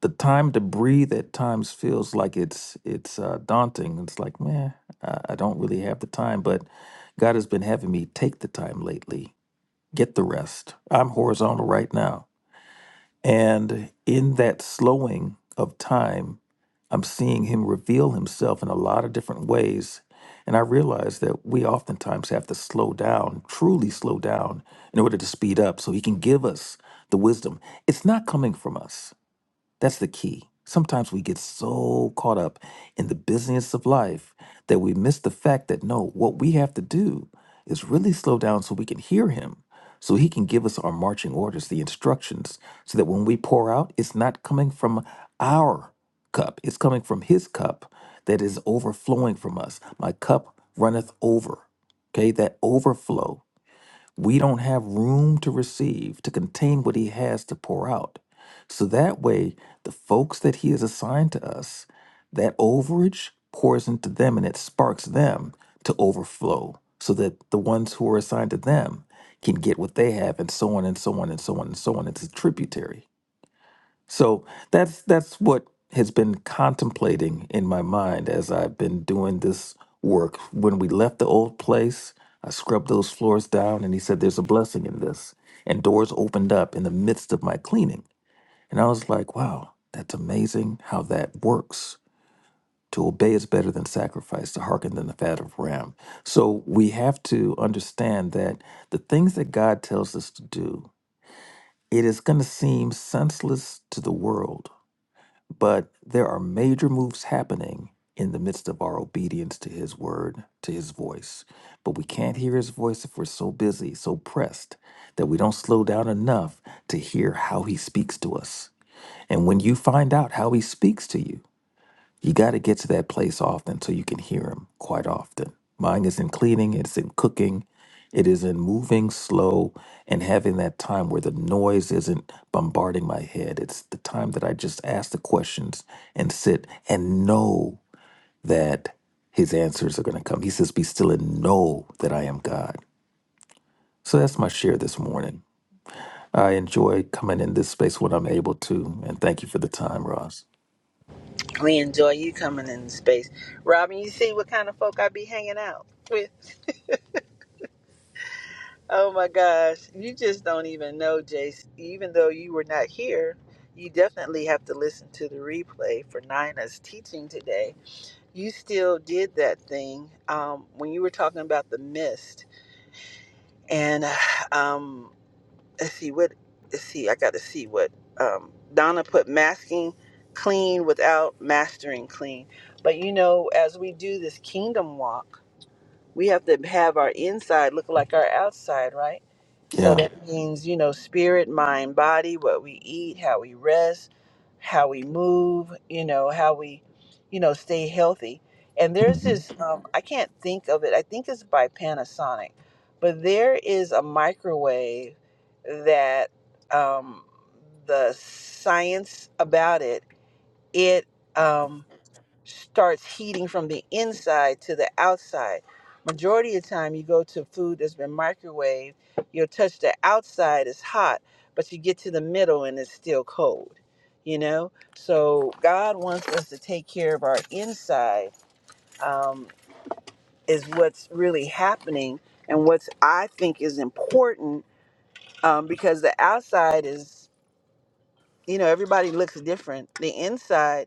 Speaker 10: the time to breathe at times feels like it's it's uh, daunting. It's like, man, I I don't really have the time. But God has been having me take the time lately, get the rest. I'm horizontal right now And in that slowing of time, I'm seeing him reveal himself in a lot of different ways. And I realize that we oftentimes have to slow down, truly slow down, in order to speed up so he can give us the wisdom. It's not coming from us. That's the key. Sometimes we get so caught up in the busyness of life that we miss the fact that no, what we have to do is really slow down so we can hear Him, so He can give us our marching orders, the instructions, so that when we pour out, it's not coming from our cup, it's coming from His cup that is overflowing from us. My cup runneth over. Okay, that overflow. We don't have room to receive, to contain what He has to pour out. So that way, the folks that He has assigned to us, that overage pours into them and it sparks them to overflow so that the ones who are assigned to them can get what they have, and so on and so on and so on and so on. It's a tributary. So that's that's what has been contemplating in my mind as I've been doing this work. When we left the old place, I scrubbed those floors down and he said there's a blessing in this. And doors opened up in the midst of my cleaning. And I was like, wow, that's amazing how that works. To obey is better than sacrifice, to hearken than the fat of ram. So we have to understand that the things that God tells us to do, it is going to seem senseless to the world but there are major moves happening in the midst of our obedience to His word, to His voice. But we can't hear His voice if we're so busy, so pressed, that we don't slow down enough to hear how He speaks to us. And when you find out how He speaks to you, you got to get to that place often so you can hear him quite often. Mine is in cleaning, it's in cooking, it is in moving slow and having that time where the noise isn't bombarding my head. It's the time that I just ask the questions and sit and know that his answers are going to come. He says, Be still and know that I am God. So that's my share this morning. I enjoy coming in this space when I'm able to. And thank you for the time, Ross.
Speaker 1: We enjoy you coming in the space, Robin. You see what kind of folk I be hanging out with. Oh my gosh, you just don't even know, Jace. Even though you were not here, you definitely have to listen to the replay for Nina's teaching today. You still did that thing um, when you were talking about the mist. And um, let's see what, let's see, I got to see what um, Donna put masking clean without mastering clean. But you know, as we do this kingdom walk, we have to have our inside look like our outside, right? So
Speaker 10: Yeah.
Speaker 1: that means, you know, spirit, mind, body, what we eat, how we rest, how we move, you know, how we, you know, stay healthy. And there's
Speaker 10: Mm-hmm.
Speaker 1: this, um, I can't think of it, I think it's by Panasonic, but there is a microwave that um, the science about it, it, um, starts heating from the inside to the outside. Majority of the time, you go to food that's been microwaved, you'll touch the outside, it's hot, but you get to the middle and it's still cold, you know? So, God wants us to take care of our inside, um, is what's really happening and what's I think is important um, because the outside is, you know, everybody looks different. The inside,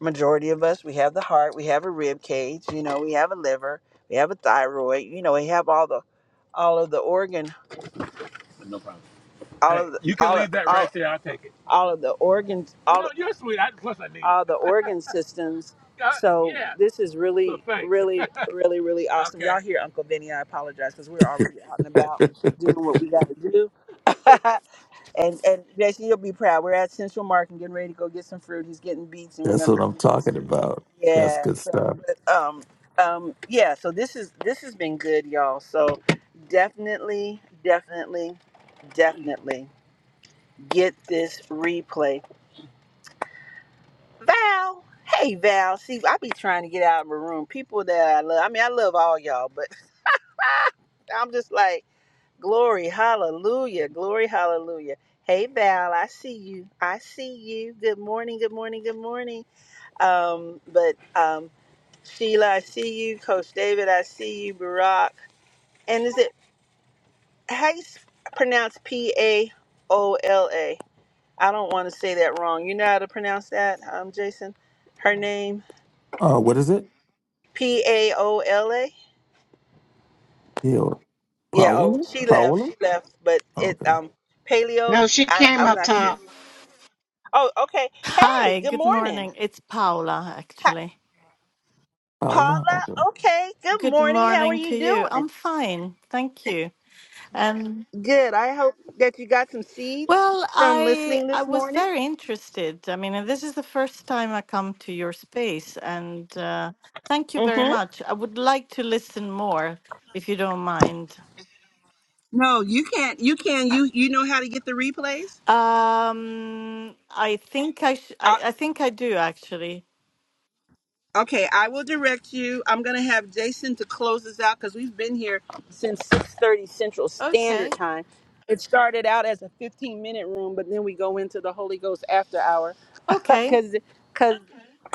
Speaker 1: majority of us we have the heart we have a rib cage you know we have a liver we have a thyroid you know we have all the all of the organ all Hey, of the you can all of, leave that all right there. I'll take it. all of the organs all No, you're so I need all the organ systems Uh, so yeah. this is So really thanks. really really really awesome okay. y'all hear uncle vinny i apologize because we're already out and about doing what we got to do and and jesse you'll be proud we're at central market and getting ready to go get some fruit he's getting beets and we're
Speaker 10: That's
Speaker 1: gonna
Speaker 10: what
Speaker 1: do
Speaker 10: I'm talking about. That's
Speaker 1: yeah so
Speaker 10: good stuff.
Speaker 1: um um yeah so this is this has been good y'all so definitely definitely definitely get this replay val hey val see i be trying to get out of my room people that i love i mean i love all y'all but i'm just like glory hallelujah glory hallelujah hey val i see you i see you good morning good morning good morning um but um sheila i see you coach david i see you barack and is it how you s- pronounce P A O L A? I don't want to say that wrong. You know how to pronounce that, um, Jason? Her name
Speaker 10: Uh, what is it?
Speaker 1: P A O L A.
Speaker 10: Yo,
Speaker 1: Yeah. Oh,
Speaker 10: Paola?
Speaker 1: she left.
Speaker 10: Paola?
Speaker 1: She left. But it
Speaker 10: Okay.
Speaker 1: um paleo.
Speaker 7: No, she
Speaker 1: I
Speaker 7: came
Speaker 1: I'm
Speaker 7: up
Speaker 1: not sure.
Speaker 7: top.
Speaker 1: Oh, okay. Hey,
Speaker 11: Hi,
Speaker 1: good
Speaker 11: good
Speaker 1: morning.
Speaker 11: morning. It's Paula,
Speaker 1: Hi,
Speaker 11: actually.
Speaker 10: Paola?
Speaker 1: Paula,
Speaker 10: Okay.
Speaker 1: okay, good
Speaker 11: Good
Speaker 1: morning. How are
Speaker 11: morning
Speaker 1: you
Speaker 11: to you.
Speaker 1: doing?
Speaker 11: I'm fine, thank you. And
Speaker 1: Good. I hope that you got some seeds
Speaker 11: well,
Speaker 1: from
Speaker 11: I
Speaker 1: listening
Speaker 11: I
Speaker 1: this
Speaker 11: was
Speaker 1: morning.
Speaker 11: very interested. I mean, and this is the first time I come to your space, and uh, thank you very
Speaker 1: Mm-hmm.
Speaker 11: much. I would like to listen more, if you don't mind.
Speaker 1: No, you can't. You can. You you know how to get the replays?
Speaker 11: Um, I think I sh- I, I think I do actually.
Speaker 1: Okay, I will direct you. I'm gonna have Jason to close this out because we've been here since 6:30 Central Standard
Speaker 11: Okay,
Speaker 1: Time. It started out as a 15 minute room, but then we go into the Holy Ghost after hour
Speaker 11: okay.
Speaker 1: because because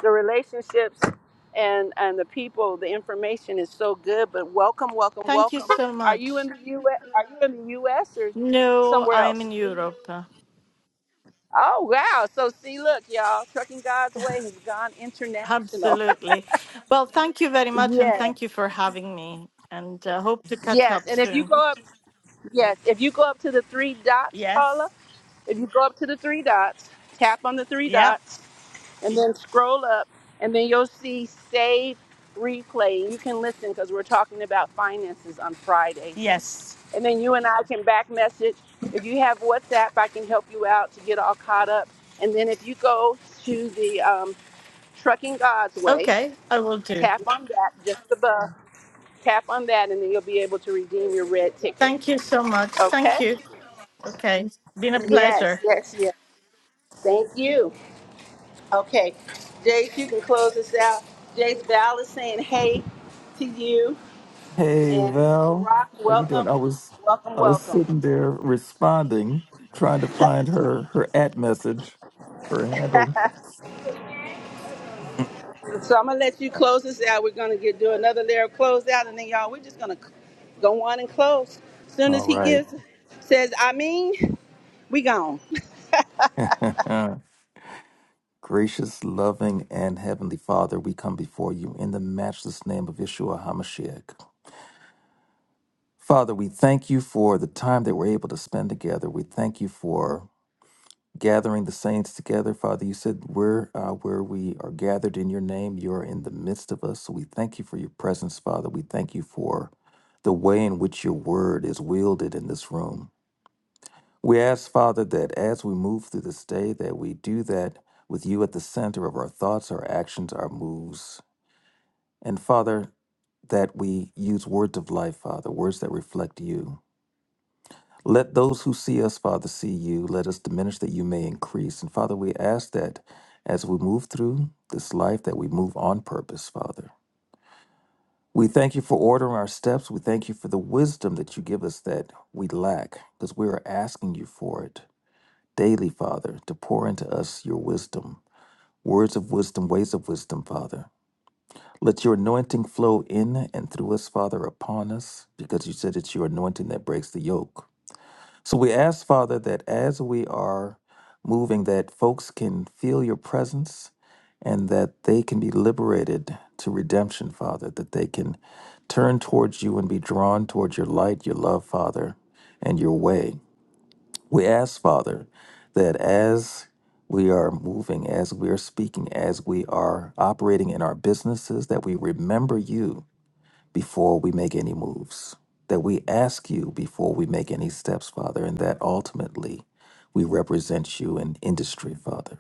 Speaker 1: the relationships and and the people. So welcome,
Speaker 11: Thank you
Speaker 1: welcome.
Speaker 11: so
Speaker 1: You in
Speaker 11: much.
Speaker 1: the US? Are you investors?
Speaker 11: No, I'm in Europe. Absolutely. Well, thank you very much, and thank you for having me. And uh, hope to catch
Speaker 1: Yes.
Speaker 11: up
Speaker 1: And if you
Speaker 11: soon.
Speaker 1: go up, yes, if you go up to the three dots, Paula.
Speaker 11: Yes.
Speaker 1: If you go up to the three dots, tap on the three
Speaker 11: Yeah.
Speaker 1: dots and then scroll up, and then you'll see save replay. You can listen because we're talking about finances on Fridays.
Speaker 11: Yes.
Speaker 1: And then you and I can back message. If you have WhatsApp, I can help you out to get all caught up. And then if you go to the um, Trucking God's Way,
Speaker 11: Okay, I will do.
Speaker 1: tap on that just above, tap on that, and then you'll be able to redeem your red ticket.
Speaker 11: Thank you so much.
Speaker 1: Okay?
Speaker 11: Thank you. Okay, been a
Speaker 1: Yes,
Speaker 11: pleasure.
Speaker 1: yes, yes. Thank you. Okay, Jace, you can close this out. Jace Val is saying hey to you,
Speaker 10: Hey,
Speaker 1: and
Speaker 10: Val.
Speaker 1: Barack,
Speaker 10: How you doing?
Speaker 1: welcome,
Speaker 10: I was
Speaker 1: welcome,
Speaker 10: I was
Speaker 1: welcome.
Speaker 10: sitting there responding, trying to find her her at message, her handle.
Speaker 1: So I'm gonna let you close this out. We're gonna get do another layer of close out, and then y'all, we're just gonna c- go on and close. Soon as
Speaker 10: All
Speaker 1: he
Speaker 10: right.
Speaker 1: gives, says I mean, we gone.
Speaker 10: Gracious, loving, and heavenly Father, we come before you in the matchless name of Yeshua HaMashiach. Father, we thank you for the time that we're able to spend together. We thank you for gathering the saints together. Father, you said where uh, where we are gathered in your name, you are in the midst of us. So we thank you for your presence, Father. We thank you for the way in which your word is wielded in this room. We ask, Father, that as we move through this day, that we do that with you at the center of our thoughts, our actions, our moves. And Father, that we use words of life, Father, words that reflect you. Let those who see us, Father, see you. Let us diminish that you may increase. And Father, we ask that as we move through this life, that we move on purpose, Father. We thank you for ordering our steps. We thank you for the wisdom that you give us that we lack, because we are asking you for it daily, Father, to pour into us your wisdom, words of wisdom, ways of wisdom, Father. Let your anointing flow in and through us, Father, upon us, because you said it's your anointing that breaks the yoke. So we ask, Father, that as we are moving, that folks can feel your presence and that they can be liberated to redemption, Father, that they can turn towards you and be drawn towards your light, your love, Father, and your way. We ask, Father, that as we are moving, as we are speaking, as we are operating in our businesses, that we remember you before we make any moves, that we ask you before we make any steps, Father, and that ultimately we represent you in industry, Father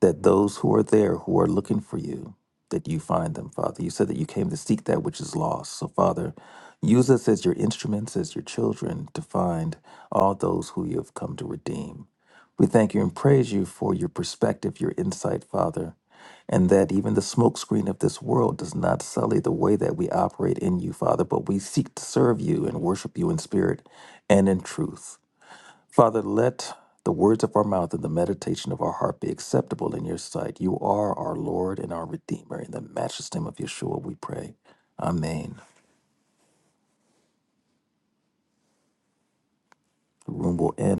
Speaker 10: that those who are there who are looking for you, that you find them, Father. You said that you came to seek that which is lost. So, Father, use us as your instruments, as your children, to find all those who you have come to redeem. We thank you and praise you for your perspective, your insight, Father, and that even the smokescreen of this world does not sully the way that we operate in you, Father, but we seek to serve you and worship you in spirit and in truth. Father, let the words of our mouth and the meditation of our heart be acceptable in your sight. You are our Lord and our Redeemer. In the matchless name of Yeshua, we pray. Amen. The room will end.